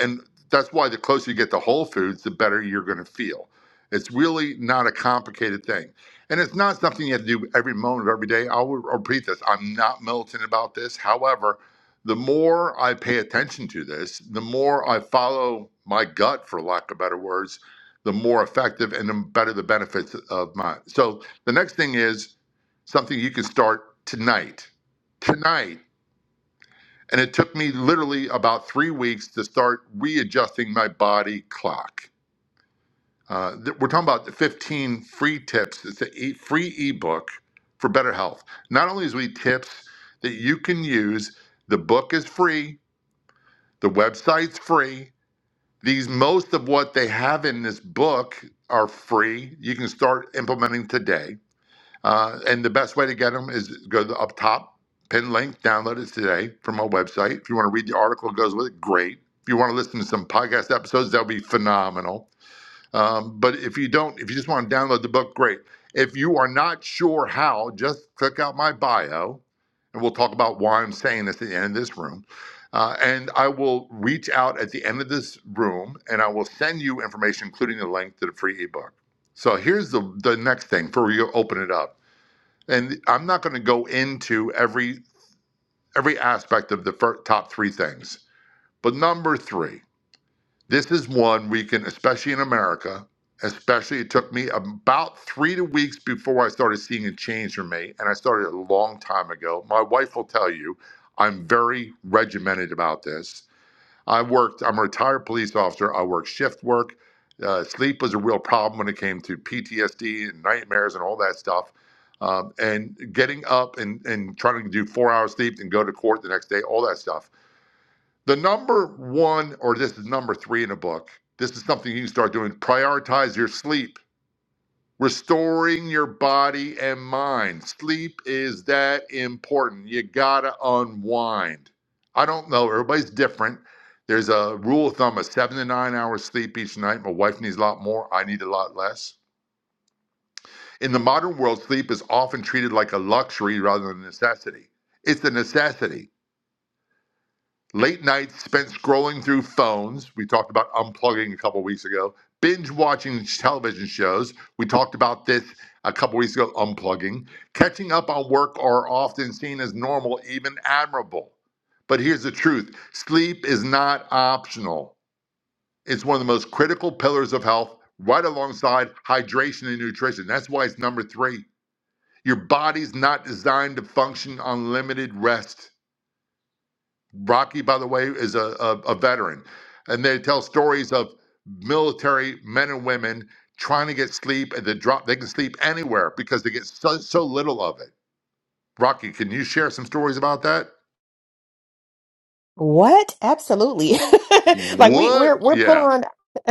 Speaker 14: and that's why the closer you get to whole foods, the better you're going to feel. It's really not a complicated thing, and it's not something you have to do every moment of every day. I'll repeat this: I'm not militant about this. However, the more I pay attention to this, the more I follow my gut, for lack of better words, the more effective and the better the benefits of my. So the next thing is something you can start tonight. Tonight and it took me literally about three weeks to start readjusting my body clock. Uh, th- we're talking about the 15 free tips. It's a e- free ebook for better health. Not only is we tips that you can use, the book is free, the website's free. These most of what they have in this book are free. You can start implementing today uh, and the best way to get them is go to the up top, pin link, download it today from our website. If you want to read the article that goes with it, great. If you want to listen to some podcast episodes, that'll be phenomenal. Um, but if you don't, if you just want to download the book, great. If you are not sure how, just click out my bio and we'll talk about why I'm saying this at the end of this room. Uh, and I will reach out at the end of this room and I will send you information, including the link to the free ebook. So here's the, the next thing for you to open it up and I'm not going to go into every every aspect of the fir- top three things. But number three, this is one we can, especially in America, especially it took me about three to weeks before I started seeing a change for me, and I started a long time ago. My wife will tell you, I'm very regimented about this I worked, I'm a retired police officer. I worked shift work. Uh, sleep was a real problem when it came to PTSD and nightmares and all that stuff. Um, and getting up and, and trying to do four hours sleep and go to court the next day, all that stuff. The number one, or this is number three in the book, this is something you can start doing prioritize your sleep restoring your body and mind. Sleep is that important. You gotta unwind. I don't know. Everybody's different. There's a rule of thumb of seven to nine hours sleep each night. My wife needs a lot more. I need a lot less. In the modern world, sleep is often treated like a luxury rather than a necessity. It's a necessity. Late nights spent scrolling through phones. We talked about unplugging a couple weeks ago. Binge watching television shows. We talked about this a couple weeks ago, unplugging. Catching up on work are often seen as normal, even admirable. But here's the truth sleep is not optional. It's one of the most critical pillars of health, right alongside hydration and nutrition. That's why it's number three. Your body's not designed to function on limited rest. Rocky, by the way, is a, a, a veteran. And they tell stories of military men and women trying to get sleep and the drop they can sleep anywhere because they get so, so little of it. Rocky, can you share some stories about that?
Speaker 11: What? Absolutely. Like we we're
Speaker 14: What?
Speaker 11: we're put
Speaker 14: Yeah,
Speaker 11: on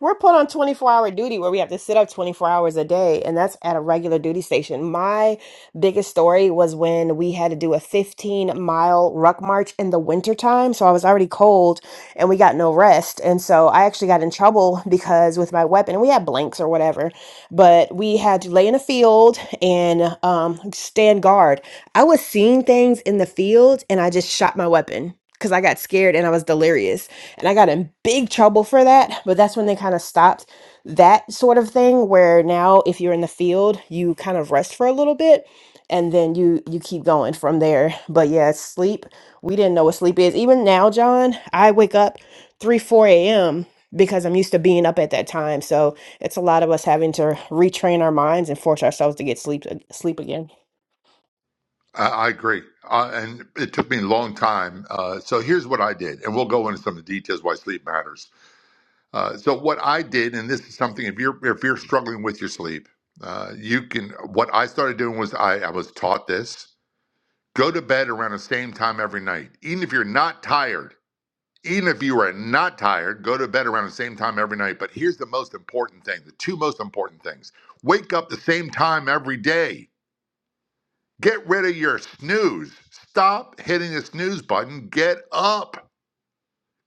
Speaker 11: we're put on 24-hour duty where we have to sit up 24 hours a day and that's at a regular duty station. My biggest story was when we had to do a 15-mile ruck march in the wintertime, so I was already cold and we got no rest. And so I actually got in trouble because with my weapon, we had blanks or whatever but we had to lay in a field and um, stand guard. I was seeing things in the field and I just shot my weapon because I got scared and I was delirious. And I got in big trouble for that, but that's when they kind of stopped that sort of thing where now if you're in the field, you kind of rest for a little bit and then you you keep going from there but yeah sleep we didn't know what sleep is even now john i wake up 3 4 a.m because i'm used to being up at that time so it's a lot of us having to retrain our minds and force ourselves to get sleep sleep again
Speaker 14: I, I agree. Uh, and it took me a long time. Uh, so here's what I did, and we'll go into some of the details why sleep matters. Uh, so what I did, and this is something if you're if you're struggling with your sleep, uh, you can. What I started doing was I, I was taught this Go to bed around the same time every night. Even if you're not tired, even if you are not tired, go to bed around the same time every night. But here's the most important thing the two most important things wake up the same time every day. Get rid of your snooze. Stop hitting the snooze button. Get up.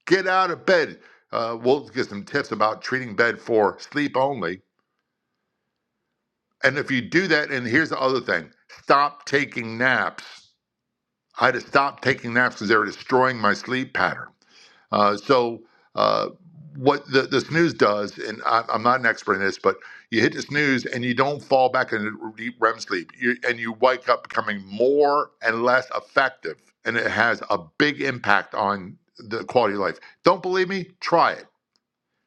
Speaker 14: Get out of bed. Uh, we'll get some tips about treating bed for sleep only. And if you do that, and here's the other thing stop taking naps. I had to stop taking naps because they were destroying my sleep pattern. Uh, so uh, what the, the snooze does, and I, I'm not an expert in this, but you hit the snooze and you don't fall back into deep REM sleep, you, and you wake up becoming more and less effective, and it has a big impact on the quality of life. Don't believe me? Try it.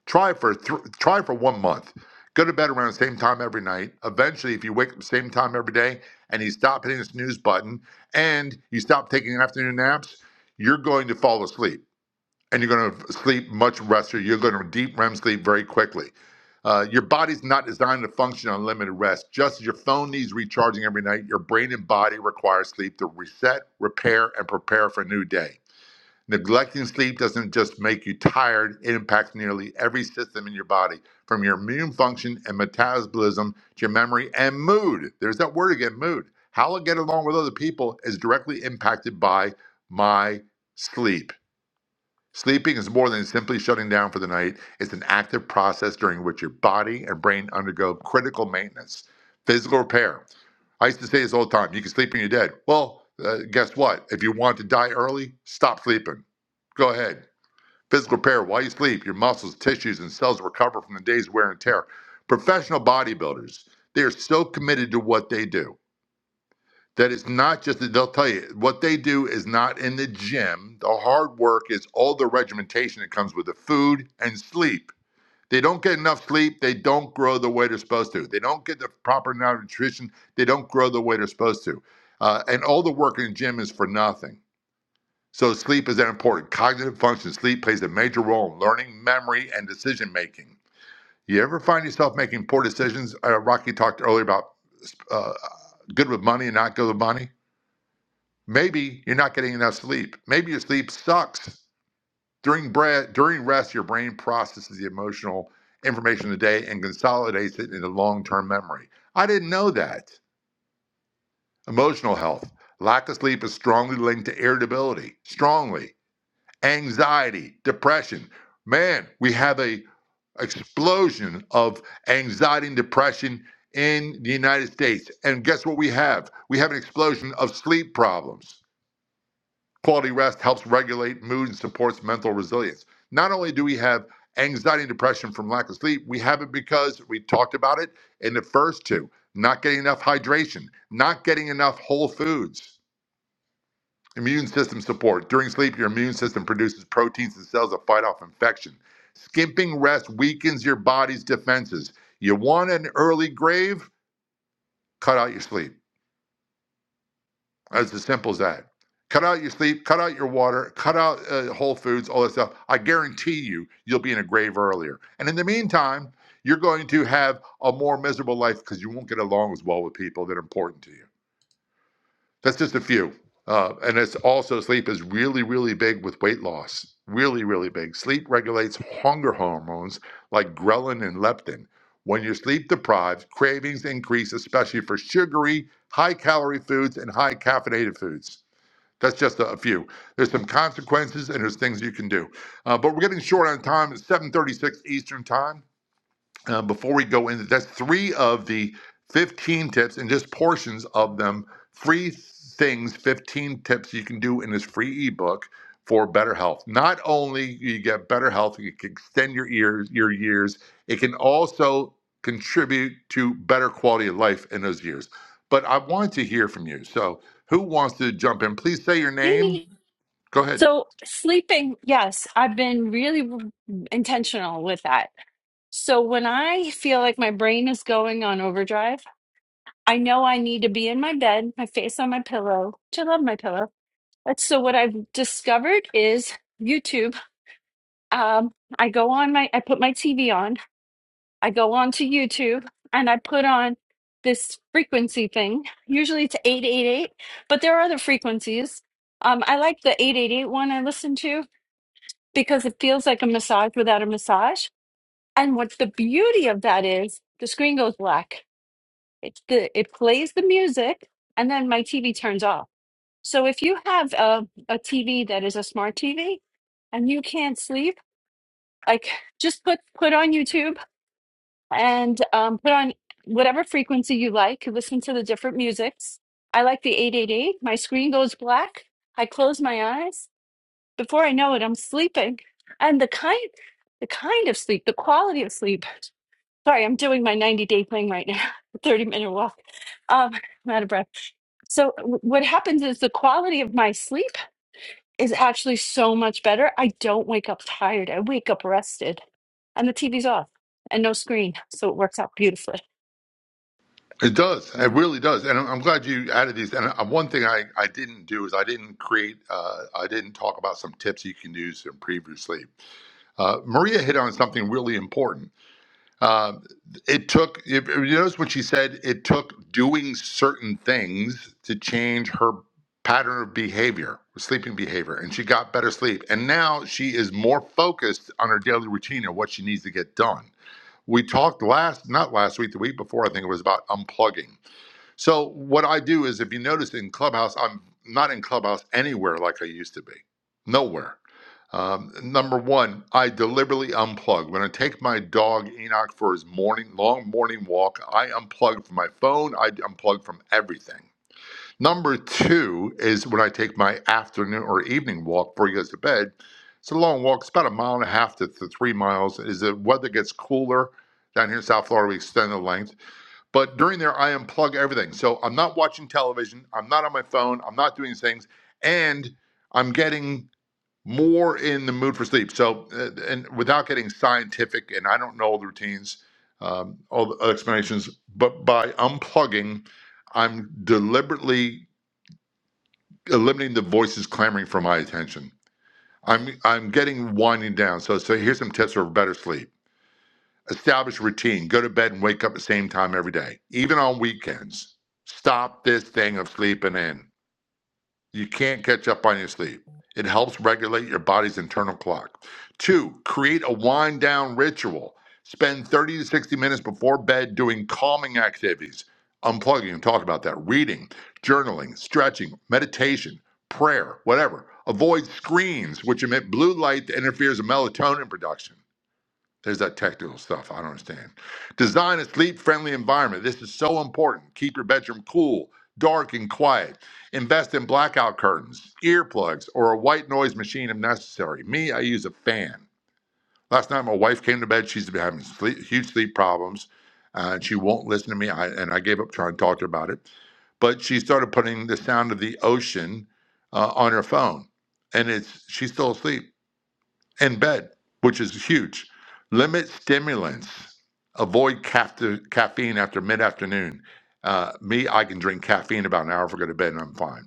Speaker 14: Try it for th- try it for one month. Go to bed around the same time every night. Eventually, if you wake up the same time every day and you stop hitting the snooze button and you stop taking afternoon naps, you're going to fall asleep and you're going to sleep much rest or you're going to deep REM sleep very quickly. Uh, your body's not designed to function on limited rest. Just as your phone needs recharging every night, your brain and body require sleep to reset, repair, and prepare for a new day. Neglecting sleep doesn't just make you tired, it impacts nearly every system in your body, from your immune function and metabolism to your memory and mood. There's that word again mood. How I get along with other people is directly impacted by my sleep. Sleeping is more than simply shutting down for the night. It's an active process during which your body and brain undergo critical maintenance, physical repair. I used to say this all the time you can sleep when you're dead. Well, uh, guess what? If you want to die early, stop sleeping. Go ahead. Physical repair while you sleep, your muscles, tissues, and cells recover from the day's wear and tear. Professional bodybuilders, they are so committed to what they do that it's not just that they'll tell you what they do is not in the gym. The hard work is all the regimentation that comes with the food and sleep. They don't get enough sleep. They don't grow the way they're supposed to. They don't get the proper nutrition. They don't grow the way they're supposed to. Uh, and all the work in the gym is for nothing. So sleep is that important. Cognitive function, sleep plays a major role in learning, memory, and decision making. You ever find yourself making poor decisions? Uh, Rocky talked earlier about uh, good with money and not good with money Maybe you're not getting enough sleep. Maybe your sleep sucks. During bre- during rest, your brain processes the emotional information of the day and consolidates it into long-term memory. I didn't know that. Emotional health. Lack of sleep is strongly linked to irritability, strongly, anxiety, depression. Man, we have a explosion of anxiety and depression in the United States. And guess what we have? We have an explosion of sleep problems Quality rest helps regulate mood and supports mental resilience. Not only do we have anxiety and depression from lack of sleep, we have it because we talked about it in the first two not getting enough hydration, not getting enough whole foods, immune system support. During sleep, your immune system produces proteins and cells that fight off infection. Skimping rest weakens your body's defenses. You want an early grave? Cut out your sleep. It's as simple as that. Cut out your sleep, cut out your water, cut out uh, Whole Foods, all that stuff. I guarantee you, you'll be in a grave earlier. And in the meantime, you're going to have a more miserable life because you won't get along as well with people that are important to you. That's just a few. Uh, and it's also sleep is really, really big with weight loss. Really, really big. Sleep regulates hunger hormones like ghrelin and leptin. When you're sleep deprived, cravings increase, especially for sugary, high calorie foods and high caffeinated foods. That's just a, few. There's some consequences and there's things you can do. Uh, but we're getting short on time. It's 7:36 Eastern time uh, before we go into that's three of the 15 tips and just portions of them free things 15 tips you can do in this free ebook for better health not only you get better health you can extend your ears your years it can also contribute to better quality of life in those years but i want to hear from you so who wants to jump in please say your name
Speaker 7: Mimi.
Speaker 14: go ahead
Speaker 7: So sleeping, yes, I've been really w- intentional with that. So when I feel like my brain is going on overdrive, I know I need to be in my bed, my face on my pillow, which I love my pillow. But so what I've discovered is YouTube. Um, I go on my, I put my TV on, I go on to YouTube, and I put on this frequency thing. Usually it's 888, but there are other frequencies. Um, I like the eight eight eight one I listen to because it feels like a massage without a massage. And what the beauty of that is, the screen goes black. It's the, it plays the music, and then my TV turns off. So if you have a, a TV that is a smart TV and you can't sleep, like just put put on YouTube and um, put on whatever frequency you like. Listen to the different musics. I like the 888. My screen goes black. I close my eyes. Before I know it, I'm sleeping. And the kind the kind of sleep, the quality of sleep. Sorry, I'm doing my 90 day thing right now, 30 minute walk. Um, I'm out of breath. So w- what happens is the quality of my sleep is actually so much better. I don't wake up tired. I wake up rested. And the TV's off and no screen. So it works out beautifully.
Speaker 14: It does. It really does. And I'm I'm glad you added these. And uh, one thing I, I didn't do is I didn't create, uh, I didn't talk about some tips you can use from previously. Uh, Maria hit on something really important. Uh, it took, if- if you notice what she said it took doing certain things to change her pattern of behavior, sleeping behavior, and she got better sleep. And now she is more focused on her daily routine and what she needs to get done. We talked last, not last week, the week before, I think it was about unplugging so what I do is, if you notice in Clubhouse, I'm not in Clubhouse anywhere like I used to be. Nowhere. Um, number one, I deliberately unplug. When I take my dog Enoch for his morning long morning walk, I unplug from my phone. I unplug from everything. Number two is when I take my afternoon or evening walk before he goes to bed. It's a long walk. It's about a mile and a half to, to three miles. As the weather gets cooler down here in South Florida, we extend the length. But during there, I unplug everything. So I'm not watching television. I'm not on my phone. I'm not doing these things. And I'm getting more in the mood for sleep. So, uh, and without getting scientific, and I don't know all the routines, um, all the explanations, but by unplugging, I'm deliberately eliminating the voices clamoring for my attention. I'm I'm getting winding down. So so here's some tips for better sleep Establish routine. Go to bed and wake up at the same time every day, even on weekends. Stop this thing of sleeping in. You can't catch up on your sleep. It helps regulate your body's internal clock. Two, create a wind down ritual. Spend 30 to 60 minutes before bed doing calming activities. Unplugging and talk about that. Reading, journaling, stretching, meditation, prayer, whatever. Avoid screens, which emit blue light that interferes with melatonin production there's that technical stuff I don't understand. Design a sleep friendly environment. This is so important. Keep your bedroom cool, dark, and quiet. Invest in blackout curtains, earplugs, or a white noise machine if necessary. Me, I use a fan. Last night, my wife came to bed. She's been having sleep, huge sleep problems, uh, and she won't listen to me. I, and I gave up trying to talk to her about it. But she started putting the sound of the ocean uh, on her phone, and it's she's still asleep in bed, which is huge. Limit stimulants. Avoid caffe- caffeine after mid afternoon. Uh, me, I can drink caffeine about an hour before I go to bed and I'm fine.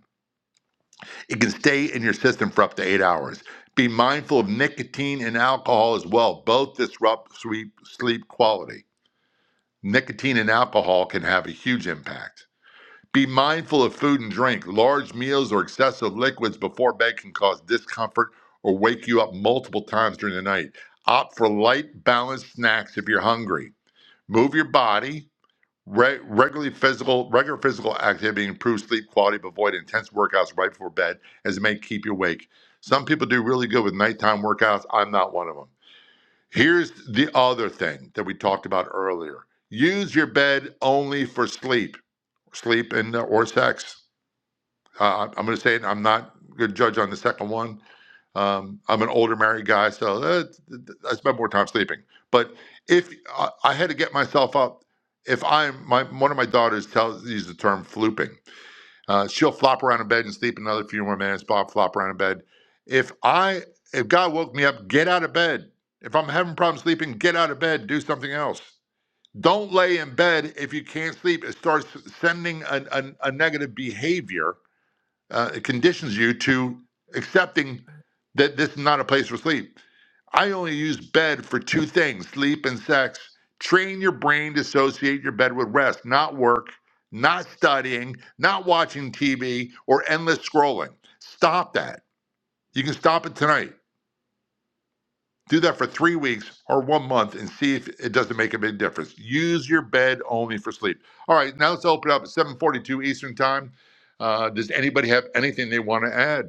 Speaker 14: It can stay in your system for up to eight hours. Be mindful of nicotine and alcohol as well. Both disrupt sleep, sleep quality. Nicotine and alcohol can have a huge impact. Be mindful of food and drink. Large meals or excessive liquids before bed can cause discomfort or wake you up multiple times during the night. Opt for light, balanced snacks if you're hungry. Move your body. Re- regularly physical, regular physical activity improves sleep quality. But avoid intense workouts right before bed, as it may keep you awake. Some people do really good with nighttime workouts. I'm not one of them. Here's the other thing that we talked about earlier: use your bed only for sleep, sleep and or sex. Uh, I'm going to say it, I'm not a good judge on the second one. Um, I'm an older married guy, so uh, I spend more time sleeping. But if I, I had to get myself up, if I'm my one of my daughters tells uses the term flooping, uh, she'll flop around in bed and sleep another few more minutes. Bob flop around in bed. If I if God woke me up, get out of bed. If I'm having problems sleeping, get out of bed. Do something else. Don't lay in bed if you can't sleep. It starts sending a, a, a negative behavior uh, it conditions you to accepting that this is not a place for sleep. I only use bed for two things sleep and sex. Train your brain to associate your bed with rest, not work, not studying, not watching TV, or endless scrolling. Stop that. You can stop it tonight. Do that for three weeks or one month and see if it doesn't make a big difference. Use your bed only for sleep. All right, now let's open up at 742 Eastern Time. Uh, does anybody have anything they want to add?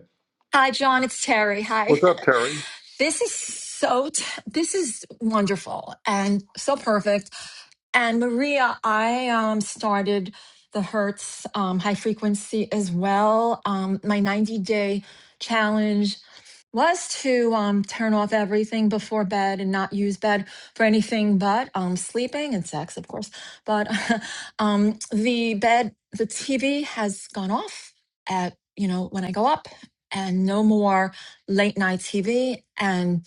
Speaker 16: Hi, John. It's Terry. Hi.
Speaker 14: What's up, Terry?
Speaker 16: This is so, t- this is wonderful and so perfect. And Maria, I um, started the Hertz um, high frequency as well, um, my 90 day challenge. was to um, turn off everything before bed and not use bed for anything but um, sleeping and sex, of course. But um, the bed, the TV has gone off at, you know, when I go up and no more late night TV and,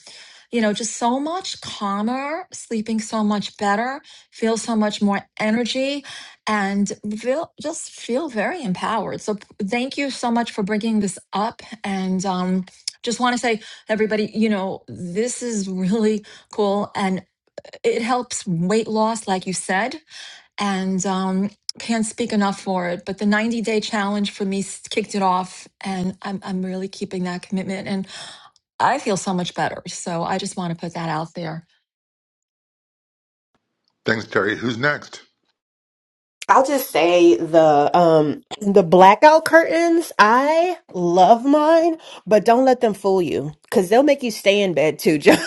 Speaker 16: you know, just so much calmer, sleeping so much better, feel so much more energy and feel, just feel very empowered. So p- thank you so much for bringing this up. And, um, just want to say everybody you know this is really cool and it helps weight loss like you said and um can't speak enough for it but the 90 day challenge for me s- kicked it off and I'm, I'm really keeping that commitment and i feel so much better so i just want to put that out there
Speaker 14: Thanks, Terry. Who's next?
Speaker 11: I'll just say the um the blackout curtains, I love mine, but don't let them fool you cuz they'll make you stay in bed too. John.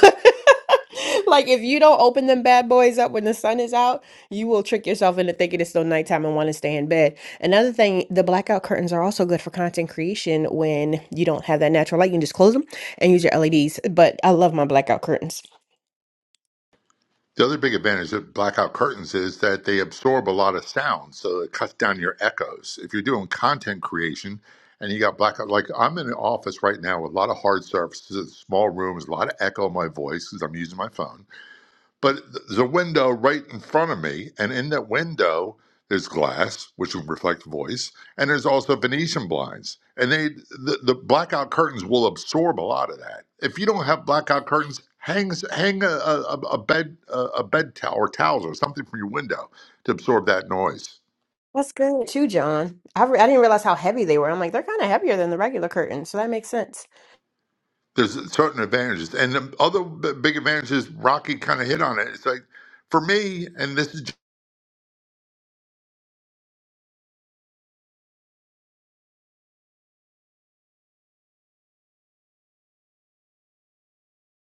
Speaker 11: like if you don't open them bad boys up when the sun is out, you will trick yourself into thinking it's still nighttime and want to stay in bed. Another thing, the blackout curtains are also good for content creation when you don't have that natural light. You can just close them and use your LEDs, but I love my blackout curtains.
Speaker 14: The other big advantage of blackout curtains is that they absorb a lot of sound, so it cuts down your echoes. If you're doing content creation and you got blackout, like I'm in an office right now with a lot of hard surfaces, small rooms, a lot of echo in my voice because I'm using my phone. But there's a window right in front of me, and in that window there's glass, which will reflect voice, and there's also Venetian blinds, and they the, the blackout curtains will absorb a lot of that. If you don't have blackout curtains, hang hang a, a, a a bed a, a bed towel or towels or something from your window to absorb that noise.
Speaker 11: That's good too, John. I, re- I didn't realize how heavy they were. I'm like, they're kind of heavier than the regular curtain, so that makes sense.
Speaker 14: There's certain advantages, and the other b- big advantages. Rocky kind of hit on it. It's like for me, and this is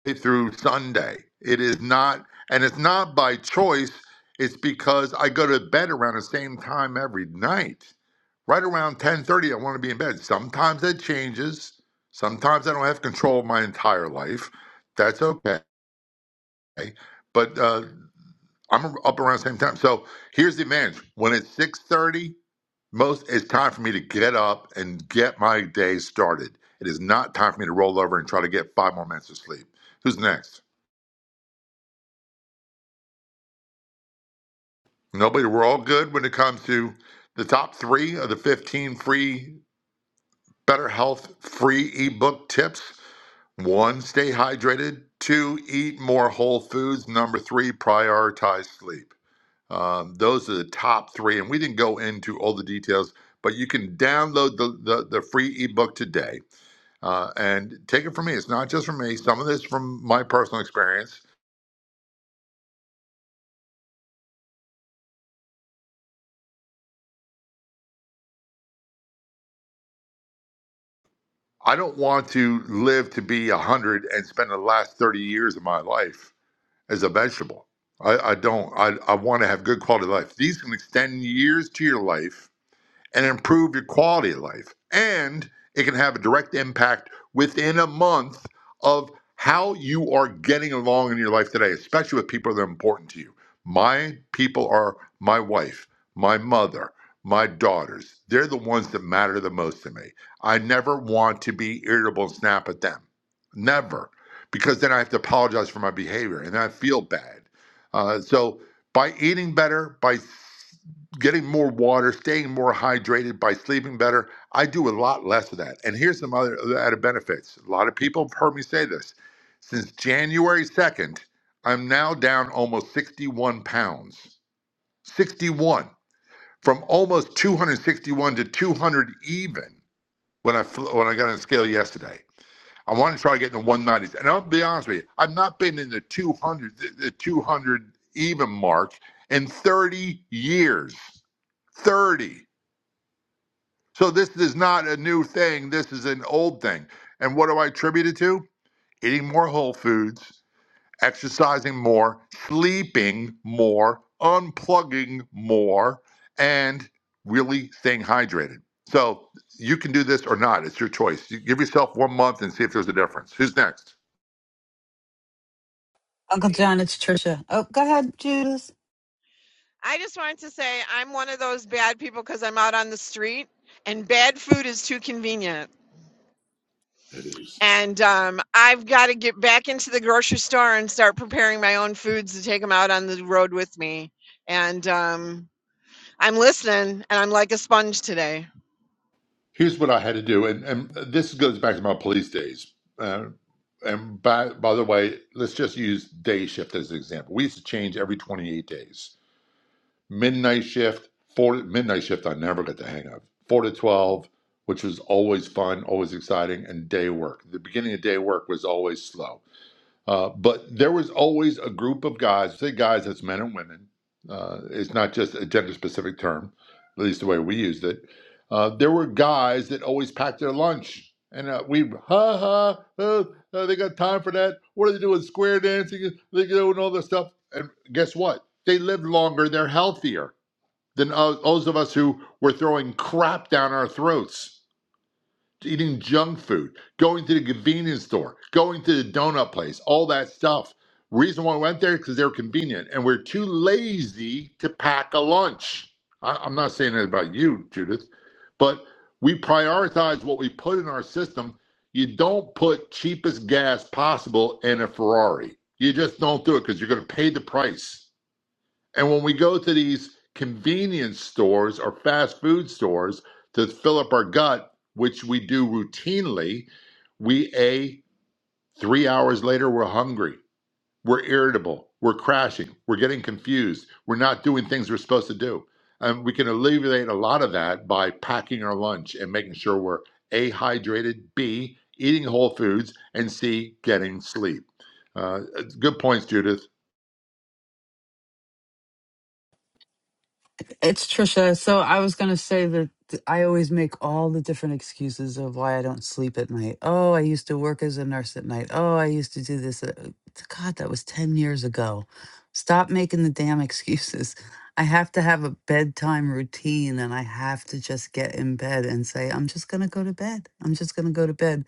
Speaker 14: through Sunday. It is not, and it's not by choice. It's because I go to bed around the same time every night. Right around 10:30, I want to be in bed. Sometimes that changes. Sometimes I don't have control of my entire life. That's okay. But uh, I'm up around the same time. So here's the advantage. When it's 6:30, most it's time for me to get up and get my day started. It is not time for me to roll over and try to get five more minutes of sleep. Who's next? Nobody, we're all good when it comes to the top three of the 15 free Better Health free ebook tips. One, stay hydrated. Two, eat more whole foods. Number three, prioritize sleep. Um, those are the top three. And we didn't go into all the details, but you can download the, the, the free ebook today uh, and take it from me. It's not just from me, some of this from my personal experience. I don't want to live to be 100 and spend the last 30 years of my life as a vegetable. I, I don't. I, I want to have good quality of life. These can extend years to your life and improve your quality of life. And it can have a direct impact within a month of how you are getting along in your life today, especially with people that are important to you. My people are my wife, my mother, my daughters. They're the ones that matter the most to me. I never want to be irritable and snap at them. Never. Because then I have to apologize for my behavior and I feel bad. Uh, so, by eating better, by getting more water, staying more hydrated by sleeping better. I do a lot less of that. And here's some other other added benefits. A lot of people have heard me say this. Since January 2nd, I'm now down almost 61 pounds. 61 from almost 261 to 200 even when I when I got on the scale yesterday. I want to try to get in the 190s. And I'll be honest with you, I've not been in the 200 the 200 even mark in 30 years. 30. So this is not a new thing. This is an old thing. And what do I attribute it to? Eating more whole foods, exercising more, sleeping more, unplugging more, and really staying hydrated. So you can do this or not. It's your choice. You give yourself one month and see if there's a difference. Who's next?
Speaker 1: Uncle
Speaker 18: Judy,
Speaker 1: John, it's Trisha. Oh, go ahead, Judith.
Speaker 18: I just wanted to say I'm one of those bad people because I'm out on the street and bad food is too convenient.
Speaker 14: It is.
Speaker 18: And um, I've got to get back into the grocery store and start preparing my own foods to take them out on the road with me. And um, I'm listening and I'm like a sponge today.
Speaker 14: Here's what I had to do, and, and this goes back to my police days. Uh, and by by the way, let's just use day shift as an example. We used to change every 28 days. Midnight shift, four to, midnight shift. I never got the hang of four to 12, which was always fun, always exciting, and day work. The beginning of day work was always slow uh, but there was always a group of guys, say guys, that's men and women. Uh, it's not just a gender specific term, at least the way we used it. Uh, there were guys that always packed their lunch. And uh, we, ha ha, uh, uh, they got time for that. What are they doing? Square dancing? They doing all this stuff. And guess what? They lived longer. They're healthier than us- those of us who were throwing crap down our throats eating junk food, going to the convenience store, going to the donut place, all that stuff. Reason why I went there because they're convenient, and we're too lazy to pack a lunch. I, I'm not saying that about you, Judith, but we prioritize what we put in our system. You don't put cheapest gas possible in a Ferrari. You just don't do it because you're going to pay the price. And when we go to these convenience stores or fast food stores to fill up our gut, which we do routinely, we a three hours later we're hungry, we're irritable, we're crashing, we're getting confused, we're not doing things we're supposed to do. And we can alleviate a lot of that by packing our lunch and making sure we're a hydrated, b eating whole foods, and c getting sleep. Uh, good points, Judith.
Speaker 1: It's Trisha. So I was going to say that th- I always make all the different excuses of why I don't sleep at night. Oh, I used to work as a nurse at night. Oh, I used to do this. uh, God, that was 10 years ago. Stop making the damn excuses. I have to have a bedtime routine and I have to just get in bed and say, I'm just going to go to bed. I'm just going to go to bed.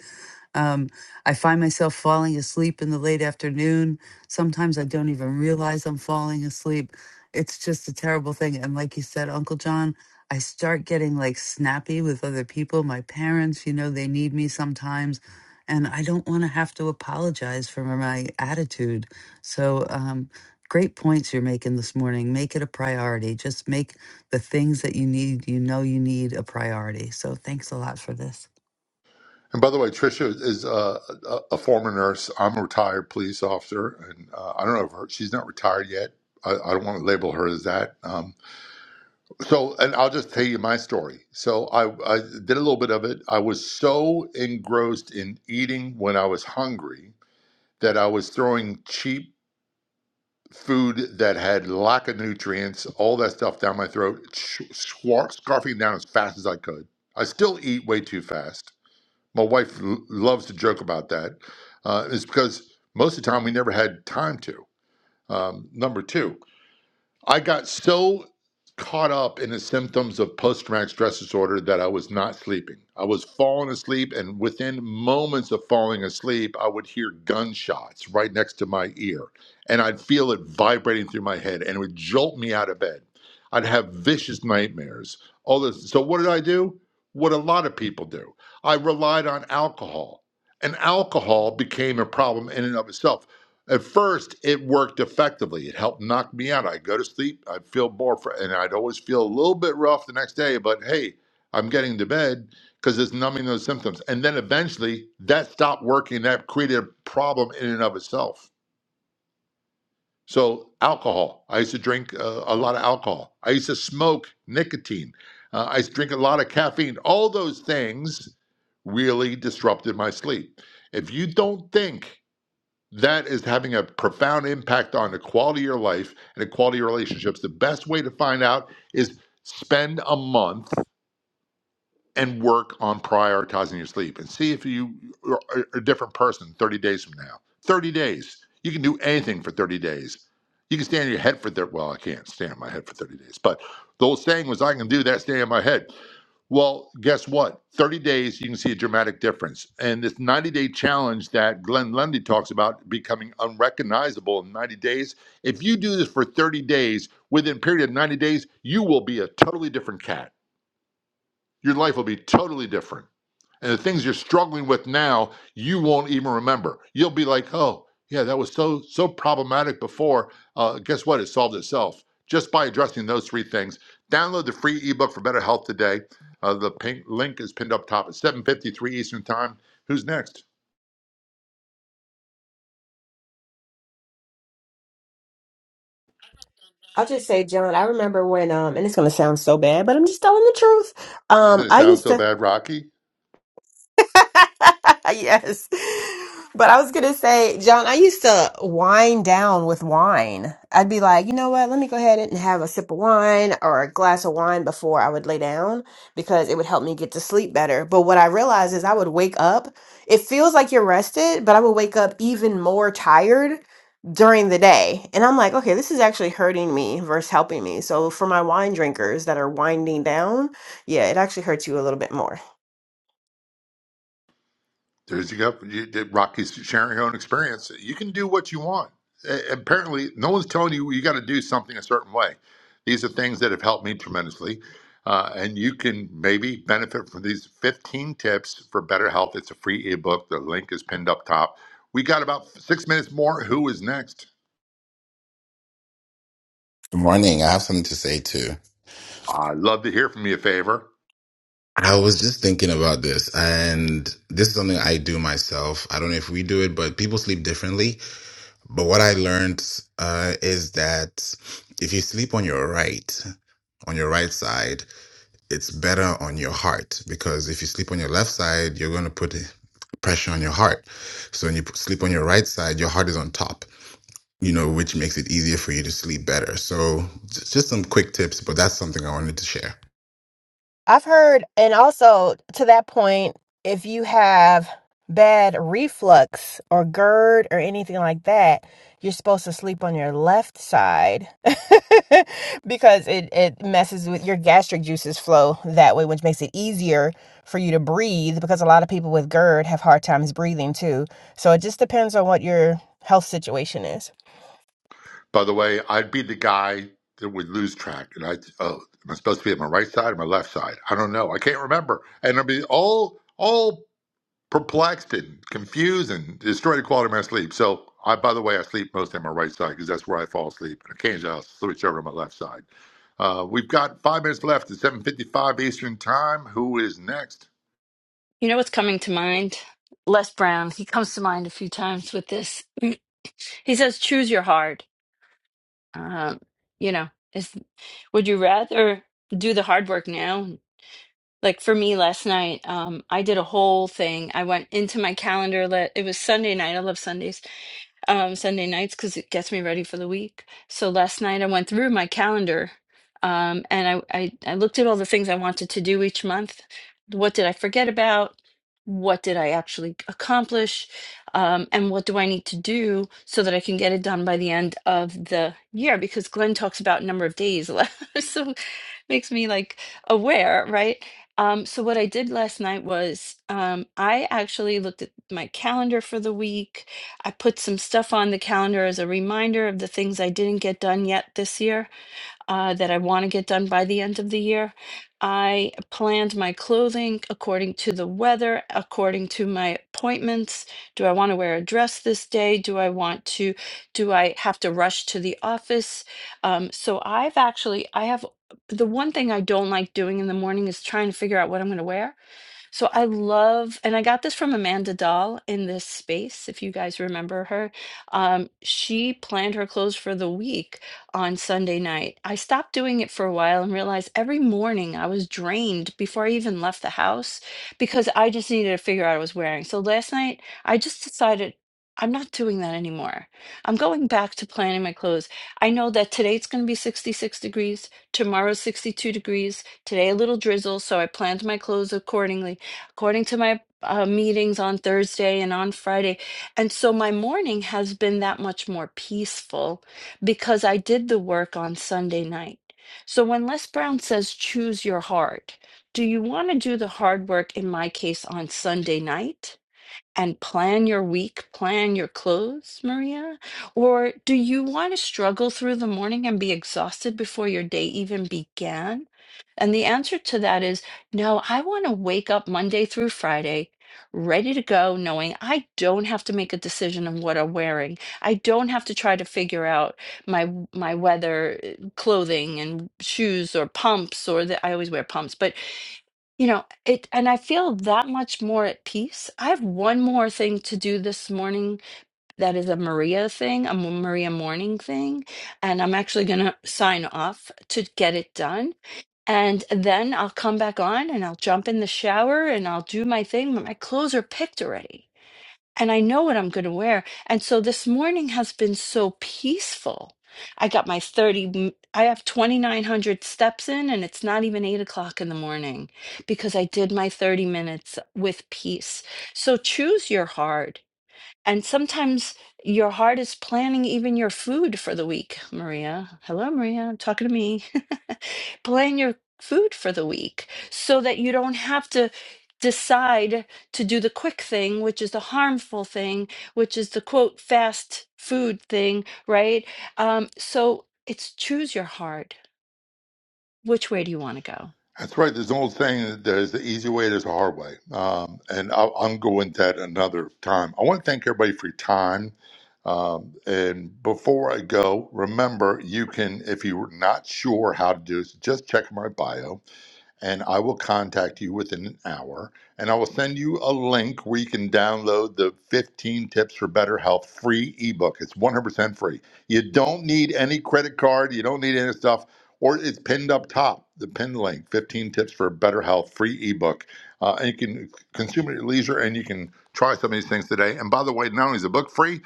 Speaker 1: Um, I find myself falling asleep in the late afternoon. Sometimes I don't even realize I'm falling asleep it's just a terrible thing. And like you said, Uncle John, I start getting like snappy with other people. My parents, you know, they need me sometimes. And I don't want to have to apologize for my attitude. So, um, great points you're making this morning. Make it a priority. Just make the things that you need, you know, you need a priority. So, thanks a lot for this.
Speaker 14: And by the way, Trisha is uh, a, a former nurse. I'm a retired police officer, and uh, I don't know if her, she's not retired yet. I, I don't want to label her as that. Um, so, and I'll just tell you my story. So, I, I did a little bit of it. I was so engrossed in eating when I was hungry that I was throwing cheap food that had lack of nutrients, all that stuff down my throat, sh- swar- scarfing it down as fast as I could. I still eat way too fast my wife l- loves to joke about that. Uh, it's because most of the time we never had time to. Um, number two, I got so caught up in the symptoms of post traumatic stress disorder that I was not sleeping. I was falling asleep, and within moments of falling asleep, I would hear gunshots right next to my ear, and I'd feel it vibrating through my head, and it would jolt me out of bed. I'd have vicious nightmares. All this. So, what did I do? What a lot of people do. I relied on alcohol. And alcohol became a problem in and of itself. At first, it worked effectively. It helped knock me out. I'd go to sleep, I'd feel more, fr- and I'd always feel a little bit rough the next day, but hey, I'm getting to bed because it's numbing those symptoms. And then eventually, that stopped working. That created a problem in and of itself. So, alcohol. I used to drink uh, a lot of alcohol. I used to smoke nicotine. Uh, I used to drink a lot of caffeine. All those things really disrupted my sleep. If you don't think, that is having a profound impact on the quality of your life and the quality of your relationships. The best way to find out is spend a month and work on prioritizing your sleep and see if you are a different person 30 days from now. 30 days. You can do anything for 30 days. You can stand on your head for 30 well, I can't stand on my head for 30 days, but the old saying was I can do that staying on my head. Well, guess what? 30 days you can see a dramatic difference. And this 90-day challenge that Glenn Lundy talks about becoming unrecognizable in 90 days, if you do this for 30 days, within a period of 90 days, you will be a totally different cat. Your life will be totally different. And the things you're struggling with now, you won't even remember. You'll be like, oh, yeah, that was so so problematic before. Uh, guess what? It solved itself just by addressing those three things. Download the free ebook for better health today. Uh, the pink link is pinned up top at 7:53 Eastern Time. Who's next?
Speaker 11: I'll just say, John, I remember when, um, and it's gonna sound so bad, but I'm just telling the truth. Um,
Speaker 14: Did it
Speaker 11: I
Speaker 14: sound
Speaker 11: used
Speaker 14: so
Speaker 11: to.
Speaker 14: bad, Rocky?
Speaker 11: Yes. But I was gonna say, John, I used to wind down with wine. I'd be like, you know what? Let me go ahead and have a sip of wine or a glass of wine before I would lay down because it would help me get to sleep better. But what I realized is I would wake up. It feels like you're rested, but I would wake up even more tired during the day. And I'm like, okay, this is actually hurting me versus helping me. So for my wine drinkers that are winding down, yeah, it actually hurts you a little bit more.
Speaker 14: There's you go. You, Rocky's sharing her own experience. You can do what you want. A- Apparently, no one's telling you you got to do something a certain way. These are things that have helped me tremendously, uh, and you can maybe benefit from these 15 tips for better health. It's a free ebook. The link is pinned up top. We got about six minutes more. Who is next?
Speaker 19: Good morning. I have something to say too.
Speaker 14: I'd love to hear from you, favor.
Speaker 19: I was just thinking about this, and this is something I do myself. I don't know if we do it, but people sleep differently. But what I learned uh, is that if you sleep on your right, on your right side, it's better on your heart because if you sleep on your left side, you're going to put pressure on your heart. So when you p- sleep on your right side, your heart is on top, you know, which makes it easier for you to sleep better. So j- just some quick tips, but that's something I wanted to share.
Speaker 11: I've heard, and also to that point, if you have bad reflux or GERD or anything like that, you're supposed to sleep on your left side because it, it messes with your gastric juices flow that way, which makes it easier for you to breathe because a lot of people with GERD have hard times breathing too. So it just depends on what your health situation is.
Speaker 14: By the way, I'd be the guy that would lose track, and I oh, am I supposed to be on my right side or my left side? I don't know. I can't remember, and I'd be all all perplexed and confused and destroyed the quality of my sleep. So, I, by the way, I sleep mostly on my right side because that's where I fall asleep. And occasionally I'll switch over to my left side. Uh, we've got five minutes left at 7.55 Eastern Time. Who is next?
Speaker 7: You know what's coming to mind? Les Brown. He comes to mind a few times with this. He says, choose your hard. Um, you know, is would you rather do the hard work now? Like for me last night, um, I did a whole thing. I went into my calendar. Let, it was Sunday night. I love Sundays um, Sunday nights because it gets me ready for the week. So last night I went through my calendar um, and I, I, I looked at all the things I wanted to do each month. What did I forget about? What did I actually accomplish? Um, and what do I need to do so that I can get it done by the end of the year? Because Glenn talks about number of days, so makes me like aware, right? Um, so what I did last night was um, I actually looked at my calendar for the week I put some stuff on the calendar as a reminder of the things I didn't get done yet this year uh, that I want to get done by the end of the year. I planned my clothing according to the weather, according to my appointments. Do I want to wear a dress this day? Do I want to, do I have to rush to the office? Um, so I've actually, I have the one thing I don't like doing in the morning is trying to figure out what I'm going to wear. So I love, and I got this from Amanda Dahl in this space, if you guys remember her. Um, she planned her clothes for the week on Sunday night. I stopped doing it for a while and realized every morning I was drained before I even left the house because I just needed to figure out what I was wearing. So last night I just decided. I'm not doing that anymore. I'm going back to planning my clothes. I know that today it's going to be 66 degrees, tomorrow 62 degrees, today a little drizzle, so I planned my clothes accordingly according to my uh, meetings on Thursday and on Friday. And so my morning has been that much more peaceful because I did the work on Sunday night. So when Les Brown says choose your heart, do you want to do the hard work, in my case, on Sunday night? And plan your week, plan your clothes, Maria? Or do you want to struggle through the morning and be exhausted before your day even began? And the answer to that is no, I want to wake up Monday through Friday ready to go, knowing I don't have to make a decision on what I'm wearing. I don't have to try to figure out my w- my weather uh, clothing and shoes or pumps or that I always wear pumps, but you know, it and I feel that much more at peace. I have one more thing to do this morning that is a Maria thing, a Maria morning thing, and I'm actually going to sign off to get it done and then I'll come back on and I'll jump in the shower and I'll do my thing, but my clothes are picked already. And I know what I'm going to wear. And so this morning has been so peaceful. I got my 30, m- I have 2,900 steps in, and it's not even eight o'clock in the morning because I did my 30 minutes with peace. So choose your heart and sometimes your heart is planning even your food for the week, Maria. Hello, Maria, talking to me. Plan your food for the week so that you don't have to decide to do the quick thing, which is the harmful thing, which is the quote, fast food thing, right? Um, so it's choose your heart. Which way do you want to go?
Speaker 14: That's right. There's an old saying that there's the easy way, there's a hard way. Um, and I'll, I'll go into that another time. I want to thank everybody for your time. Um, and before I go, remember you can, if you're not sure how to do this, just check my bio and I will contact you within an hour. And I will send you a link where you can download the 15 Tips for Better Health free ebook. It's 100% free. You don't need any credit card, you don't need any stuff, or it's pinned up top, the pinned link 15 Tips for Better Health free ebook. Uh, and you can consume it at leisure and you can try some of these things today. And by the way, not only is the book free,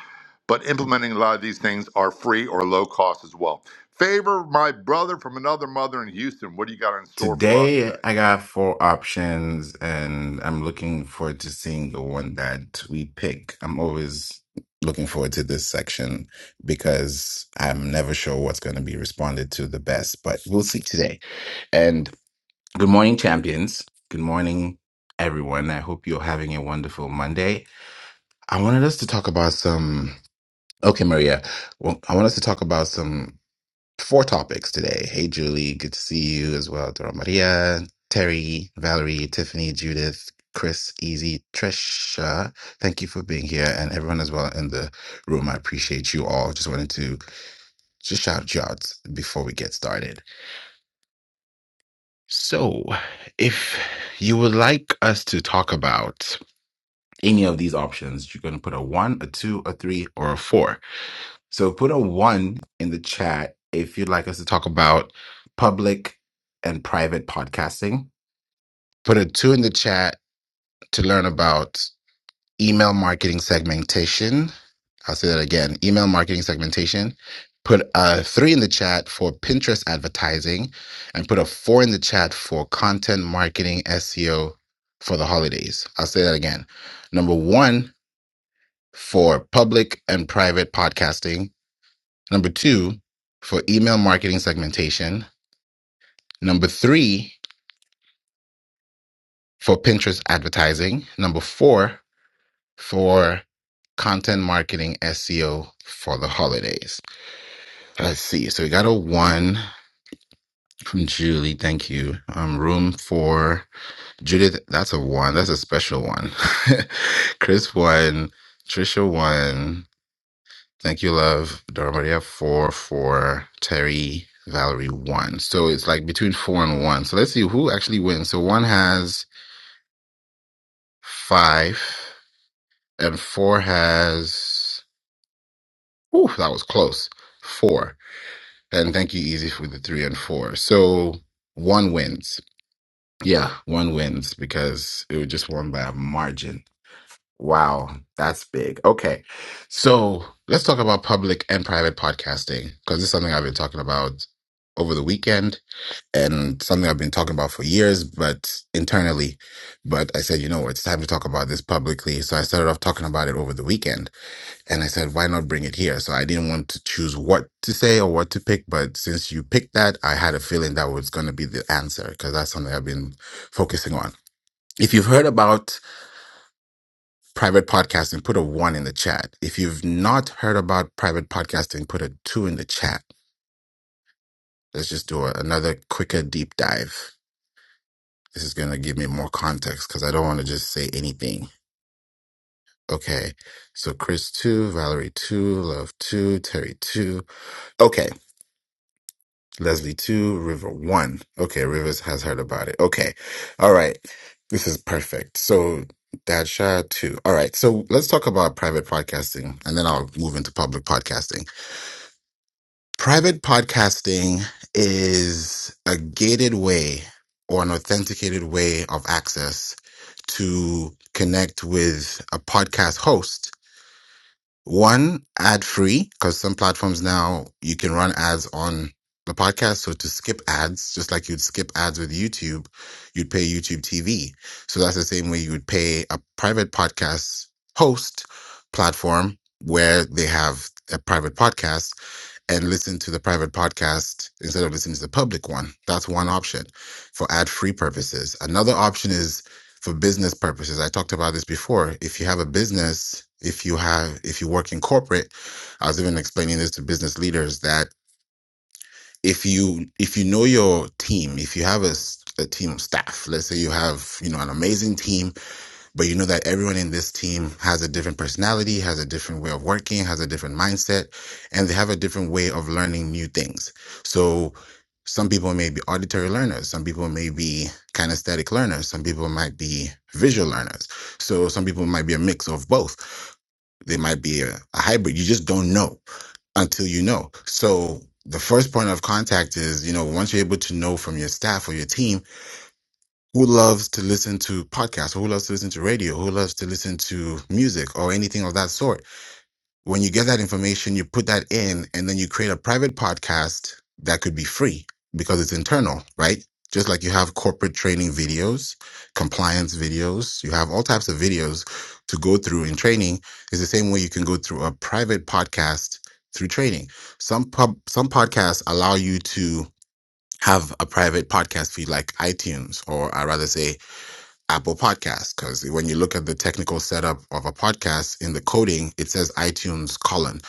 Speaker 14: but implementing a lot of these things are free or low cost as well. Favor my brother from another mother in Houston. What do you got in store for us
Speaker 19: Today
Speaker 14: today?
Speaker 19: I got four options and I'm looking forward to seeing the one that we pick. I'm always looking forward to this section because I'm never sure what's going to be responded to the best, but we'll see today. And good morning, champions. Good morning, everyone. I hope you're having a wonderful Monday. I wanted us to talk about some. Okay, Maria. Well, I want us to talk about some four topics today. Hey, Julie, good to see you as well. Dora Maria, Terry, Valerie, Tiffany, Judith, Chris, Easy, Trisha. Thank you for being here and everyone as well in the room. I appreciate you all. Just wanted to just shout you out before we get started. So, if you would like us to talk about any of these options, you're going to put a one, a two, a three, or a four So put a one in the chat if you'd like us to talk about public and private podcasting. Put a two in the chat to learn about email marketing segmentation. I'll say that again email marketing segmentation. Put a three in the chat for Pinterest advertising and put a four in the chat for content marketing SEO for the holidays. I'll say that again. Number one for public and private podcasting Number two, for email marketing segmentation. Number three, for Pinterest advertising. Number four, for content marketing SEO for the holidays. Let's see. So we got a one from Julie. Thank you. Um, room for Judith. That's a one. That's a special one. Chris one. Trisha one. Thank you, love. Dora Maria, four, four. Terry, Valerie, one. So it's like between four and one. So let's see who actually wins. So one has five, and four has. Ooh, that was close. Four. And thank you, Easy, for the three and four. So one wins. Yeah, one wins because it was just won by a margin. Wow, that's big. Okay. So let's talk about public and private podcasting because it's something I've been talking about over the weekend and something I've been talking about for years, but internally. But I said, you know what, it's time to talk about this publicly. So I started off talking about it over the weekend and I said, why not bring it here? So I didn't want to choose what to say or what to pick. But since you picked that, I had a feeling that was going to be the answer because that's something I've been focusing on. If you've heard about private podcasting, put a one in the chat. If you've not heard about private podcasting, put a two in the chat. Let's just do a, another quicker deep dive. This is going to give me more context because I don't want to just say anything. Okay. So Chris 2, Valerie 2, Love 2, Terry 2. Okay. Leslie 2, River 1. Okay. Rivers has heard about it. Okay. All right. This is perfect. So Dadsha 2. All right. So let's talk about private podcasting and then I'll move into public podcasting. Private podcasting is a gated way or an authenticated way of access to connect with a podcast host. One, ad free, because some platforms now you can run ads on the podcast. So to skip ads, just like you'd skip ads with YouTube, you'd pay YouTube TV. So that's the same way you would pay a private podcast host platform where they have a private podcast and listen to the private podcast instead of listening to the public one. That's one option for ad free purposes. Another option is for business purposes. I talked about this before. If you have a business, if you have if you work in corporate, I was even explaining this to business leaders that if you if you know your team, if you have a a team of staff, let's say you have, you know, an amazing team but you know that everyone in this team has a different personality, has a different way of working, has a different mindset, and they have a different way of learning new things. So some people may be auditory learners, some people may be kinesthetic learners, some people might be visual learners. So some people might be a mix of both. They might be a, a hybrid. You just don't know until you know. So the first point of contact is, you know, once you're able to know from your staff or your team who loves to listen to podcasts, who loves to listen to radio, who loves to listen to music or anything of that sort. When you get that information, you put that in and then you create a private podcast that could be free because it's internal, right? Just like you have corporate training videos, compliance videos, you have all types of videos to go through in training. It's the same way you can go through a private podcast through training. Some pub, some podcasts allow you to have a private podcast feed like iTunes, or I rather say Apple Podcasts. Because when you look at the technical setup of a podcast in the coding, it says iTunes colon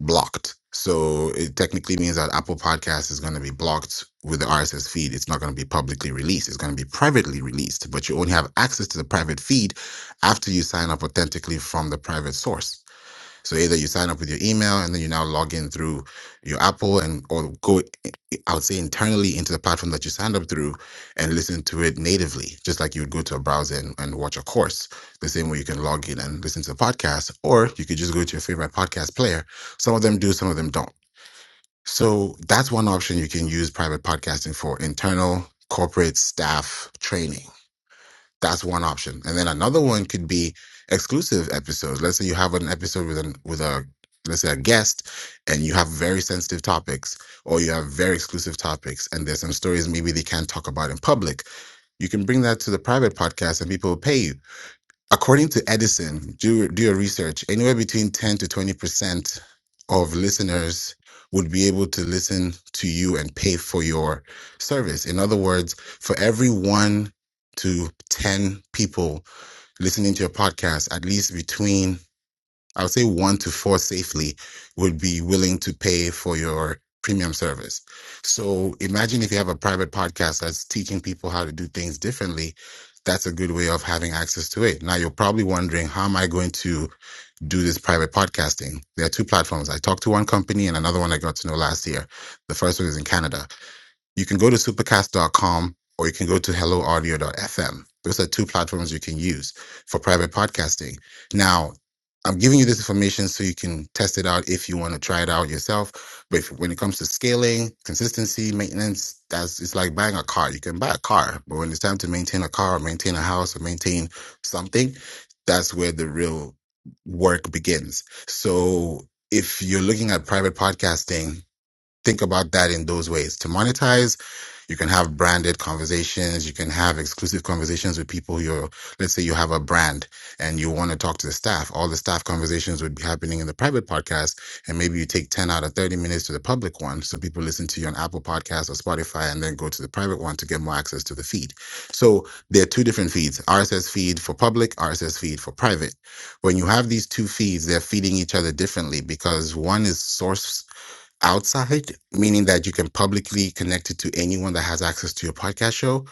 Speaker 19: blocked. So it technically means that Apple Podcasts is going to be blocked with the RSS feed. It's not going to be publicly released. It's going to be privately released, but you only have access to the private feed after you sign up authentically from the private source. So either you sign up with your email and then you now log in through your Apple and or go I would say internally into the platform that you signed up through and listen to it natively, just like you would go to a browser and, and watch a course. The same way you can log in and listen to a podcast, or you could just go to your favorite podcast player. Some of them do, some of them don't. So that's one option you can use private podcasting for internal corporate staff training that's one option. And then another one could be exclusive episodes. Let's say you have an episode with an with a let's say a guest and you have very sensitive topics or you have very exclusive topics and there's some stories maybe they can't talk about in public. You can bring that to the private podcast and people will pay you. According to Edison, do, do your research, anywhere between 10 to 20% of listeners would be able to listen to you and pay for your service. In other words, for every one to 10 people listening to your podcast, at least between I would say one to four safely would be willing to pay for your premium service. So imagine if you have a private podcast that's teaching people how to do things differently. That's a good way of having access to it. Now you're probably wondering, how am I going to do this private podcasting? There are two platforms. I talked to one company and another one I got to know last year. The first one is in Canada. You can go to supercast.com or you can go to helloaudio.fm. Those are two platforms you can use for private podcasting. Now, I'm giving you this information so you can test it out if you want to try it out yourself. But if, when it comes to scaling, consistency, maintenance, that's it's like buying a car. You can buy a car, but when it's time to maintain a car, or maintain a house, or maintain something, that's where the real work begins. So if you're looking at private podcasting, think about that in those ways. To monetize, you can have branded conversations. You can have exclusive conversations with people you're, let's say you have a brand and you want to talk to the staff. All the staff conversations would be happening in the private podcast. And maybe you take 10 out of 30 minutes to the public one. So people listen to you on Apple Podcasts or Spotify and then go to the private one to get more access to the feed. So there are two different feeds, RSS feed for public, RSS feed for private when you have these two feeds, they're feeding each other differently because one is sourced outside, meaning that you can publicly connect it to anyone that has access to your podcast show.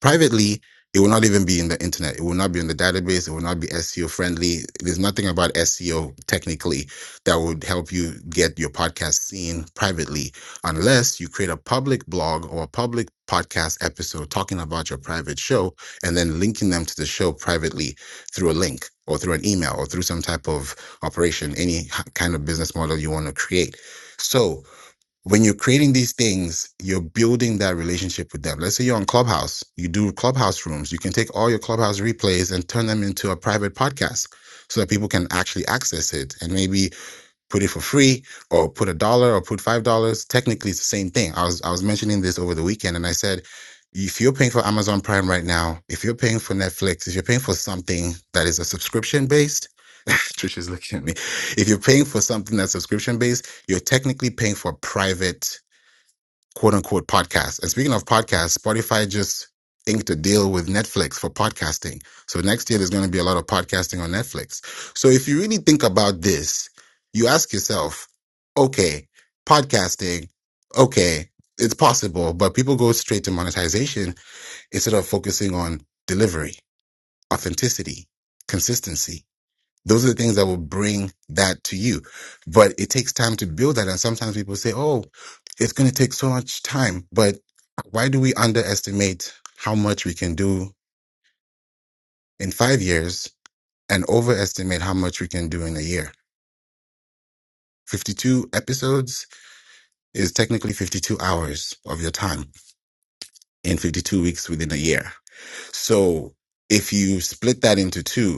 Speaker 19: Privately, it will not even be in the internet. It will not be in the database. It will not be SEO friendly. There's nothing about SEO technically that would help you get your podcast seen privately unless you create a public blog or a public podcast episode talking about your private show and then linking them to the show privately through a link or through an email or through some type of operation, any h- kind of business model you want to create. So, when you're creating these things, you're building that relationship with them. Let's say you're on Clubhouse, you do Clubhouse rooms. You can take all your Clubhouse replays and turn them into a private podcast so that people can actually access it. And maybe put it for free or put a dollar or put five dollars technically it's the same thing i was i was mentioning this over the weekend and i said if you're paying for amazon prime right now if you're paying for netflix if you're paying for something that is a subscription based trish is looking at me if you're paying for something that's subscription based you're technically paying for private quote unquote podcasts. And speaking of podcasts, Spotify just inked a deal with Netflix for podcasting. So next year there's going to be a lot of podcasting on Netflix. So if you really think about this, you ask yourself, okay, podcasting, okay, it's possible, but people go straight to monetization instead of focusing on delivery, authenticity, consistency. Those are the things that will bring that to you. But it takes time to build that. And sometimes people say, oh, it's going to take so much time. But why do we underestimate how much we can do in five years and overestimate how much we can do in a year? 52 episodes is technically 52 hours of your time in 52 weeks within a year. So if you split that into two,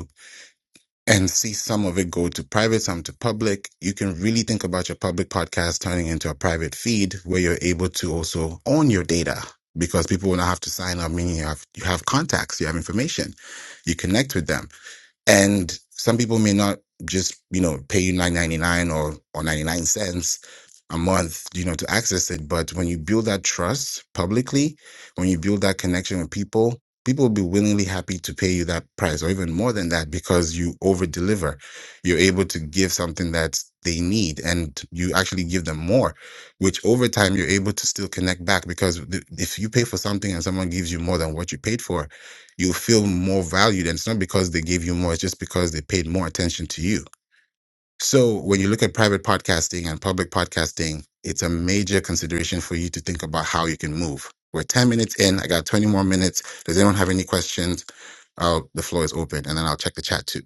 Speaker 19: and see some of it go to private, some to public. You can really think about your public podcast turning into a private feed where you're able to also own your data because people will not have to sign up, meaning you have, you have contacts, you have information, you connect with them and some people may not just, you know, pay you nine ninety nine or or ninety nine cents a month, you know, to access it. But when you build that trust publicly, when you build that connection with people, people will be willingly happy to pay you that price or even more than that because you over deliver. You're able to give something that they need and you actually give them more, which over time you're able to still connect back because th- if you pay for something and someone gives you more than what you paid for, you feel more valued. And it's not because they gave you more, it's just because they paid more attention to you. So when you look at private podcasting and public podcasting, it's a major consideration for you to think about how you can move. We're 10 minutes in. I got 20 more minutes. Does anyone have any questions? Uh, the floor is open and then I'll check the chat too.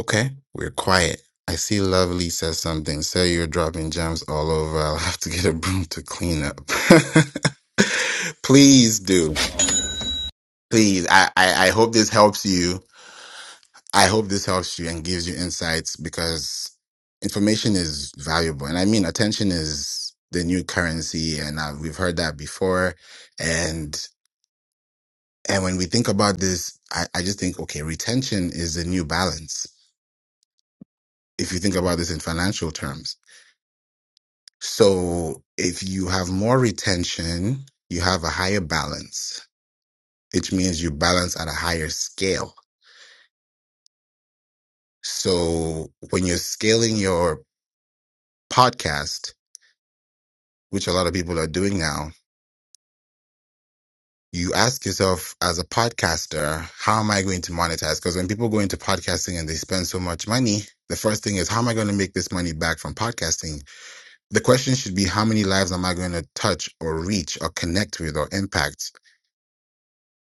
Speaker 19: Okay. We're quiet. I see Lovely says something. Say you're dropping gems all over. I'll have to get a broom to clean up. Please do. Please. I, I, I hope this helps you I hope this helps you and gives you insights because information is valuable. And I mean, attention is the new currency. And uh, we've heard that before. And, and when we think about this, I, I just think, okay, retention is the new balance. If you think about this in financial terms. So if you have more retention, you have a higher balance, which means you balance at a higher scale. So when you're scaling your podcast, which a lot of people are doing now, you ask yourself as a podcaster, how am I going to monetize? Because when people go into podcasting and they spend so much money, the first thing is, how am I going to make this money back from podcasting? The question should be, how many lives am I going to touch or reach or connect with or impact?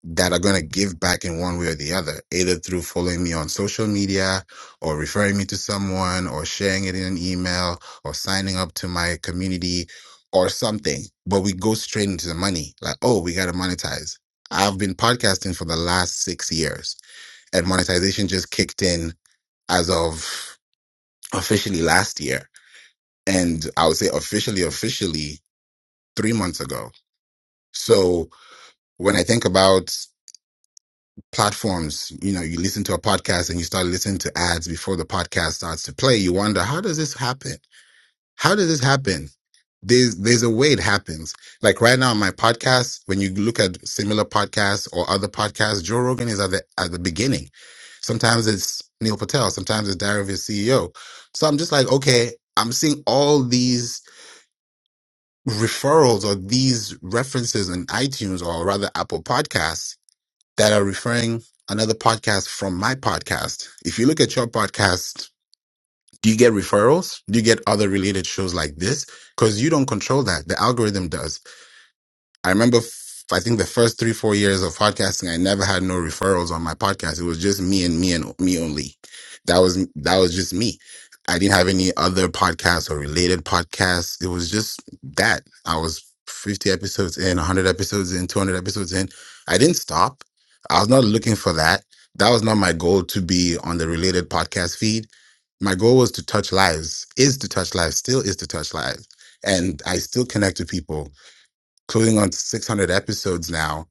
Speaker 19: that are going to give back in one way or the other, either through following me on social media or referring me to someone or sharing it in an email or signing up to my community or something. But we go straight into the money like, oh, we got to monetize. I've been podcasting for the last six years and monetization just kicked in as of officially last year. And I would say officially, officially three months ago. So when I think about platforms you know you listen to a podcast and you start listening to ads before the podcast starts to play you wonder how does this happen how does this happen there's there's a way it happens like right now on my podcast when you look at similar podcasts or other podcasts joe rogan is at the at the beginning sometimes it's neil patel sometimes it's diary of a ceo so i'm just like okay i'm seeing all these referrals or these references in itunes or rather apple podcasts that are referring another podcast from my podcast. If you look at your podcast, do you get referrals? Do you get other related shows like this? Because you don't control that. The algorithm does. I remember, f- I think the first three, four years of podcasting, I never had no referrals on my podcast. It was just me and me and me only. That was, that was just me. I didn't have any other podcasts or related podcasts. It was just that I was 50 episodes in, 100 episodes in, 200 episodes in. I didn't stop. I was not looking for that. That was not my goal to be on the related podcast feed my goal was to touch lives is to touch lives still is to touch lives and i still connect to people closing on 600 episodes now,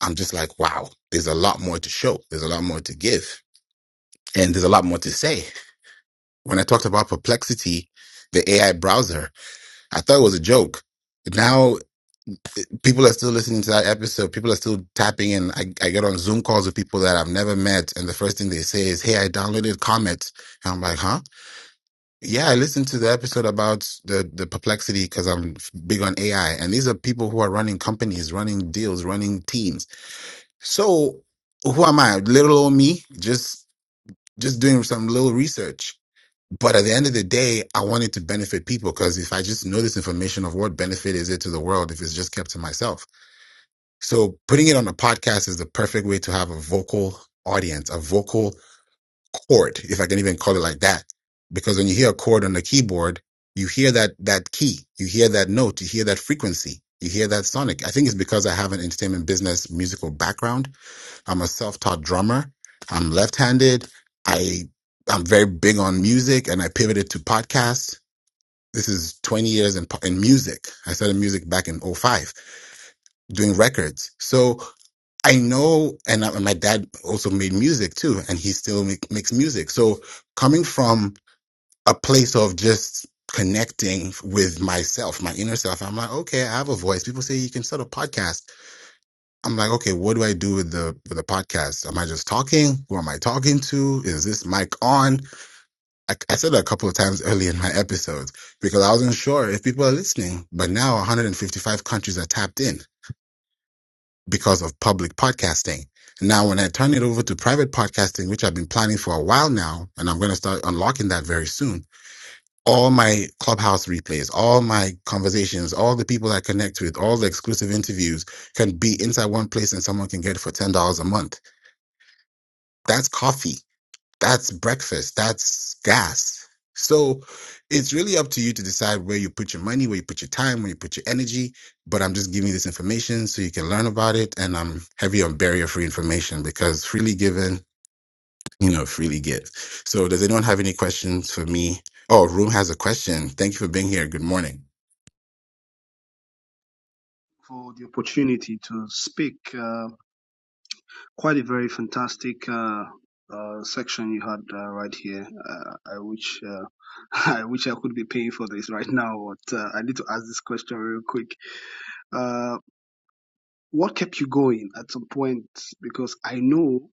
Speaker 19: I'm just like, wow, there's a lot more to show. There's a lot more to give. And there's a lot more to say. When I talked about Perplexity, the AI browser, I thought it was a joke. Now people are still listening to that episode. People are still tapping in. I, I get on Zoom calls with people that I've never met. And the first thing they say is, Hey, I downloaded Comet. And I'm like, huh? Yeah, I listened to the episode about the, the perplexity because I'm big on AI. And these are people who are running companies, running deals, running teams So who am I? Little old me, just just doing some little research. But at the end of the day, I want it to benefit people because if I just know this information of what benefit is it to the world if it's just kept to myself. So putting it on a podcast is the perfect way to have a vocal audience, a vocal chord, if I can even call it like that. Because when you hear a chord on the keyboard, you hear that that key, you hear that note, you hear that frequency, you hear that sonic. I think it's because I have an entertainment business musical background I'm a self-taught drummer. I'm left-handed. I I'm very big on music, and I pivoted to podcasts. This is 20 years in po- in music. I started music back in '05 doing records. So I know, and, I, and my dad also made music too, and he still make, makes music. So coming from a place of just connecting with myself, my inner self, I'm like, okay, I have a voice. People say you can start a podcast. I'm like, okay, what do I do with the with the podcast? Am I just talking? Who am I talking to? Is this mic on? I, I said that a couple of times early in my episodes because I wasn't sure if people are listening. But now 155 countries are tapped in because of public podcasting. Now, when I turn it over to private podcasting, which I've been planning for a while now, and I'm going to start unlocking that very soon, all my clubhouse replays, all my conversations, all the people I connect with, all the exclusive interviews can be inside one place and someone can get it for $10 a month That's coffee. That's breakfast. That's gas. So it's really up to you to decide where you put your money, where you put your time, where you put your energy. But I'm just giving you this information so you can learn about it. And I'm heavy on barrier free information because freely given, you know, freely give. So does anyone have any questions for me? Oh, Room has a question. Thank you for being here. Good morning.
Speaker 20: for the opportunity to speak. Uh, quite a very fantastic uh, uh, section you had uh, right here. Uh, I wish uh, I wish I could be paying for this right now, but uh, I need to ask this question real quick. Uh, what kept you going at some point? Because I know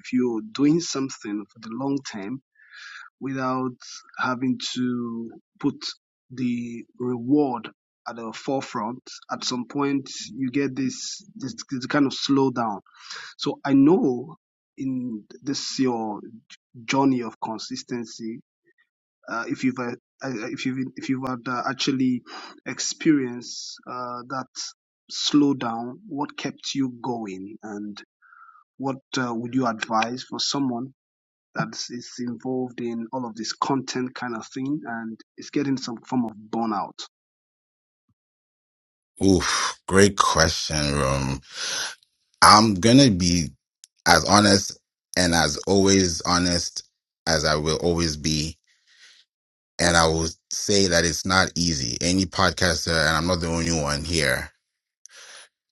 Speaker 20: if you're doing something for the long term without having to put the reward at the forefront at some point you get this this, this kind of slowdown so i know in this your journey of consistency uh, if you've uh, uh, if you've if you've had, uh, actually experienced uh, that slowdown what kept you going and what uh, would you advise for someone that's it's involved in all of this content kind of thing and it's getting some form of burnout.
Speaker 19: Oof, great question, Room. I'm going to be as honest and as always honest as I will always be And I will say that it's not easy. Any podcaster, and I'm not the only one here,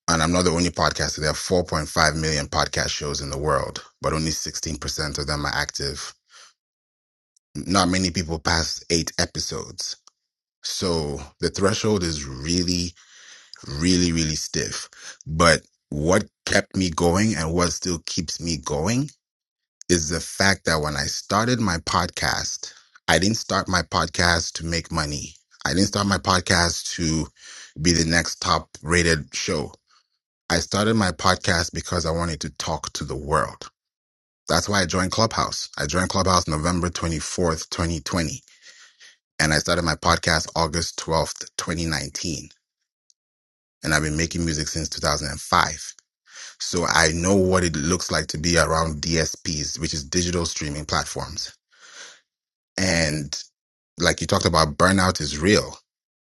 Speaker 19: and I'm not the only podcaster. There are 4.5 million podcast shows in the world, but only 16% of them are active. Not many people pass eight episodes. So the threshold is really, really, really stiff. But what kept me going and what still keeps me going is the fact that when I started my podcast, I didn't start my podcast to make money. I didn't start my podcast to be the next top rated show. I started my podcast because I wanted to talk to the world. That's why I joined Clubhouse. I joined Clubhouse November 24th, 2020, and I started my podcast August 12th, 2019. And I've been making music since 2005. So I know what it looks like to be around DSPs, which is digital streaming platforms. and. like you talked about, burnout is real.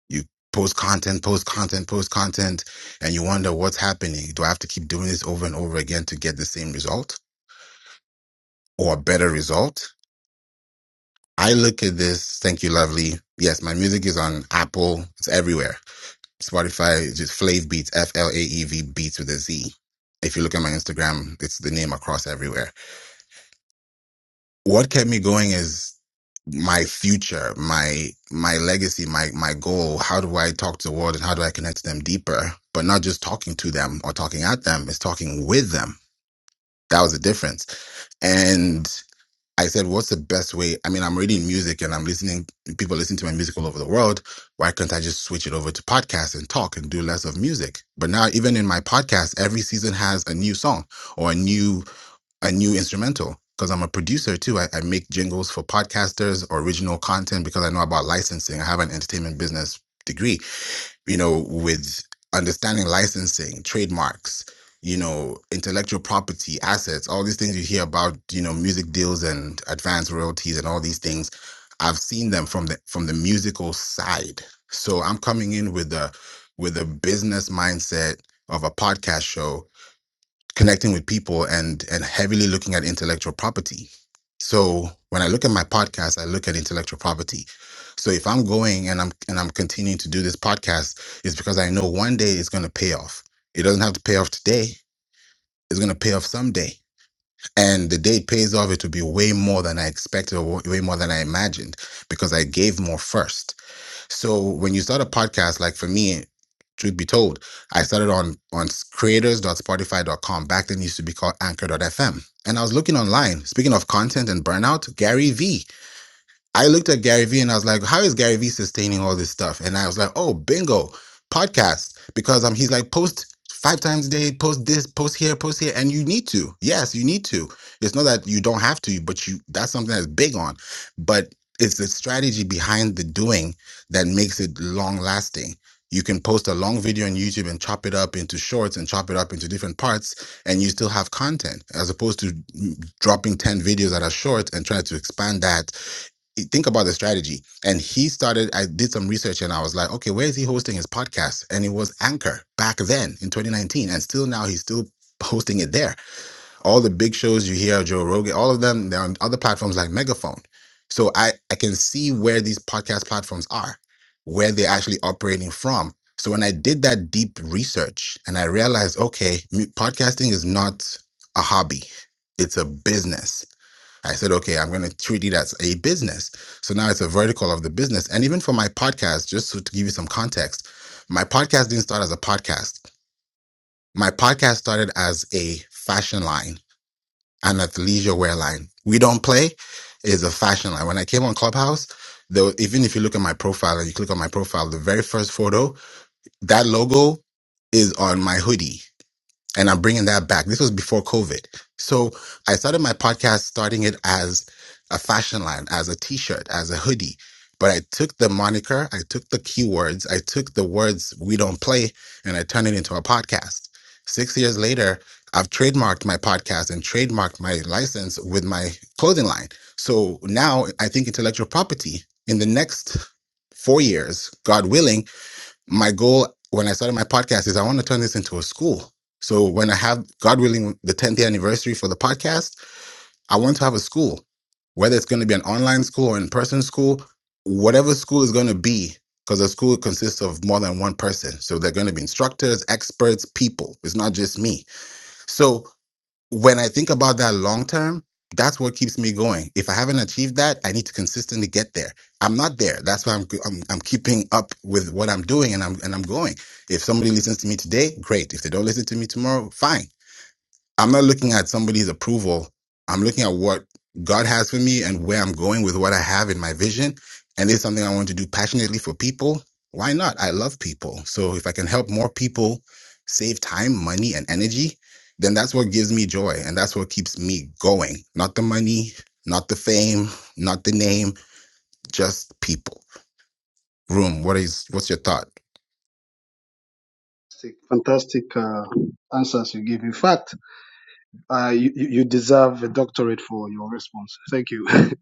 Speaker 19: You post content, post content, post content, and you wonder what's happening. Do I have to keep doing this over and over again to get the same result or a better result? I look at this. Thank you, lovely. Yes, my music is on Apple. It's everywhere. Spotify, it's just Flav Beats, F L A E V Beats with a Z. If you look at my Instagram, it's the name across everywhere. what kept me going is my future, my my legacy, my my goal. How do I talk to the world and how do I connect to them deeper? But not just talking to them or talking at them, it's talking with them. That was the difference. And I said, what's the best way? I mean, I'm reading music and I'm listening, people listen to my music all over the world. Why can't I just switch it over to podcasts and talk and do less of music? But now, even in my podcast, every season has a new song or a new a new instrumental because I'm a producer too. I, I make jingles for podcasters or original content because I know about licensing. I have an entertainment business degree, you know, with understanding licensing, trademarks, you know, intellectual property, assets, all these things you hear about, you know, music deals and advanced royalties and all these things. I've seen them from the from the musical side. So I'm coming in with a with a business mindset of a podcast show connecting with people and and heavily looking at intellectual property so when i look at my podcast i look at intellectual property so if i'm going and i'm and i'm continuing to do this podcast it's because i know one day it's going to pay off it doesn't have to pay off today it's going to pay off someday and the day it pays off it will be way more than i expected or way more than i imagined because i gave more first so when you start a podcast, like for me, truth be told, I started on on creators.spotify dot com Back then it used to be called fm, And I was looking online, speaking of content and burnout, Gary V. I looked at Gary Vee and I was like, how is Gary Vee sustaining all this stuff? And I was like, oh, bingo, podcast. Because um, he's like, post five times a day, post this, post here, post here. And you need to. Yes, you need to. It's not that you don't have to, but you that's something that's big on. But it's the strategy behind the doing that makes it long lasting. You can post a long video on YouTube and chop it up into shorts and chop it up into different parts, and you still have content as opposed to mm, dropping 10 videos that are short and trying to expand that think about the strategy. And he started, I did some research and I was like, okay, where is he hosting his podcast? And it was Anchor back then in 2019. And still now he's still hosting it there. All the big shows you hear, Joe Rogan, all of them, they're on other platforms like Megaphone. So I, I can see where these podcast platforms are, where they're actually operating from. So when I did that deep research and I realized, okay, m- podcasting is not a hobby, it's a business I said, okay, I'm going to treat it as a business. So now it's a vertical of the business. And even for my podcast, just to, give you some context, my podcast didn't start as a podcast. My podcast started as a fashion line and an athleisure wear line. We don't play is a fashion line. When I came on Clubhouse, though, even if you look at my profile and you click on my profile, the very first photo, that logo is on my hoodie and I'm bringing that back. This was before COVID. So I started my podcast starting it as a fashion line, as a t-shirt, as a hoodie. But I took the moniker, I took the keywords, I took the words we don't play and I turned it into a podcast. 6 years later, I've trademarked my podcast and trademarked my license with my clothing line. So now I think intellectual property in the next 4 years, God willing, my goal when I started my podcast is I want to turn this into a school. So when I have, God willing, the 10th year anniversary for the podcast, I want to have a school, whether it's going to be an online school or in person school, whatever school is going to be, because a school consists of more than one person. So they're going to be instructors, experts, people. It's not just me. So when I think about that long term, that's what keeps me going. If I haven't achieved that, I need to consistently get there. I'm not there. That's why I'm I'm, I'm keeping up with what I'm doing and I'm and I'm going. If somebody listens to me today, great. If they don't listen to me tomorrow, fine. I'm not looking at somebody's approval. I'm looking at what God has for me and where I'm going with what I have in my vision. And it's something I want to do passionately for people. Why not? I love people. So if I can help more people save time, money, and energy, then that's what gives me joy. And that's what keeps me going. Not the money, not the fame, not the name, just people. Room, what is what's your thought?
Speaker 20: Fantastic fantastic, uh, answers you give. In fact, uh, you, you you deserve a doctorate for your response. Thank you.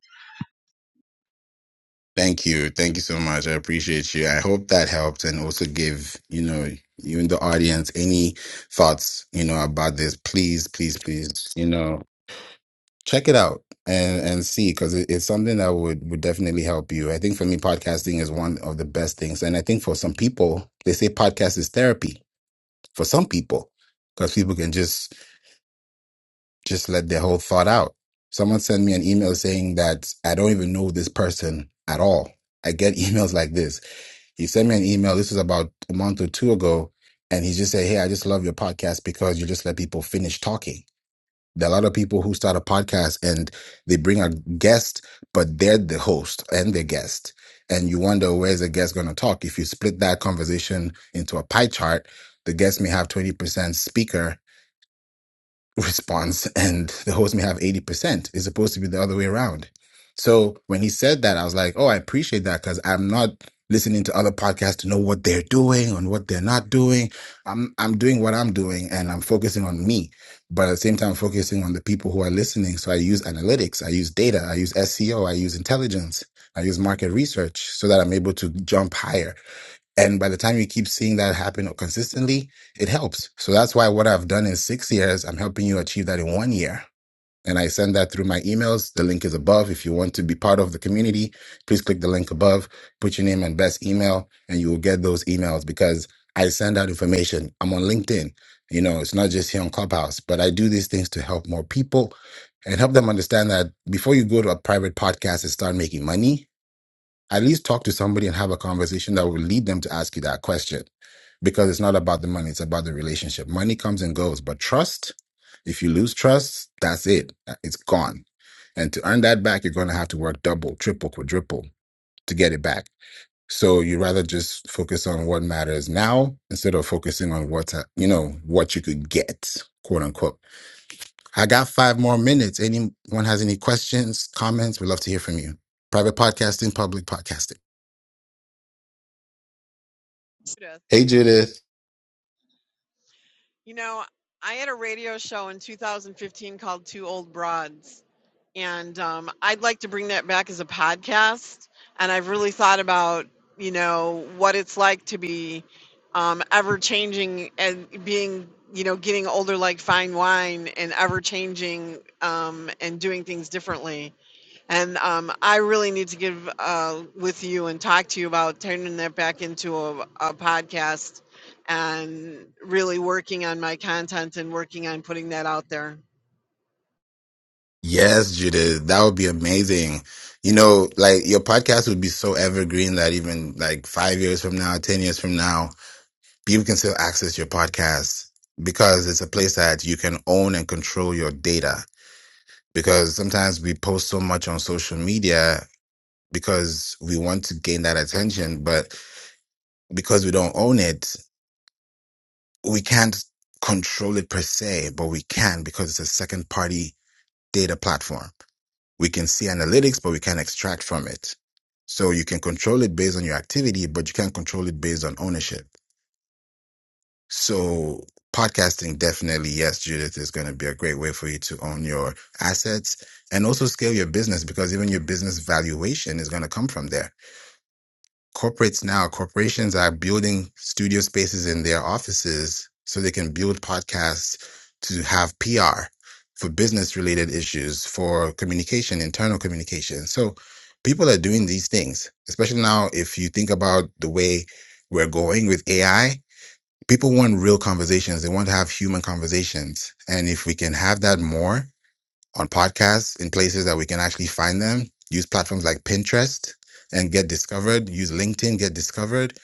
Speaker 19: Thank you. Thank you so much. I appreciate you. I hope that helped and also give you know, you in the audience any thoughts, you know, about this. Please, please, please, you know, check it out and, and see because it, it's something that would, would definitely help you. I think for me, podcasting is one of the best things. And I think for some people, they say podcast is therapy for some people because people can just, just let their whole thought out. Someone sent me an email saying that I don't even know this person at all. I get emails like this he sent me an email. This was about a month or two ago. And he just said, Hey, I just love your podcast because you just let people finish talking. There are a lot of people who start a podcast and they bring a guest, but they're the host and the guest. And you wonder where's the guest going to talk? If you split that conversation into a pie chart, the guest may have 20% speaker response and the host may have 80% it's supposed to be the other way around so when he said that i was like oh i appreciate that because i'm not listening to other podcasts to know what they're doing and what they're not doing i'm i'm doing what i'm doing and i'm focusing on me but at the same time focusing on the people who are listening so i use analytics i use data i use seo i use intelligence i use market research so that i'm able to jump higher and by the time you keep seeing that happen consistently, it helps. So that's why what I've done in six years, I'm helping you achieve that in one year. And I send that through my emails. The link is above. If you want to be part of the community, please click the link above, put your name and best email, and you will get those emails because I send out information. I'm on LinkedIn. You know, it's not just here on Clubhouse, but I do these things to help more people and help them understand that before you go to a private podcast and start making money, at least talk to somebody and have a conversation that will lead them to ask you that question because it's not about the money it's about the relationship money comes and goes but trust if you lose trust that's it Uh, it's gone and to earn that back you're going to have to work double triple quadruple to get it back so you rather just focus on what matters now instead of focusing on what uh, you know what you could get quote unquote i got five more minutes anyone has any questions comments we'd love to hear from you private podcasting public podcasting Hey, Judith.
Speaker 18: You know, I had a radio show in 2015 called Two Old Broads, and um, I'd like to bring that back as a podcast. And I've really thought about, you know, what it's like to be um, ever changing and being, you know, getting older like fine wine and ever changing um, and doing things differently. And um, I really need to give uh, with you and talk to you about turning that back into a, a podcast and really working on my content and working on putting that out there.
Speaker 19: Yes, Judith, that would be amazing. You know, like your podcast would be so evergreen that even like five years from now, 10 years from now, people can still access your podcast because it's a place that you can own and control your data. Because sometimes we post so much on social media because we want to gain that attention, but because we don't own it, we can't control it per se, but we can because it's a second party data platform. We can see analytics, but we can't extract from it. So you can control it based on your activity, but you can't control it based on ownership. So podcasting definitely, yes, Judith is going to be a great way for you to own your assets and also scale your business because even your business valuation is going to come from there corporates now, corporations are building studio spaces in their offices so they can build podcasts to have PR for business related issues, for communication, internal communication. So people are doing these things, especially now if you think about the way we're going with AI. People want real conversations. They want to have human conversations. And if we can have that more, on podcasts in places that we can actually find them. Use platforms like Pinterest and get discovered. Use LinkedIn, get discovered.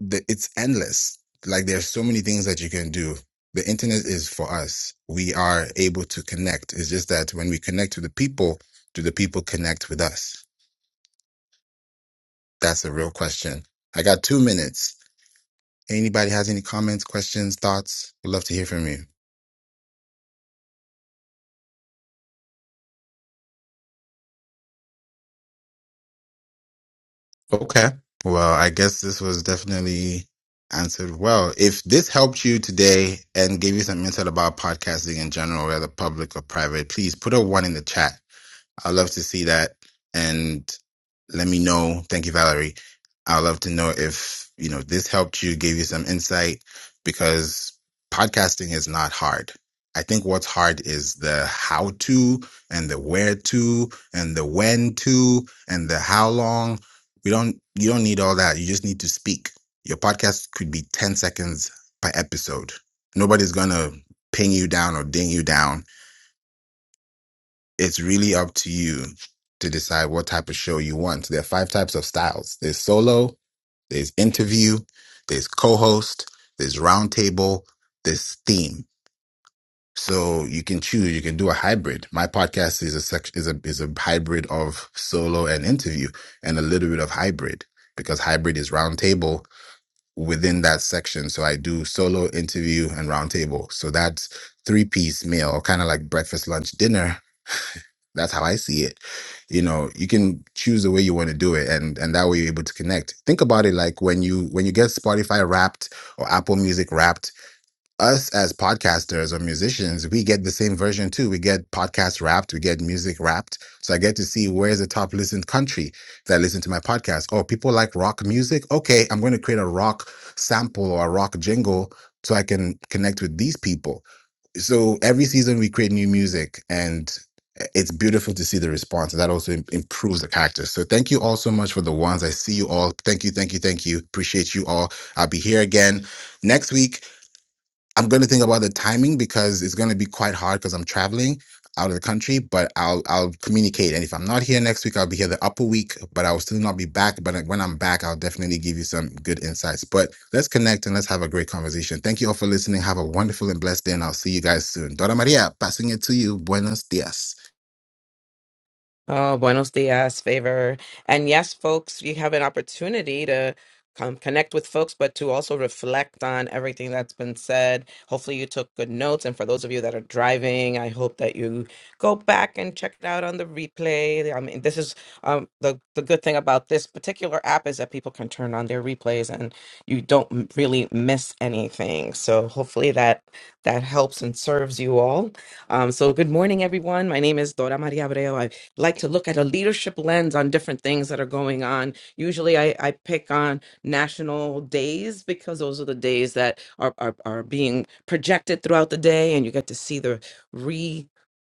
Speaker 19: The- It's endless. Like there's so many things that you can do. The internet is for us. We are able to connect. It's just that when we connect to the people, do the people connect with us? That's a real question. I got two minutes. Anybody has any comments, questions, thoughts? Would love to hear from you. Okay. Well, I guess this was definitely answered well. If this helped you today and gave you some insight about podcasting in general, whether public or private, please put a one in the chat. I'd love to see that. And let me know. Thank you, Valerie. I'd love to know if, you know, this helped you, gave you some insight because podcasting is not hard. I think what's hard is the how to and the where to and the when to and the how long. We don't, you don't need all that. You just need to speak. Your podcast could be 10 seconds per episode. Nobody's going to ping you down or ding you down it's really up to you to decide what type of show you want. There are five types of styles. There's solo, there's interview, there's co-host, there's roundtable, there's theme. So you can choose. You can do a hybrid. My podcast is a sec- is a is a hybrid of solo and interview, and a little bit of hybrid because hybrid is roundtable within that section. So I do solo, interview, and roundtable. So that's three piece meal, kind of like breakfast, lunch, dinner, that's how I see it. You know, you can choose the way you want to do it, and and that way you're able to connect. Think about it like when you when you get Spotify Wrapped or Apple Music Wrapped. Us as podcasters or musicians, we get the same version too. We get podcast wrapped, we get music wrapped. So I get to see where's the top listened country that listen to my podcast. Oh, people like rock music. Okay, I'm going to create a rock sample or a rock jingle so I can connect with these people so every season we create new music and it's beautiful to see the response that also im- improves the character so thank you all so much for the ones i see you all thank you thank you thank you appreciate you all i'll be here again next week I'm going to think about the timing because it's going to be quite hard because I'm traveling out of the country. But I'll I'll communicate, and if I'm not here next week, I'll be here the upper week. But I will still not be back. But like, when I'm back, I'll definitely give you some good insights. But let's connect and let's have a great conversation. Thank you all for listening. Have a wonderful and blessed day, and I'll see you guys soon. Dora Maria, passing it to you. Buenos dias.
Speaker 21: Oh, buenos dias, favor. And yes, folks, you have an opportunity to come connect with folks, but to also reflect on everything that's been said. Hopefully, you took good notes. And for those of you that are driving, I hope that you go back and check it out on the replay. I mean, this is um, the, the good thing about this particular app is that people can turn on their replays and you don't m- really miss anything. So hopefully that that helps and serves you all. Um, so good morning, everyone. My name is Dora Maria Abreu like to look at a leadership lens on different things that are going on. Usually I, I pick on national days because those are the days that are, are, are being projected throughout the day and you get to see the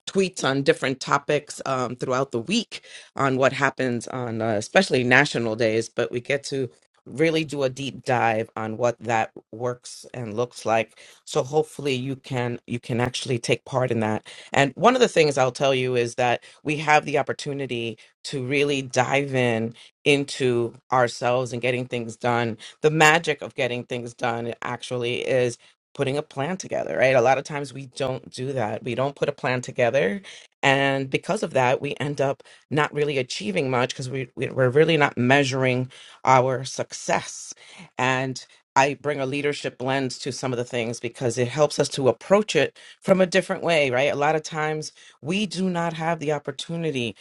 Speaker 21: tweets on different topics um, throughout the week on what happens on uh, especially national days, but we get to really do a deep dive on what that works and looks like. So hopefully you can you can actually take part in that. And one of the things I'll tell you is that we have the opportunity to really dive in into ourselves and getting things done. The magic of getting things done actually is putting a plan together, right? A lot of times we don't do that. We don't put a plan together. And because of that, we end up not really achieving much because we, we, we're really not measuring our success. And I bring a leadership lens to some of the things because it helps us to approach it from a different way, right? A lot of times we do not have the opportunity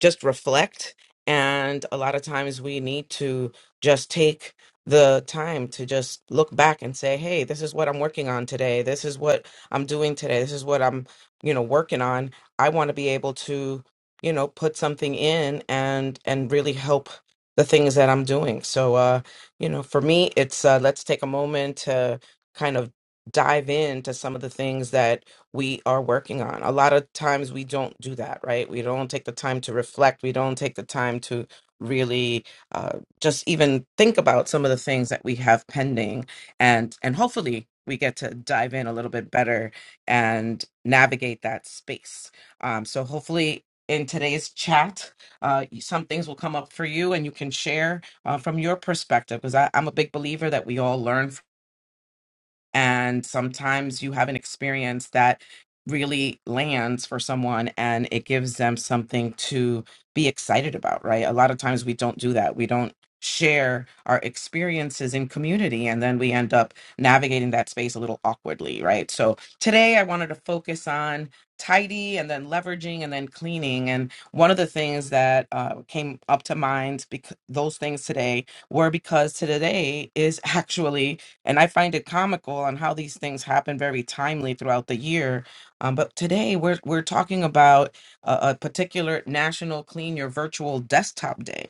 Speaker 21: just reflect and a lot of times we need to just take the time to just look back and say hey this is what i'm working on today this is what i'm doing today this is what i'm you know working on i want to be able to you know put something in and and really help the things that i'm doing so uh you know for me it's uh let's take a moment to kind of dive into some of the things that we are working on. A lot of times we don't do that, right? We don't take the time to reflect. We don't take the time to really uh, just even think about some of the things that we have pending, and and hopefully we get to dive in a little bit better and navigate that space. Um, so hopefully. In today's chat, uh, some things will come up for you, and you can share uh, from your perspective. Because I'm a big believer that we all learn and sometimes you have an experience that really lands for someone and it gives them something to be excited about, right? A lot of times we don't do that. We don't share our experiences in community and then we end up navigating that space a little awkwardly, right? So today I wanted to focus on tidy and then leveraging and then cleaning. And one of the things that uh, came up to mind, because those things today were because today is actually and I find it comical on how these things happen very timely throughout the year. Um, but today we're we're talking about a, a particular National Clean Your Virtual Desktop Day.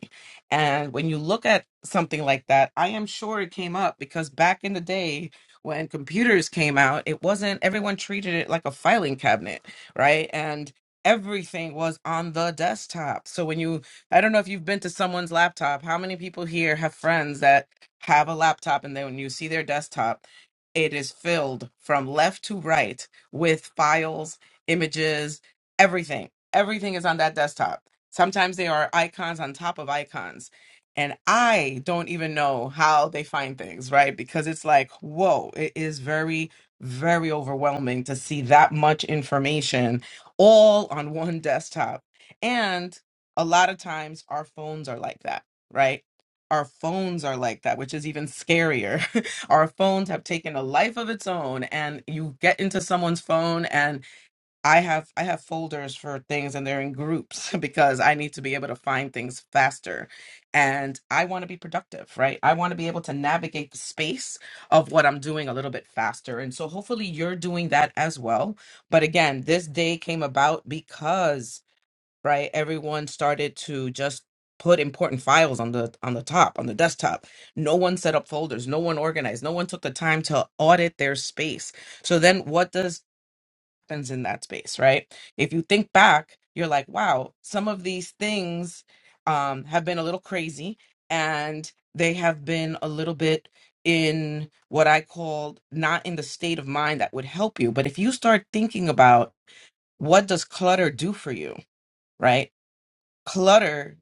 Speaker 21: And when you look at something like that, I am sure it came up because back in the day when computers came out, it wasn't everyone treated it like a filing cabinet, right? And everything was on the desktop. So when you I don't know if you've been to someone's laptop, how many people here have friends that have a laptop and then when you see their desktop, it is filled from left to right with files, images, everything. Everything is on that desktop. Sometimes they are icons on top of icons. And I don't even know how they find things, right? Because it's like, whoa, it is very, very overwhelming to see that much information all on one desktop. And a lot of times our phones are like that, right? our phones are like that, which is even scarier. our phones have taken a life of its own and you get into someone's phone and I have I have folders for things and they're in groups because I need to be able to find things faster. And I want to be productive, right? I want to be able to navigate the space of what I'm doing a little bit faster. And so hopefully you're doing that as well. But again, this day came about because right everyone started to just put important files on the on the top on the desktop no one set up folders no one organized no one took the time to audit their space so then what does happens in that space right if you think back you're like wow some of these things um, have been a little crazy and they have been a little bit in what i called not in the state of mind that would help you but if you start thinking about what does clutter do for you right clutter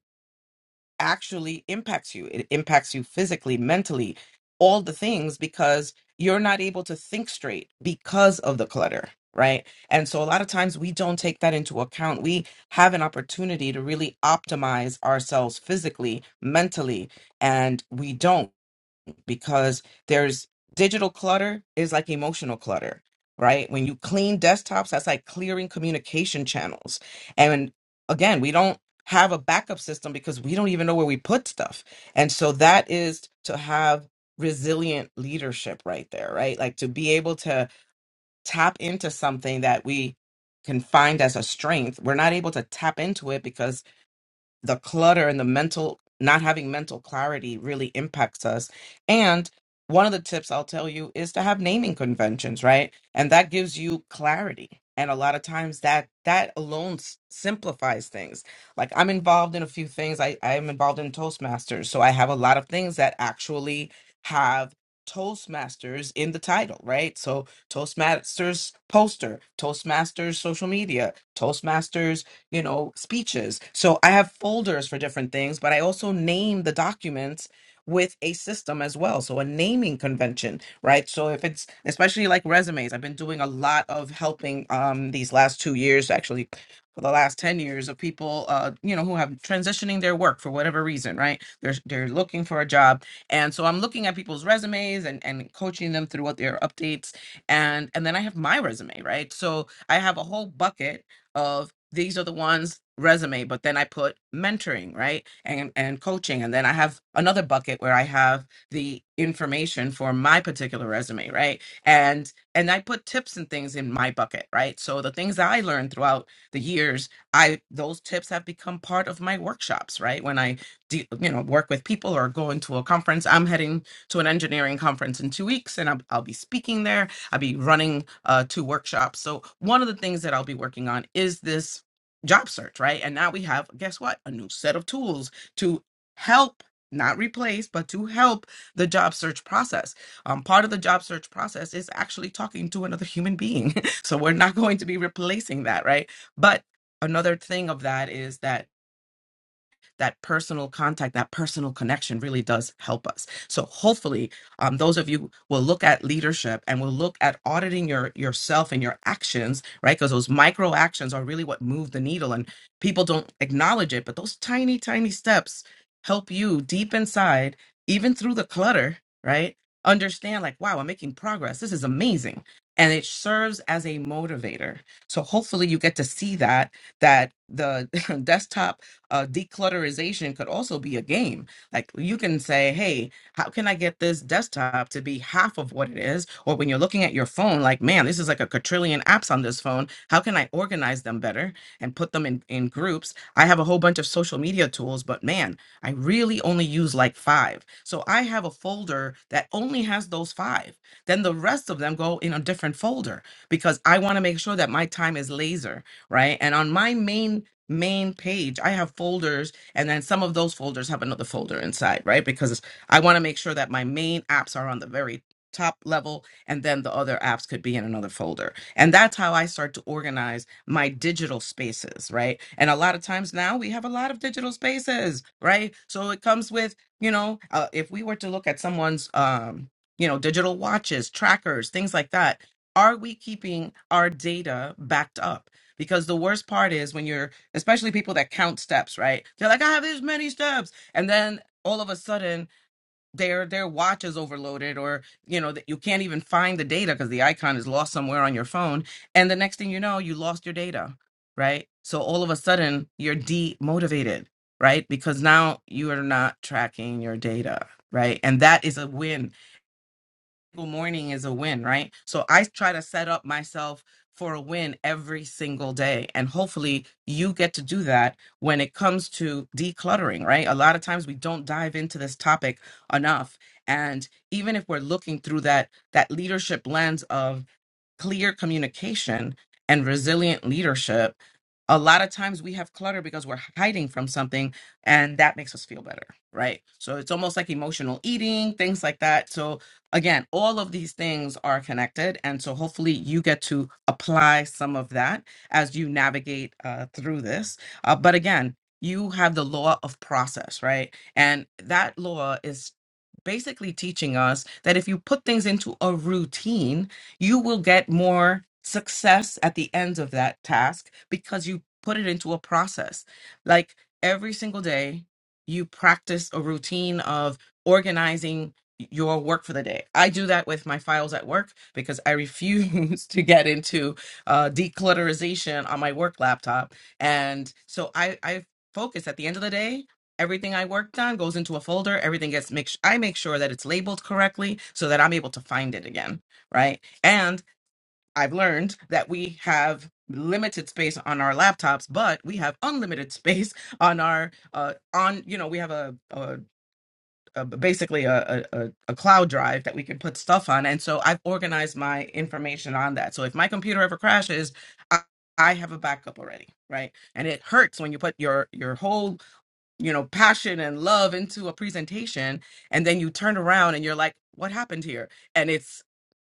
Speaker 21: actually impacts you. It impacts you physically, mentally, all the things because you're not able to think straight because of the clutter, right? And so a lot of times we don't take that into account. We have an opportunity to really optimize ourselves physically, mentally, and we don't because there's digital clutter is like emotional clutter, right? When you clean desktops, that's like clearing communication channels. And again, we don't have a backup system because we don't even know where we put stuff. And so that is to have resilient leadership right there, right? Like to be able to tap into something that we can find as a strength. We're not able to tap into it because the clutter and the mental not having mental clarity really impacts us and one of the tips I'll tell you is to have naming conventions right and that gives you clarity and a lot of times that that alone s- simplifies things like I'm involved in a few things I I am involved in toastmasters so I have a lot of things that actually have Toastmasters in the title, right? So Toastmasters poster, Toastmasters social media, Toastmasters you know, speeches. So I have folders for different things, but I also name the documents with a system as well. So a naming convention, right? So if it's especially like resumes, I've been doing a lot of helping um these last 2 years actually for the last 10 years of people uh you know who have transitioning their work for whatever reason, right? They're they're looking for a job. And so I'm looking at people's resumes and and coaching them through what their updates and and then I have my resume, right? So I have a whole bucket of these are the ones resume, but then I put mentoring, right? And and coaching. And then I have another bucket where I have the information for my particular resume, right? And and I put tips and things in my bucket, right? So the things that I learned throughout the years, I those tips have become part of my workshops, right? When I de- you know work with people or go into a conference, I'm heading to an engineering conference in two weeks, and I'll, I'll be speaking there I'll be running uh, two workshops. So one of the things that I'll be working on is this job search, right? And now we have, guess what? A new set of tools to help, not replace, but to help the job search process. Um, part of the job search process is actually talking to another human being. so we're not going to be replacing that, right? But another thing of that is that that personal contact, that personal connection really does help us. So hopefully, um, those of you will look at leadership and will look at auditing your yourself and your actions, right? Because those micro actions are really what move the needle, and people don't acknowledge it. But those tiny, tiny steps help you deep inside, even through the clutter, right? Understand like, wow, I'm making progress. This is amazing. And it serves as a motivator. So hopefully you get to see that that the desktop uh, declutterization could also be a game. Like you can say, hey, how can I get this desktop to be half of what it is? Or when you're looking at your phone, like, man, this is like a quadrillion apps on this phone. How can I organize them better and put them in, in groups? I have a whole bunch of social media tools, but man, I really only use like five. So I have a folder that only has those five. Then the rest of them go in a different folder because I want to make sure that my time is laser, right? And on my main main page i have folders and then some of those folders have another folder inside right because i want to make sure that my main apps are on the very top level and then the other apps could be in another folder and that's how i start to organize my digital spaces right and a lot of times now we have a lot of digital spaces right so it comes with you know uh, if we were to look at someone's um you know digital watches trackers things like that are we keeping our data backed up because the worst part is when you're especially people that count steps, right? They're like, I have this many steps. And then all of a sudden their their watch is overloaded or you know that you can't even find the data because the icon is lost somewhere on your phone and the next thing you know you lost your data right so all of a sudden you're demotivated right because now you are not tracking your data right and that is a win morning is a win, right? So I try to set up myself for a win every single day. And hopefully you get to do that when it comes to decluttering, right? A lot of times we don't dive into this topic enough. And even if we're looking through that that leadership lens of clear communication and resilient leadership, a lot of times we have clutter because we're hiding from something and that makes us feel better, right? So it's almost like emotional eating, things like that. So again, all of these things are connected. And so hopefully you get to apply some of that as you navigate uh, through this. Uh, but again, you have the law of process, right? And that law is basically teaching us that if you put things into a routine, you will get more success at the end of that task because you put it into a process. Like every single day, you practice a routine of organizing your work for the day. I do that with my files at work because I refuse to get into uh, declutterization on my work laptop. And so I, I focus at the end of the day everything I worked on goes into a folder. Everything gets make I make sure that it's labeled correctly so that I'm able to find it again, right? And I've learned that we have limited space on our laptops, but we have unlimited space on our uh, on you know we have a, a, a basically a, a a a cloud drive that we can put stuff on, and so I've organized my information on that. So if my computer ever crashes, I, I have a backup already, right? And it hurts when you put your your whole you know passion and love into a presentation, and then you turn around and you're like, what happened here? And it's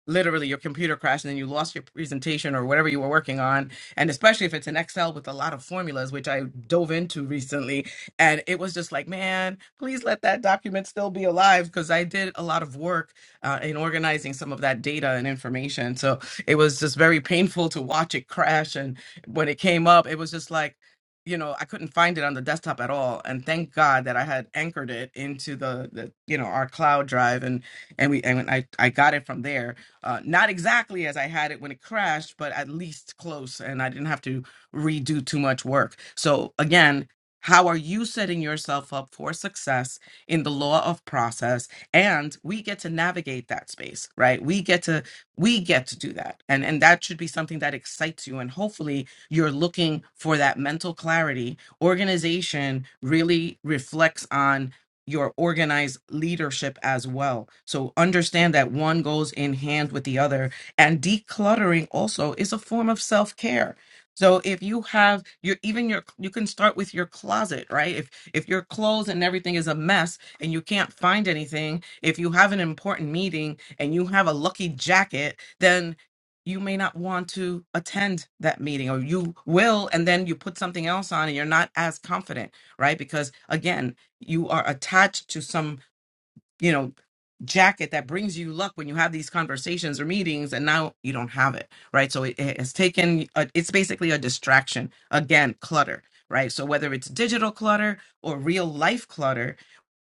Speaker 21: literally your computer crashed and then you lost your presentation or whatever you were working on and especially if it's an excel with a lot of formulas which i dove into recently and it was just like man please let that document still be alive because i did a lot of work uh, in organizing some of that data and information so it was just very painful to watch it crash and when it came up it was just like you know i couldn't find it on the desktop at all and thank god that i had anchored it into the, the you know our cloud drive and and we and i i got it from there uh, not exactly as I had it when it crashed, but at least close, and I didn't have to redo too much work. So, again, how are you setting yourself up for success in the law of process? And we get to navigate that space, right? We get to we get to do that, and and that should be something that excites you. And hopefully, you're looking for that mental clarity. Organization really reflects on your organized leadership as well. So understand that one goes in hand with the other. And decluttering also is a form of self care. So if you have your even your you can start with your closet, right? If if your clothes and everything is a mess and you can't find anything, if you have an important meeting and you have a lucky jacket, then you may not want to attend that meeting or you will and then you put something else on and you're not as confident right because again you are attached to some you know jacket that brings you luck when you have these conversations or meetings and now you don't have it right so it, it has taken a, it's basically a distraction again clutter right so whether it's digital clutter or real life clutter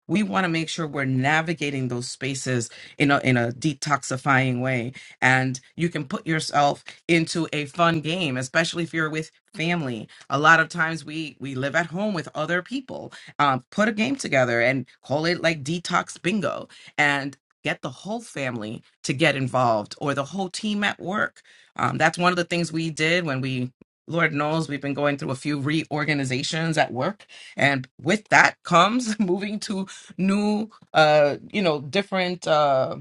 Speaker 21: we want to make sure we're navigating those spaces in a in a detoxifying way and you can put yourself into a fun game especially if you're with family a lot of times we we live at home with other people um, put a game together and call it like detox bingo and get the whole family to get involved or the whole team at work um, that's one of the things we did when we lord knows we've been going through a few reorganizations at work and with that comes moving to new uh you know different uh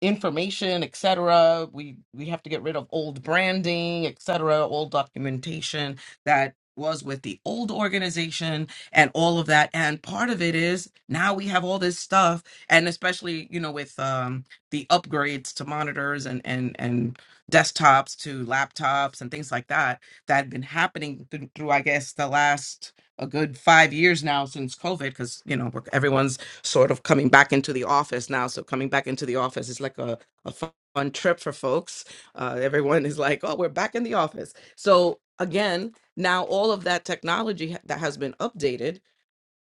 Speaker 21: information etc we we have to get rid of old branding etc old documentation that was with the old organization and all of that and part of it is now we have all this stuff and especially you know with um the upgrades to monitors and and and desktops to laptops and things like that that had been happening through, through i guess the last a good five years now since covid because you know we're- everyone's sort of coming back into the office now. So coming back into the office is like a, a fu- fun trip for folks. Uh, everyone is like, oh, we're back in the office. So again, now all of that technology ha- that has been updated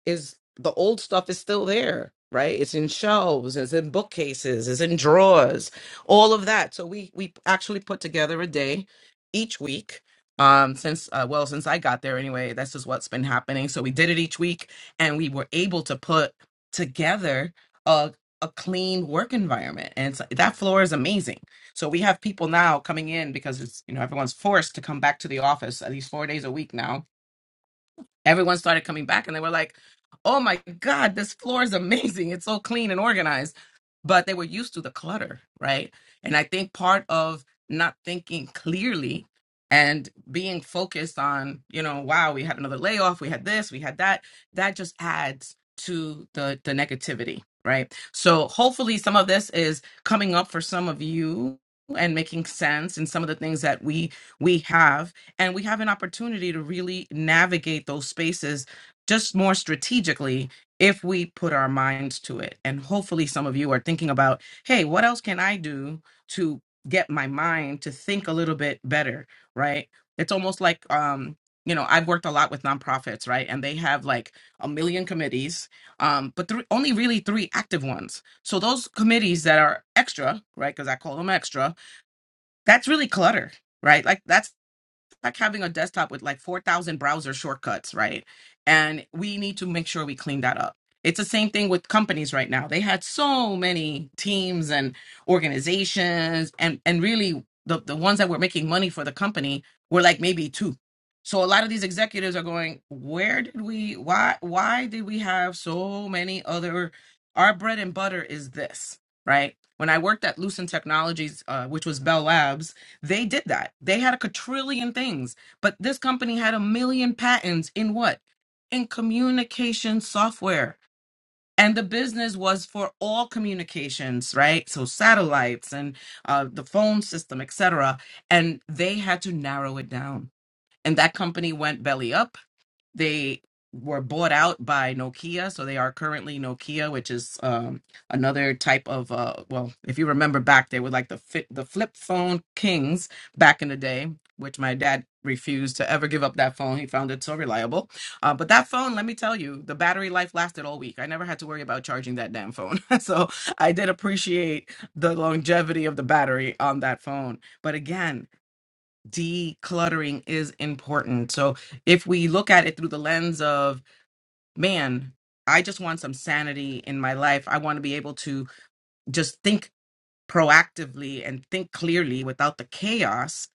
Speaker 21: is the old stuff is still there, right? It's in shelves, it's in bookcases, it's in drawers, all of that. So we we actually put together a day each week. Um, since uh, well, since I got there anyway, that's just what's been happening. So we did it each week, and we were able to put together a a clean work environment, and it's, that floor is amazing. So we have people now coming in because it's you know everyone's forced to come back to the office at least four days a week now everyone started coming back and they were like, oh my God, this floor is amazing. It's so clean and organized. But they were used to the clutter, right? And I think part of not thinking clearly and being focused on, you know, wow, we had another layoff, we had this, we had that, that just adds to the the negativity, right? So hopefully some of this is coming up for some of you and making sense and some of the things that we we have and we have an opportunity to really navigate those spaces just more strategically if we put our minds to it and hopefully some of you are thinking about hey what else can i do to get my mind to think a little bit better right it's almost like um you know i've worked a lot with nonprofits right and they have like a million committees um but three, only really three active ones so those committees that are extra right because i call them extra that's really clutter right like that's like having a desktop with like 4,000 browser shortcuts, right? And we need to make sure we clean that up. It's the same thing with companies right now. They had so many teams and organizations, and and really the, the ones that were making money for the company were like maybe two. So a lot of these executives are going, where did we why why did we have so many other our bread and butter is this, right? When I worked at Lucent Technologies, uh, which was Bell Labs, they did that. They had a quadrillion things, but this company had a million patents in what? In communication software. And the business was for all communications, right? So satellites and uh, the phone system, etc. And they had to narrow it down. And that company went belly up they were bought out by Nokia, so they are currently Nokia, which is um, another type of uh, well, if you remember back, they were like the fi- the flip phone kings back in the day, which my dad refused to ever give up that phone. He found it so reliable. Uh, but that phone, let me tell you, the battery life lasted all week. I never had to worry about charging that damn phone, so I did appreciate the longevity of the battery on that phone. But again decluttering is important. So if we look at it through the lens of, man, I just want some sanity in my life. I want to be able to just think proactively and think clearly without the chaos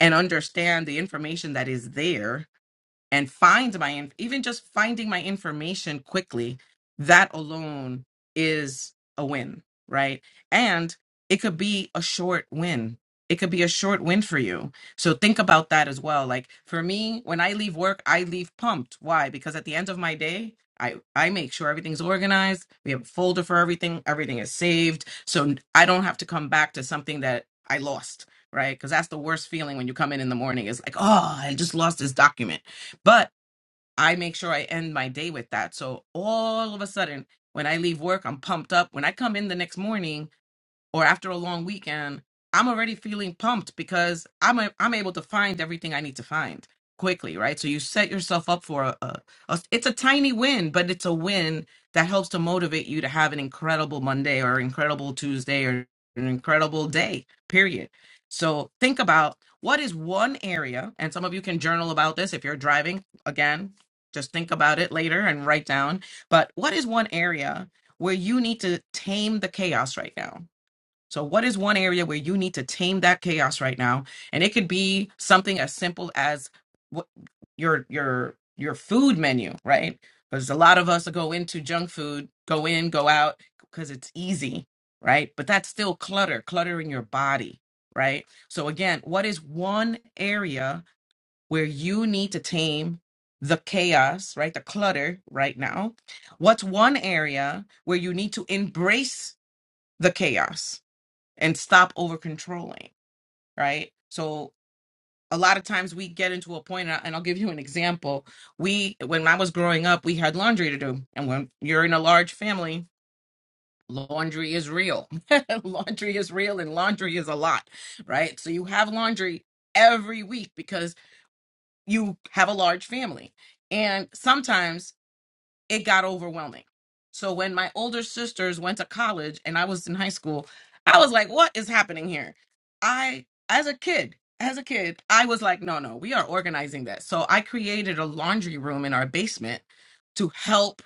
Speaker 21: and understand the information that is there and find my inf- even just finding my information quickly that alone is a win right and it could be a short win it could be a short win for you so think about that as well like for me when i leave work i leave pumped why because at the end of my day I, I make sure everything's organized. We have a folder for everything. Everything is saved. So I don't have to come back to something that I lost, right? Because that's the worst feeling when you come in in the morning. It's like, oh, I just lost this document but I make sure I end my day with that. So all of a sudden, when I leave work, I'm pumped up. When I come in the next morning, or after a long weekend, I'm already feeling pumped because I'm a, I'm able to find everything I need to find quickly, right? So you set yourself up for a, a, a it's a tiny win, but it's a win that helps to motivate you to have an incredible Monday or incredible Tuesday or an incredible day. Period. So think about what is one area, and some of you can journal about this if you're driving. Again, just think about it later and write down. But what is one area where you need to tame the chaos right now? So, what is one area where you need to tame that chaos right now? And it could be something as simple as what your your your food menu, right? Because a lot of us go into junk food, go in, go out because it's easy, right? But that's still clutter, clutter in your body, right? So again, what is one area where you need to tame the chaos, right? The clutter right now. What's one area where you need to embrace the chaos? and stop over controlling, right? So a lot of times we get into a point, and I- and I'll give you an example. We, when I was growing up, we had laundry to do, and when you're in a large family, laundry is real. laundry is real, and laundry is a lot, right? So you have laundry every week because you have a large family, and sometimes it got overwhelming. So when my older sisters went to college and I was in high school, I was like, what is happening here? I, as a kid, as a kid, I was like, no, no, we are organizing that." So I created a laundry room in our basement to help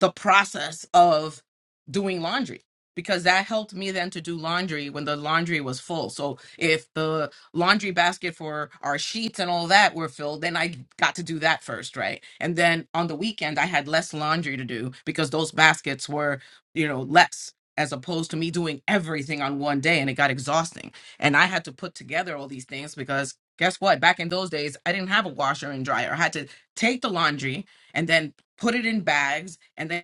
Speaker 21: the process of doing laundry because that helped me then to do laundry when the laundry was full. So if the laundry basket for our sheets and all that were filled, then I got to do that first, right? And then on the weekend I had less laundry to do because those baskets were, you know, less as opposed to me doing everything on one day and it got exhausting. And I had to put together all these things because guess what? Back in those days, I didn't have a washer and dryer. I had to take the laundry and then put it in bags, and then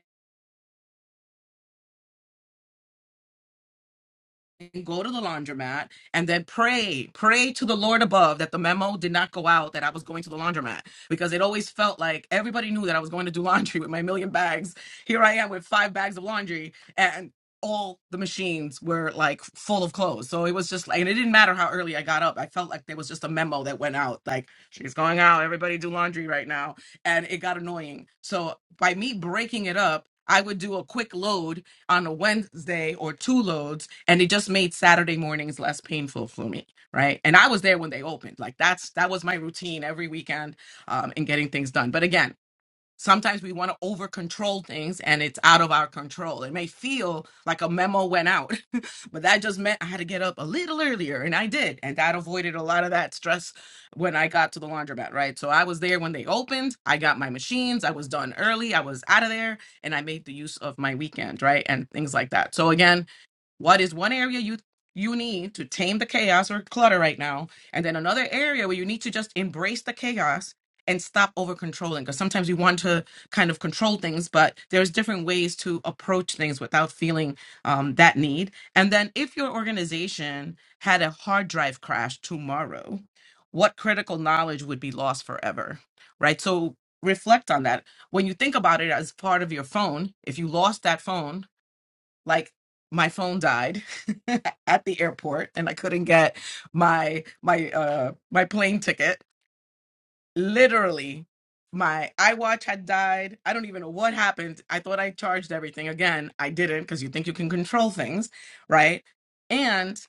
Speaker 21: go to the laundromat and then pray, pray to the Lord above that the memo did not go out that I was going to the laundromat because it always felt like everybody knew that I was going to do laundry with my million bags. Here I am with five bags of laundry and all the machines were like full of clothes. So it was just like, and it didn't matter how early I got up. I felt like there was just a memo that went out like, she's going out, everybody do laundry right now. And it got annoying. So by me breaking it up, I would do a quick load on a Wednesday or two loads, and it just made Saturday mornings less painful for me, right? And I was there when they opened. Like that's that was my routine every weekend um, in getting things done. But again, Sometimes we want to over control things and it's out of our control. It may feel like a memo went out, but that just meant I had to get up a little earlier and I did. And that avoided a lot of that stress when I got to the laundromat, right? So I was there when they opened. I got my machines. I was done early. I was out of there and I made the use of my weekend, right? And things like that. So again, what is one area you you need to tame the chaos or clutter right now, and then another area where you need to just embrace the chaos and stop over controlling? Because sometimes we want to kind of control things, but there's different ways to approach things without feeling um, that need. And then if your organization had a hard drive crash tomorrow, what critical knowledge would be lost forever, right? So reflect on that when you think about it as part of your phone if you lost that phone like my phone died at the airport and I couldn't get my my uh my plane ticket. Literally my iWatch had died. I don't even know what happened. I thought I charged everything. Again, I didn't because you think you can control things, right? And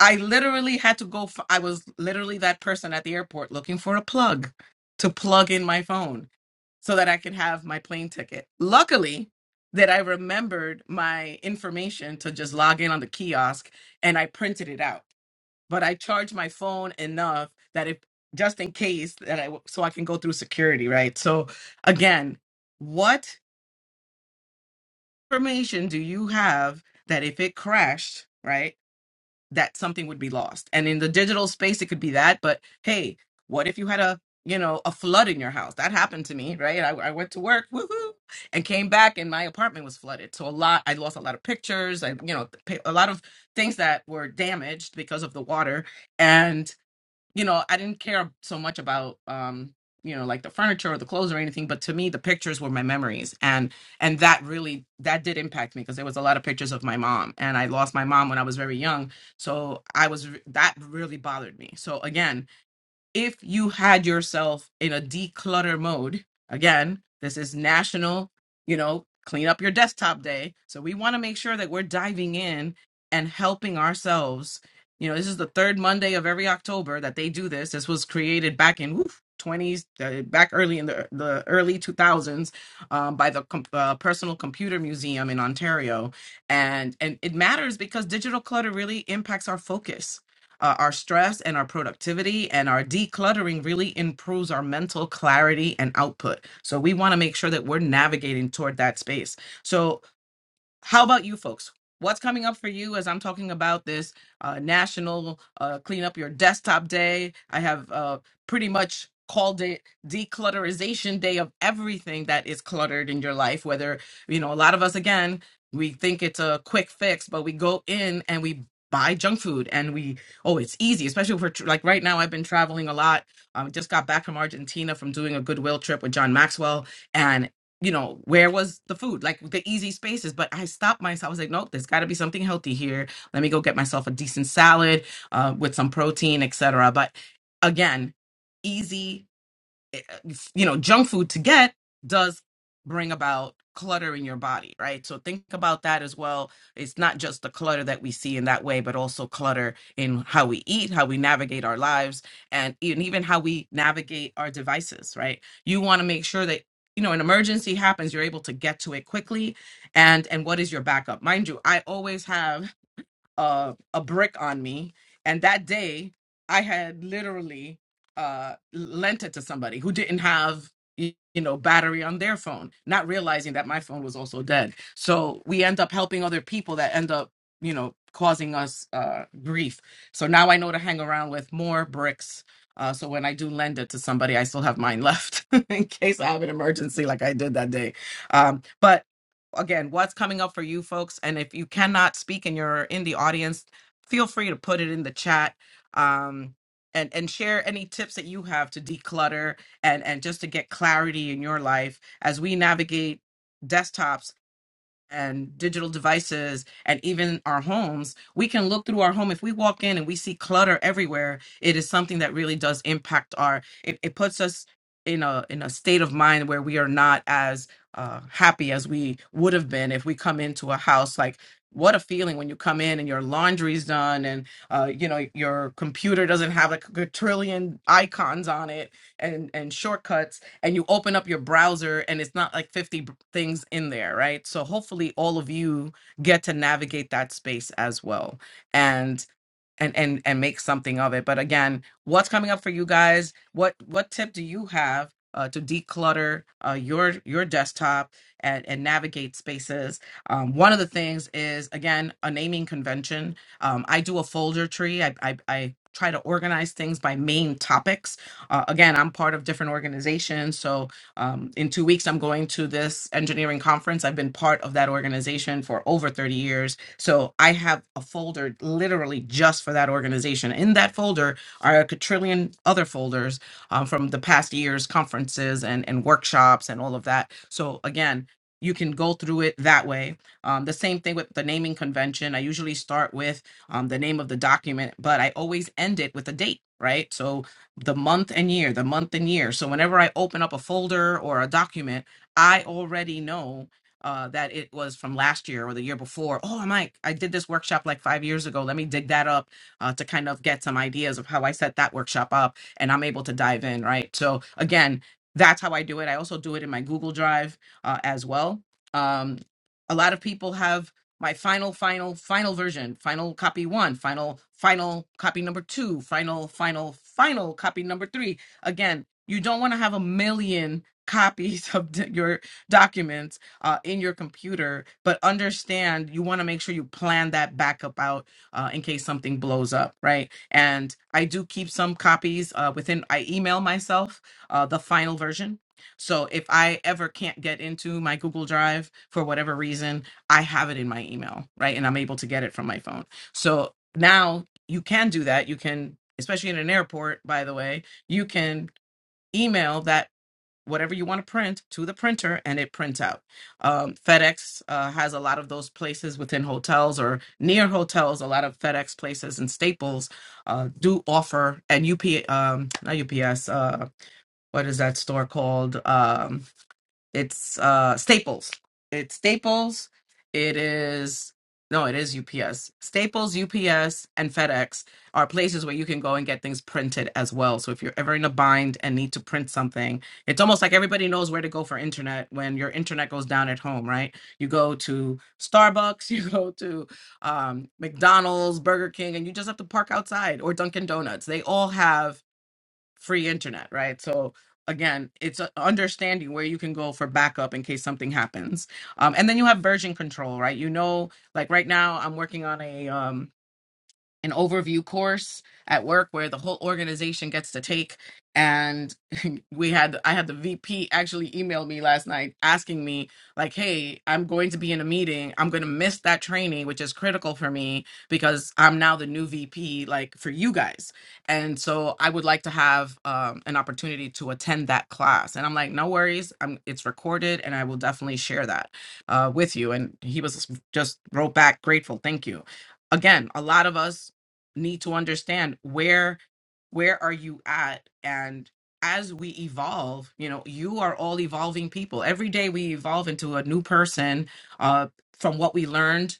Speaker 21: I literally had to go f I was literally that person at the airport looking for a plug to plug in my phone so that I could have my plane ticket. Luckily, that I remembered my information to just log in on the kiosk and I printed it out. But I charged my phone enough that if just in case that I, so I can go through security, right? So again, what information do you have that if it crashed, right? that something would be lost. And in the digital space, it could be that. But hey, what if you had a you know a flood in your house? That happened to me, right? I, I went to work, woohoo, and came back, and my apartment was flooded. So a lot, I lost a lot of pictures. I you know pa- a lot of things that were damaged because of the water, and you know, I didn't care so much about um, you know, like the furniture or the clothes or anything, but to me the pictures were my memories and and that really that did impact me because there was a lot of pictures of my mom and I lost my mom when I was very young. So I was that really bothered me. So again, if you had yourself in a declutter mode, again, this is national, you know, clean up your desktop day. So we want to make sure that we're diving in and helping ourselves. You know, this is the third Monday of every October that they do this. This was created back in woof, 20s, uh, back early in the, the early 2000s um, by the com- uh, Personal Computer Museum in Ontario. And, and it matters because digital clutter really impacts our focus uh, our stress and our productivity and our decluttering really improves our mental clarity and output. So we want to make sure that we're navigating toward that space. So how about you folks? What's coming up for you as I'm talking about this uh, national uh, clean up your desktop day? I have uh, pretty much called it declutterization day of everything that is cluttered in your life. Whether, you know, a lot of us, again, we think it's a quick fix, but we go in and we buy junk food and we, oh, it's easy, especially if we're tr- like right now, I've been traveling a lot. I um, just got back from Argentina from doing a goodwill trip with John Maxwell you know, where was the food? Like the easy spaces. But I stopped myself. I was like, nope, there's got to be something healthy here. Let me go get myself a decent salad uh, with some protein, etc. But again, easy you know junk food to get does bring about clutter in your body right so think about that as well it's not just the clutter that we see in that way but also clutter in how we eat how we navigate our lives and even even how we navigate our devices right you want to make sure that you know an emergency happens you're able to get to it quickly and and what is your backup mind you i always have a a brick on me, and that day I had literally uh, lent it to somebody who didn't have y- you know battery on their phone, not realizing that my phone was also dead. So we end up helping other people that end up you know causing us uh, grief. So now I know to hang around with more bricks. Uh, so when I do lend it to somebody, I still have mine left in case I have an emergency like I did that day. Um, but again what's coming up for you folks and if you cannot speak and you're in the audience feel free to put it in the chat um and and share any tips that you have to declutter and and just to get clarity in your life as we navigate desktops and digital devices and even our homes we can look through our home if we walk in and we see clutter everywhere it is something that really does impact our it, it puts us in a in a state of mind where we are not as uh, happy as we would have been if we come into a house like what a feeling when you come in and your laundry's done and uh, you know your computer doesn't have like a trillion icons on it and and shortcuts and you open up your browser and it's not like 50 b- things in there, right? So hopefully all of you get to navigate that space as well. And and and and make something of it but again what's coming up for you guys what what tip do you have uh, to declutter uh, your your desktop and, and navigate spaces um, one of the things is again a naming convention um, i do a folder tree i, I, I try to organize things by main topics uh, again i'm part of different organizations so um, in two weeks i'm going to this engineering conference i've been part of that organization for over 30 years so I have a folder literally just for that organization. In that folder are a quadrillion other folders um, from the past year's conferences and, and workshops and all of that. So again, you can go through it that way. Um, the same thing with the naming convention. I usually start with um, the name of the document, but I always end it with a date, right? So the month and year, the month and year. So whenever I open up a folder or a document, I already know uh, that it was from last year or the year before. Oh, Mike, I did this workshop like five years ago. Let me dig that up uh, to kind of get some ideas of how I set that workshop up, and I'm able to dive in, right? So again, that's how I do it. I also do it in my Google Drive uh, as well. Um, a lot of people have my final, final, final version, final copy one, final, final copy number two, final, final, final copy number three. Again, you don't want to have a million copies of d- your documents uh, in your computer, but understand you want to make sure you plan that backup out uh, in case something blows up, right? And I do keep some copies uh, within, I email myself uh, the final version. So if I ever can't get into my Google Drive for whatever reason, I have it in my email, right? And I'm able to get it from my phone. So now you can do that. You can, especially in an airport, by the way, you can email that whatever you want to print to the printer and it prints out. Um, FedEx uh, has a lot of those places within hotels or near hotels. A lot of FedEx places and Staples uh, do offer and UP um, not UPS. Uh, what is that store called? Um, it's uh Staples. It's Staples. It is no, it is UPS. Staples, UPS, and FedEx are places where you can go and get things printed as well. So if you're ever in a bind and need to print something, it's almost like everybody knows where to go for internet when your internet goes down at home, right? You go to Starbucks, you go to um, McDonald's, Burger King, and you just have to park outside or Dunkin' Donuts. They all have free internet, right? So again, it's uh, understanding where you can go for backup in case something happens. Um, and then you have version control, right? You know, like right now, I'm working on a um, an overview course at work where the whole organization gets to take and we had i had the vp actually email me last night asking me like hey i'm going to be in a meeting i'm going to miss that training which is critical for me because i'm now the new vp like for you guys and so i would like to have um, an opportunity to attend that class and i'm like no worries I'm, it's recorded and i will definitely share that uh, with you and he was just wrote back grateful thank you again, a lot of us need to understand where where are you at and as we evolve you know you are all evolving people every day we evolve into a new person uh from what we learned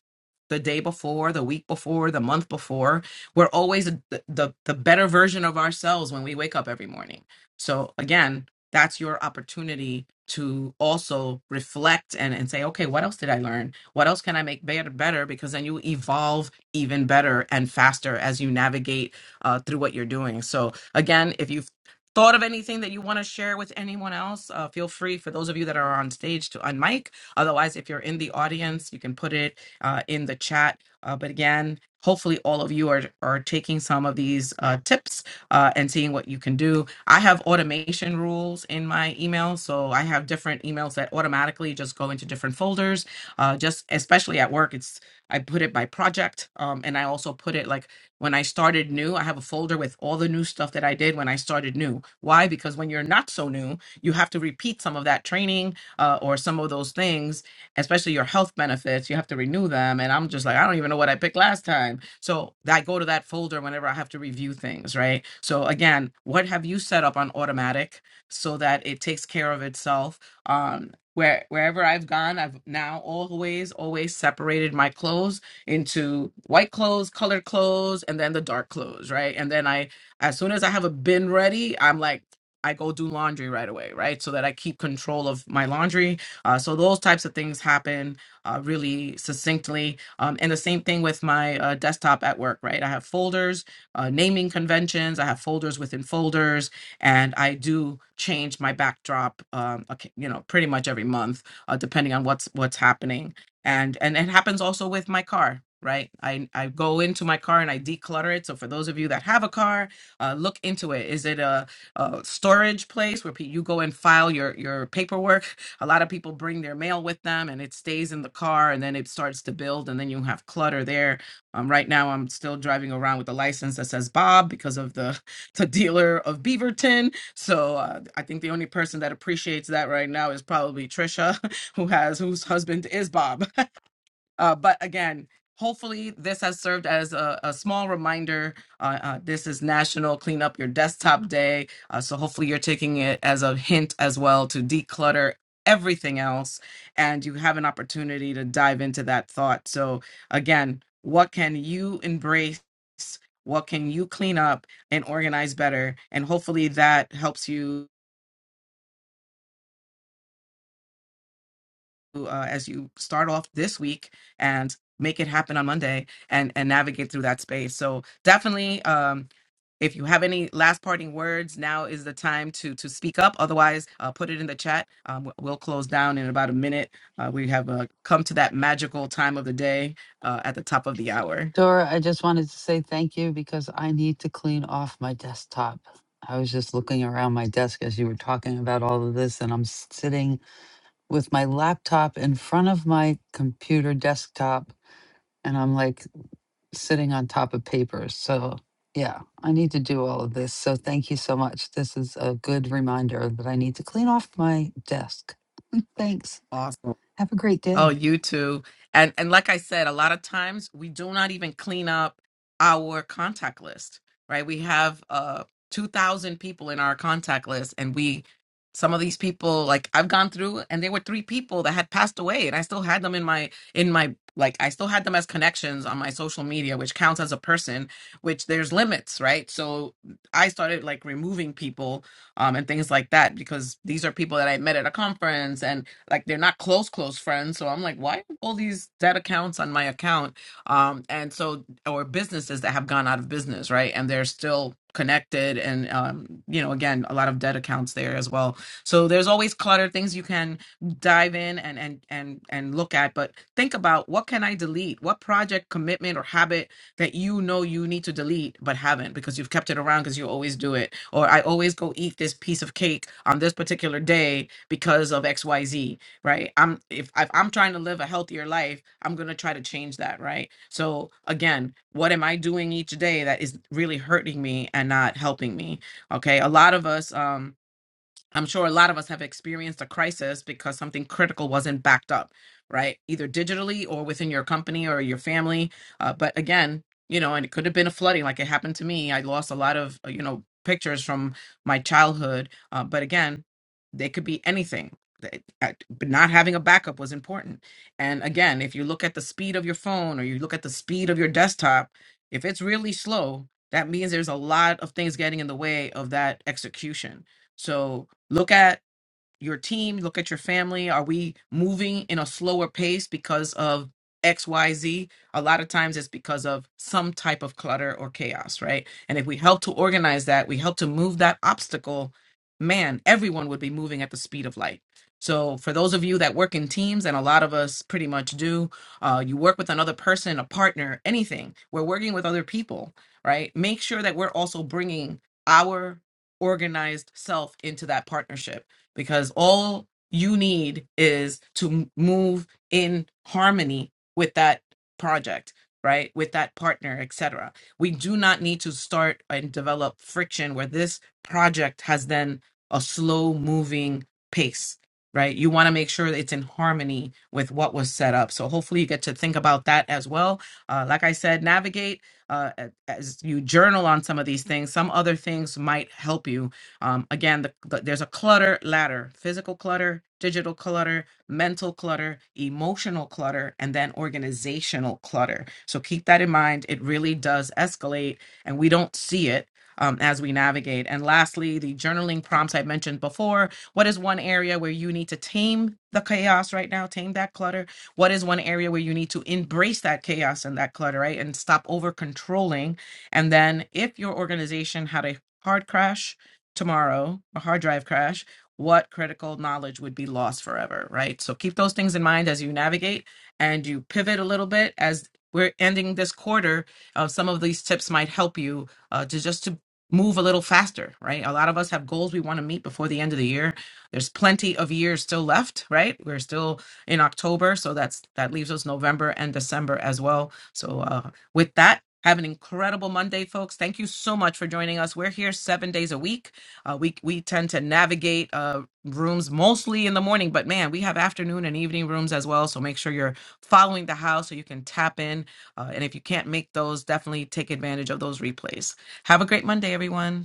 Speaker 21: the day before the week before the month before we're always the the, the better version of ourselves when we wake up every morning so again that's your opportunity to also reflect and, and say okay what else did i learn what else can i make better better because then you evolve even better and faster as you navigate uh, through what you're doing. So, again, if you've thought of anything that you want to share with anyone else, uh, feel free for those of you that are on stage to unmic. Otherwise, if you're in the audience, you can put it uh, in the chat. Uh, but again, hopefully all of you are, are taking some of these uh, tips uh, and seeing what you can do. I have automation rules in my email. So I have different emails that automatically just go into different folders. Uh, just especially at work, it's. I put it by project. Um, and I also put it like when I started new, I have a folder with all the new stuff that I did when I started new. Why? Because when you're not so new, you have to repeat some of that training uh, or some of those things, especially your health benefits. You have to renew them. And I'm just like, I don't even know what I picked last time. So I go to that folder whenever I have to review things, right? So again, what have you set up on automatic so that it takes care of itself? Um, where wherever I've gone, I've now always always separated my clothes into white clothes, colored clothes, and then the dark clothes, right? And then I, as soon as I have a bin ready, I'm like. I go do laundry right away, right? So that I keep control of my laundry. Uh, so those types of things happen uh, really succinctly. Um, and the same thing with my uh, desktop at work, right? I have folders, uh, naming conventions. I have folders within folders and I do change my backdrop, um, okay, you know, pretty much every month, uh, depending on what's what's happening, and and it happens also with my car. Right, I I go into my car and I declutter it. So for those of you that have a car, uh, look into it. Is it a, a storage place where pe- you go and file your your paperwork? a lot of people bring their mail with them and it stays in the car and then it starts to build and then you have clutter there um, right now i'm still driving around with a license that says bob because of the to dealer of Beaverton. So uh, I think the only person that appreciates that right now is probably Trisha, who has whose husband is Bob. Uh, but again, hopefully this has served as a, a small reminder. Uh, uh, this is National Clean Up Your Desktop Day. Uh, so hopefully you're taking it as a hint as well to declutter everything else. And you have an opportunity to dive into that thought. So again, what can you embrace? What can you clean up and organize better? And hopefully that helps you uh, as you start off this week and make it happen on Monday and and navigate through that space. So definitely um if you have any last parting words, now is the time to to speak up. Otherwise, uh, put it in the chat. Um, we- we'll close down in about a minute. Uh, we have uh, come to that magical time of the day uh, at the top of the hour.
Speaker 1: Dora, I just wanted to say thank you because I need to clean off my desktop. I was just looking around my desk as you were talking about all of this, and I'm sitting with my laptop in front of my computer desktop, and I'm like sitting on top of papers. So, yeah, I need to do all of this. So, thank you so much. This is a good reminder that I need to clean off my desk. Thanks.
Speaker 21: Awesome.
Speaker 1: Have a great
Speaker 21: Oh,
Speaker 1: day.
Speaker 21: you too. And and like I said, a lot of times we do not even clean up our contact list, right? We have uh 2000 people in our contact list and we some of these people like I've gone through and there were three people that had passed away and I still had them in my in my like I still had them as connections on my social media, which counts as a person, which there's limits, right? So I started like removing people um and things like that because these are people that I met at a conference and like they're not close close friends so i'm like why all these debt accounts on my account um and so or businesses that have gone out of business right and they're still connected and um you know again a lot of debt accounts there as well so there's always clutter things you can dive in and and and and look at but think about what can i delete what project commitment or habit that you know you need to delete but haven't because you've kept it around because you always do it or i always go eat this piece of cake on this particular day because of xyz right i'm if, if i'm trying to live a healthier life i'm going to try to change that right so again what am i doing each day that is really hurting me and not helping me okay a lot of us um I'm sure a lot of us have experienced a crisis because something critical wasn't backed up, right? Either digitally or within your company or your family. Uh, but again, you know, and it could have been a flooding like it happened to me. I lost a lot of, uh, you know, pictures from my childhood. Uh, but again, they could be anything. Th- uh, But not having a backup was important. And again, if you look at the speed of your phone or you look at the speed of your desktop, if it's really slow, that means there's a lot of things getting in the way of that execution. So Look at your team, you look at your family. Are we moving in a slower pace because of X, Y, Z? A lot of times it's because of some type of clutter or chaos, right? And if we help to organize that, we help to move that obstacle, man, everyone would be moving at the speed of light. So, for those of you that work in teams, and a lot of us pretty much do, uh, you work with another person, a partner, anything, we're working with other people, right? Make sure that we're also bringing our organized self into that partnership because all you need is to move in harmony with that project right with that partner etc we do not need to start and develop friction where this project has then a slow moving pace right you want to make sure that it's in harmony with what was set up so hopefully you get to think about that as well uh, like i said navigate uh, a- as you journal on some of these things some other things might help you um, again, the, the- there's a clutter ladder physical clutter, digital clutter, mental clutter, emotional clutter, and then organizational clutter. So keep that in mind. It really does escalate, and we don't see it. um, as we navigate. And lastly, the journaling prompts I mentioned before. What is one area where you need to tame the chaos right now, tame that clutter? What is one area where you need to embrace that chaos and that clutter, right? And stop over controlling. And then if your organization had a hard crash, tomorrow, a hard drive crash, what critical knowledge would be lost forever, right? So keep those things in mind as you navigate and you pivot a little bit as we're ending this quarter. Uh, some of these tips might help you uh, to just to move a little faster, right? A lot of us have goals we want to meet before the end of the year. There's plenty of years still left, right? We're still in October, so that's that leaves us November and December as well. So uh, with that, have an incredible Monday, folks. Thank you so much for joining us. We're here seven days a week uh, we we tend to navigate uh, rooms mostly in the morning, but man, we have afternoon and evening rooms as well. So make sure you're following the house so you can tap in. Uh, and if you can't make those, definitely take advantage of those replays. Have a great Monday, everyone.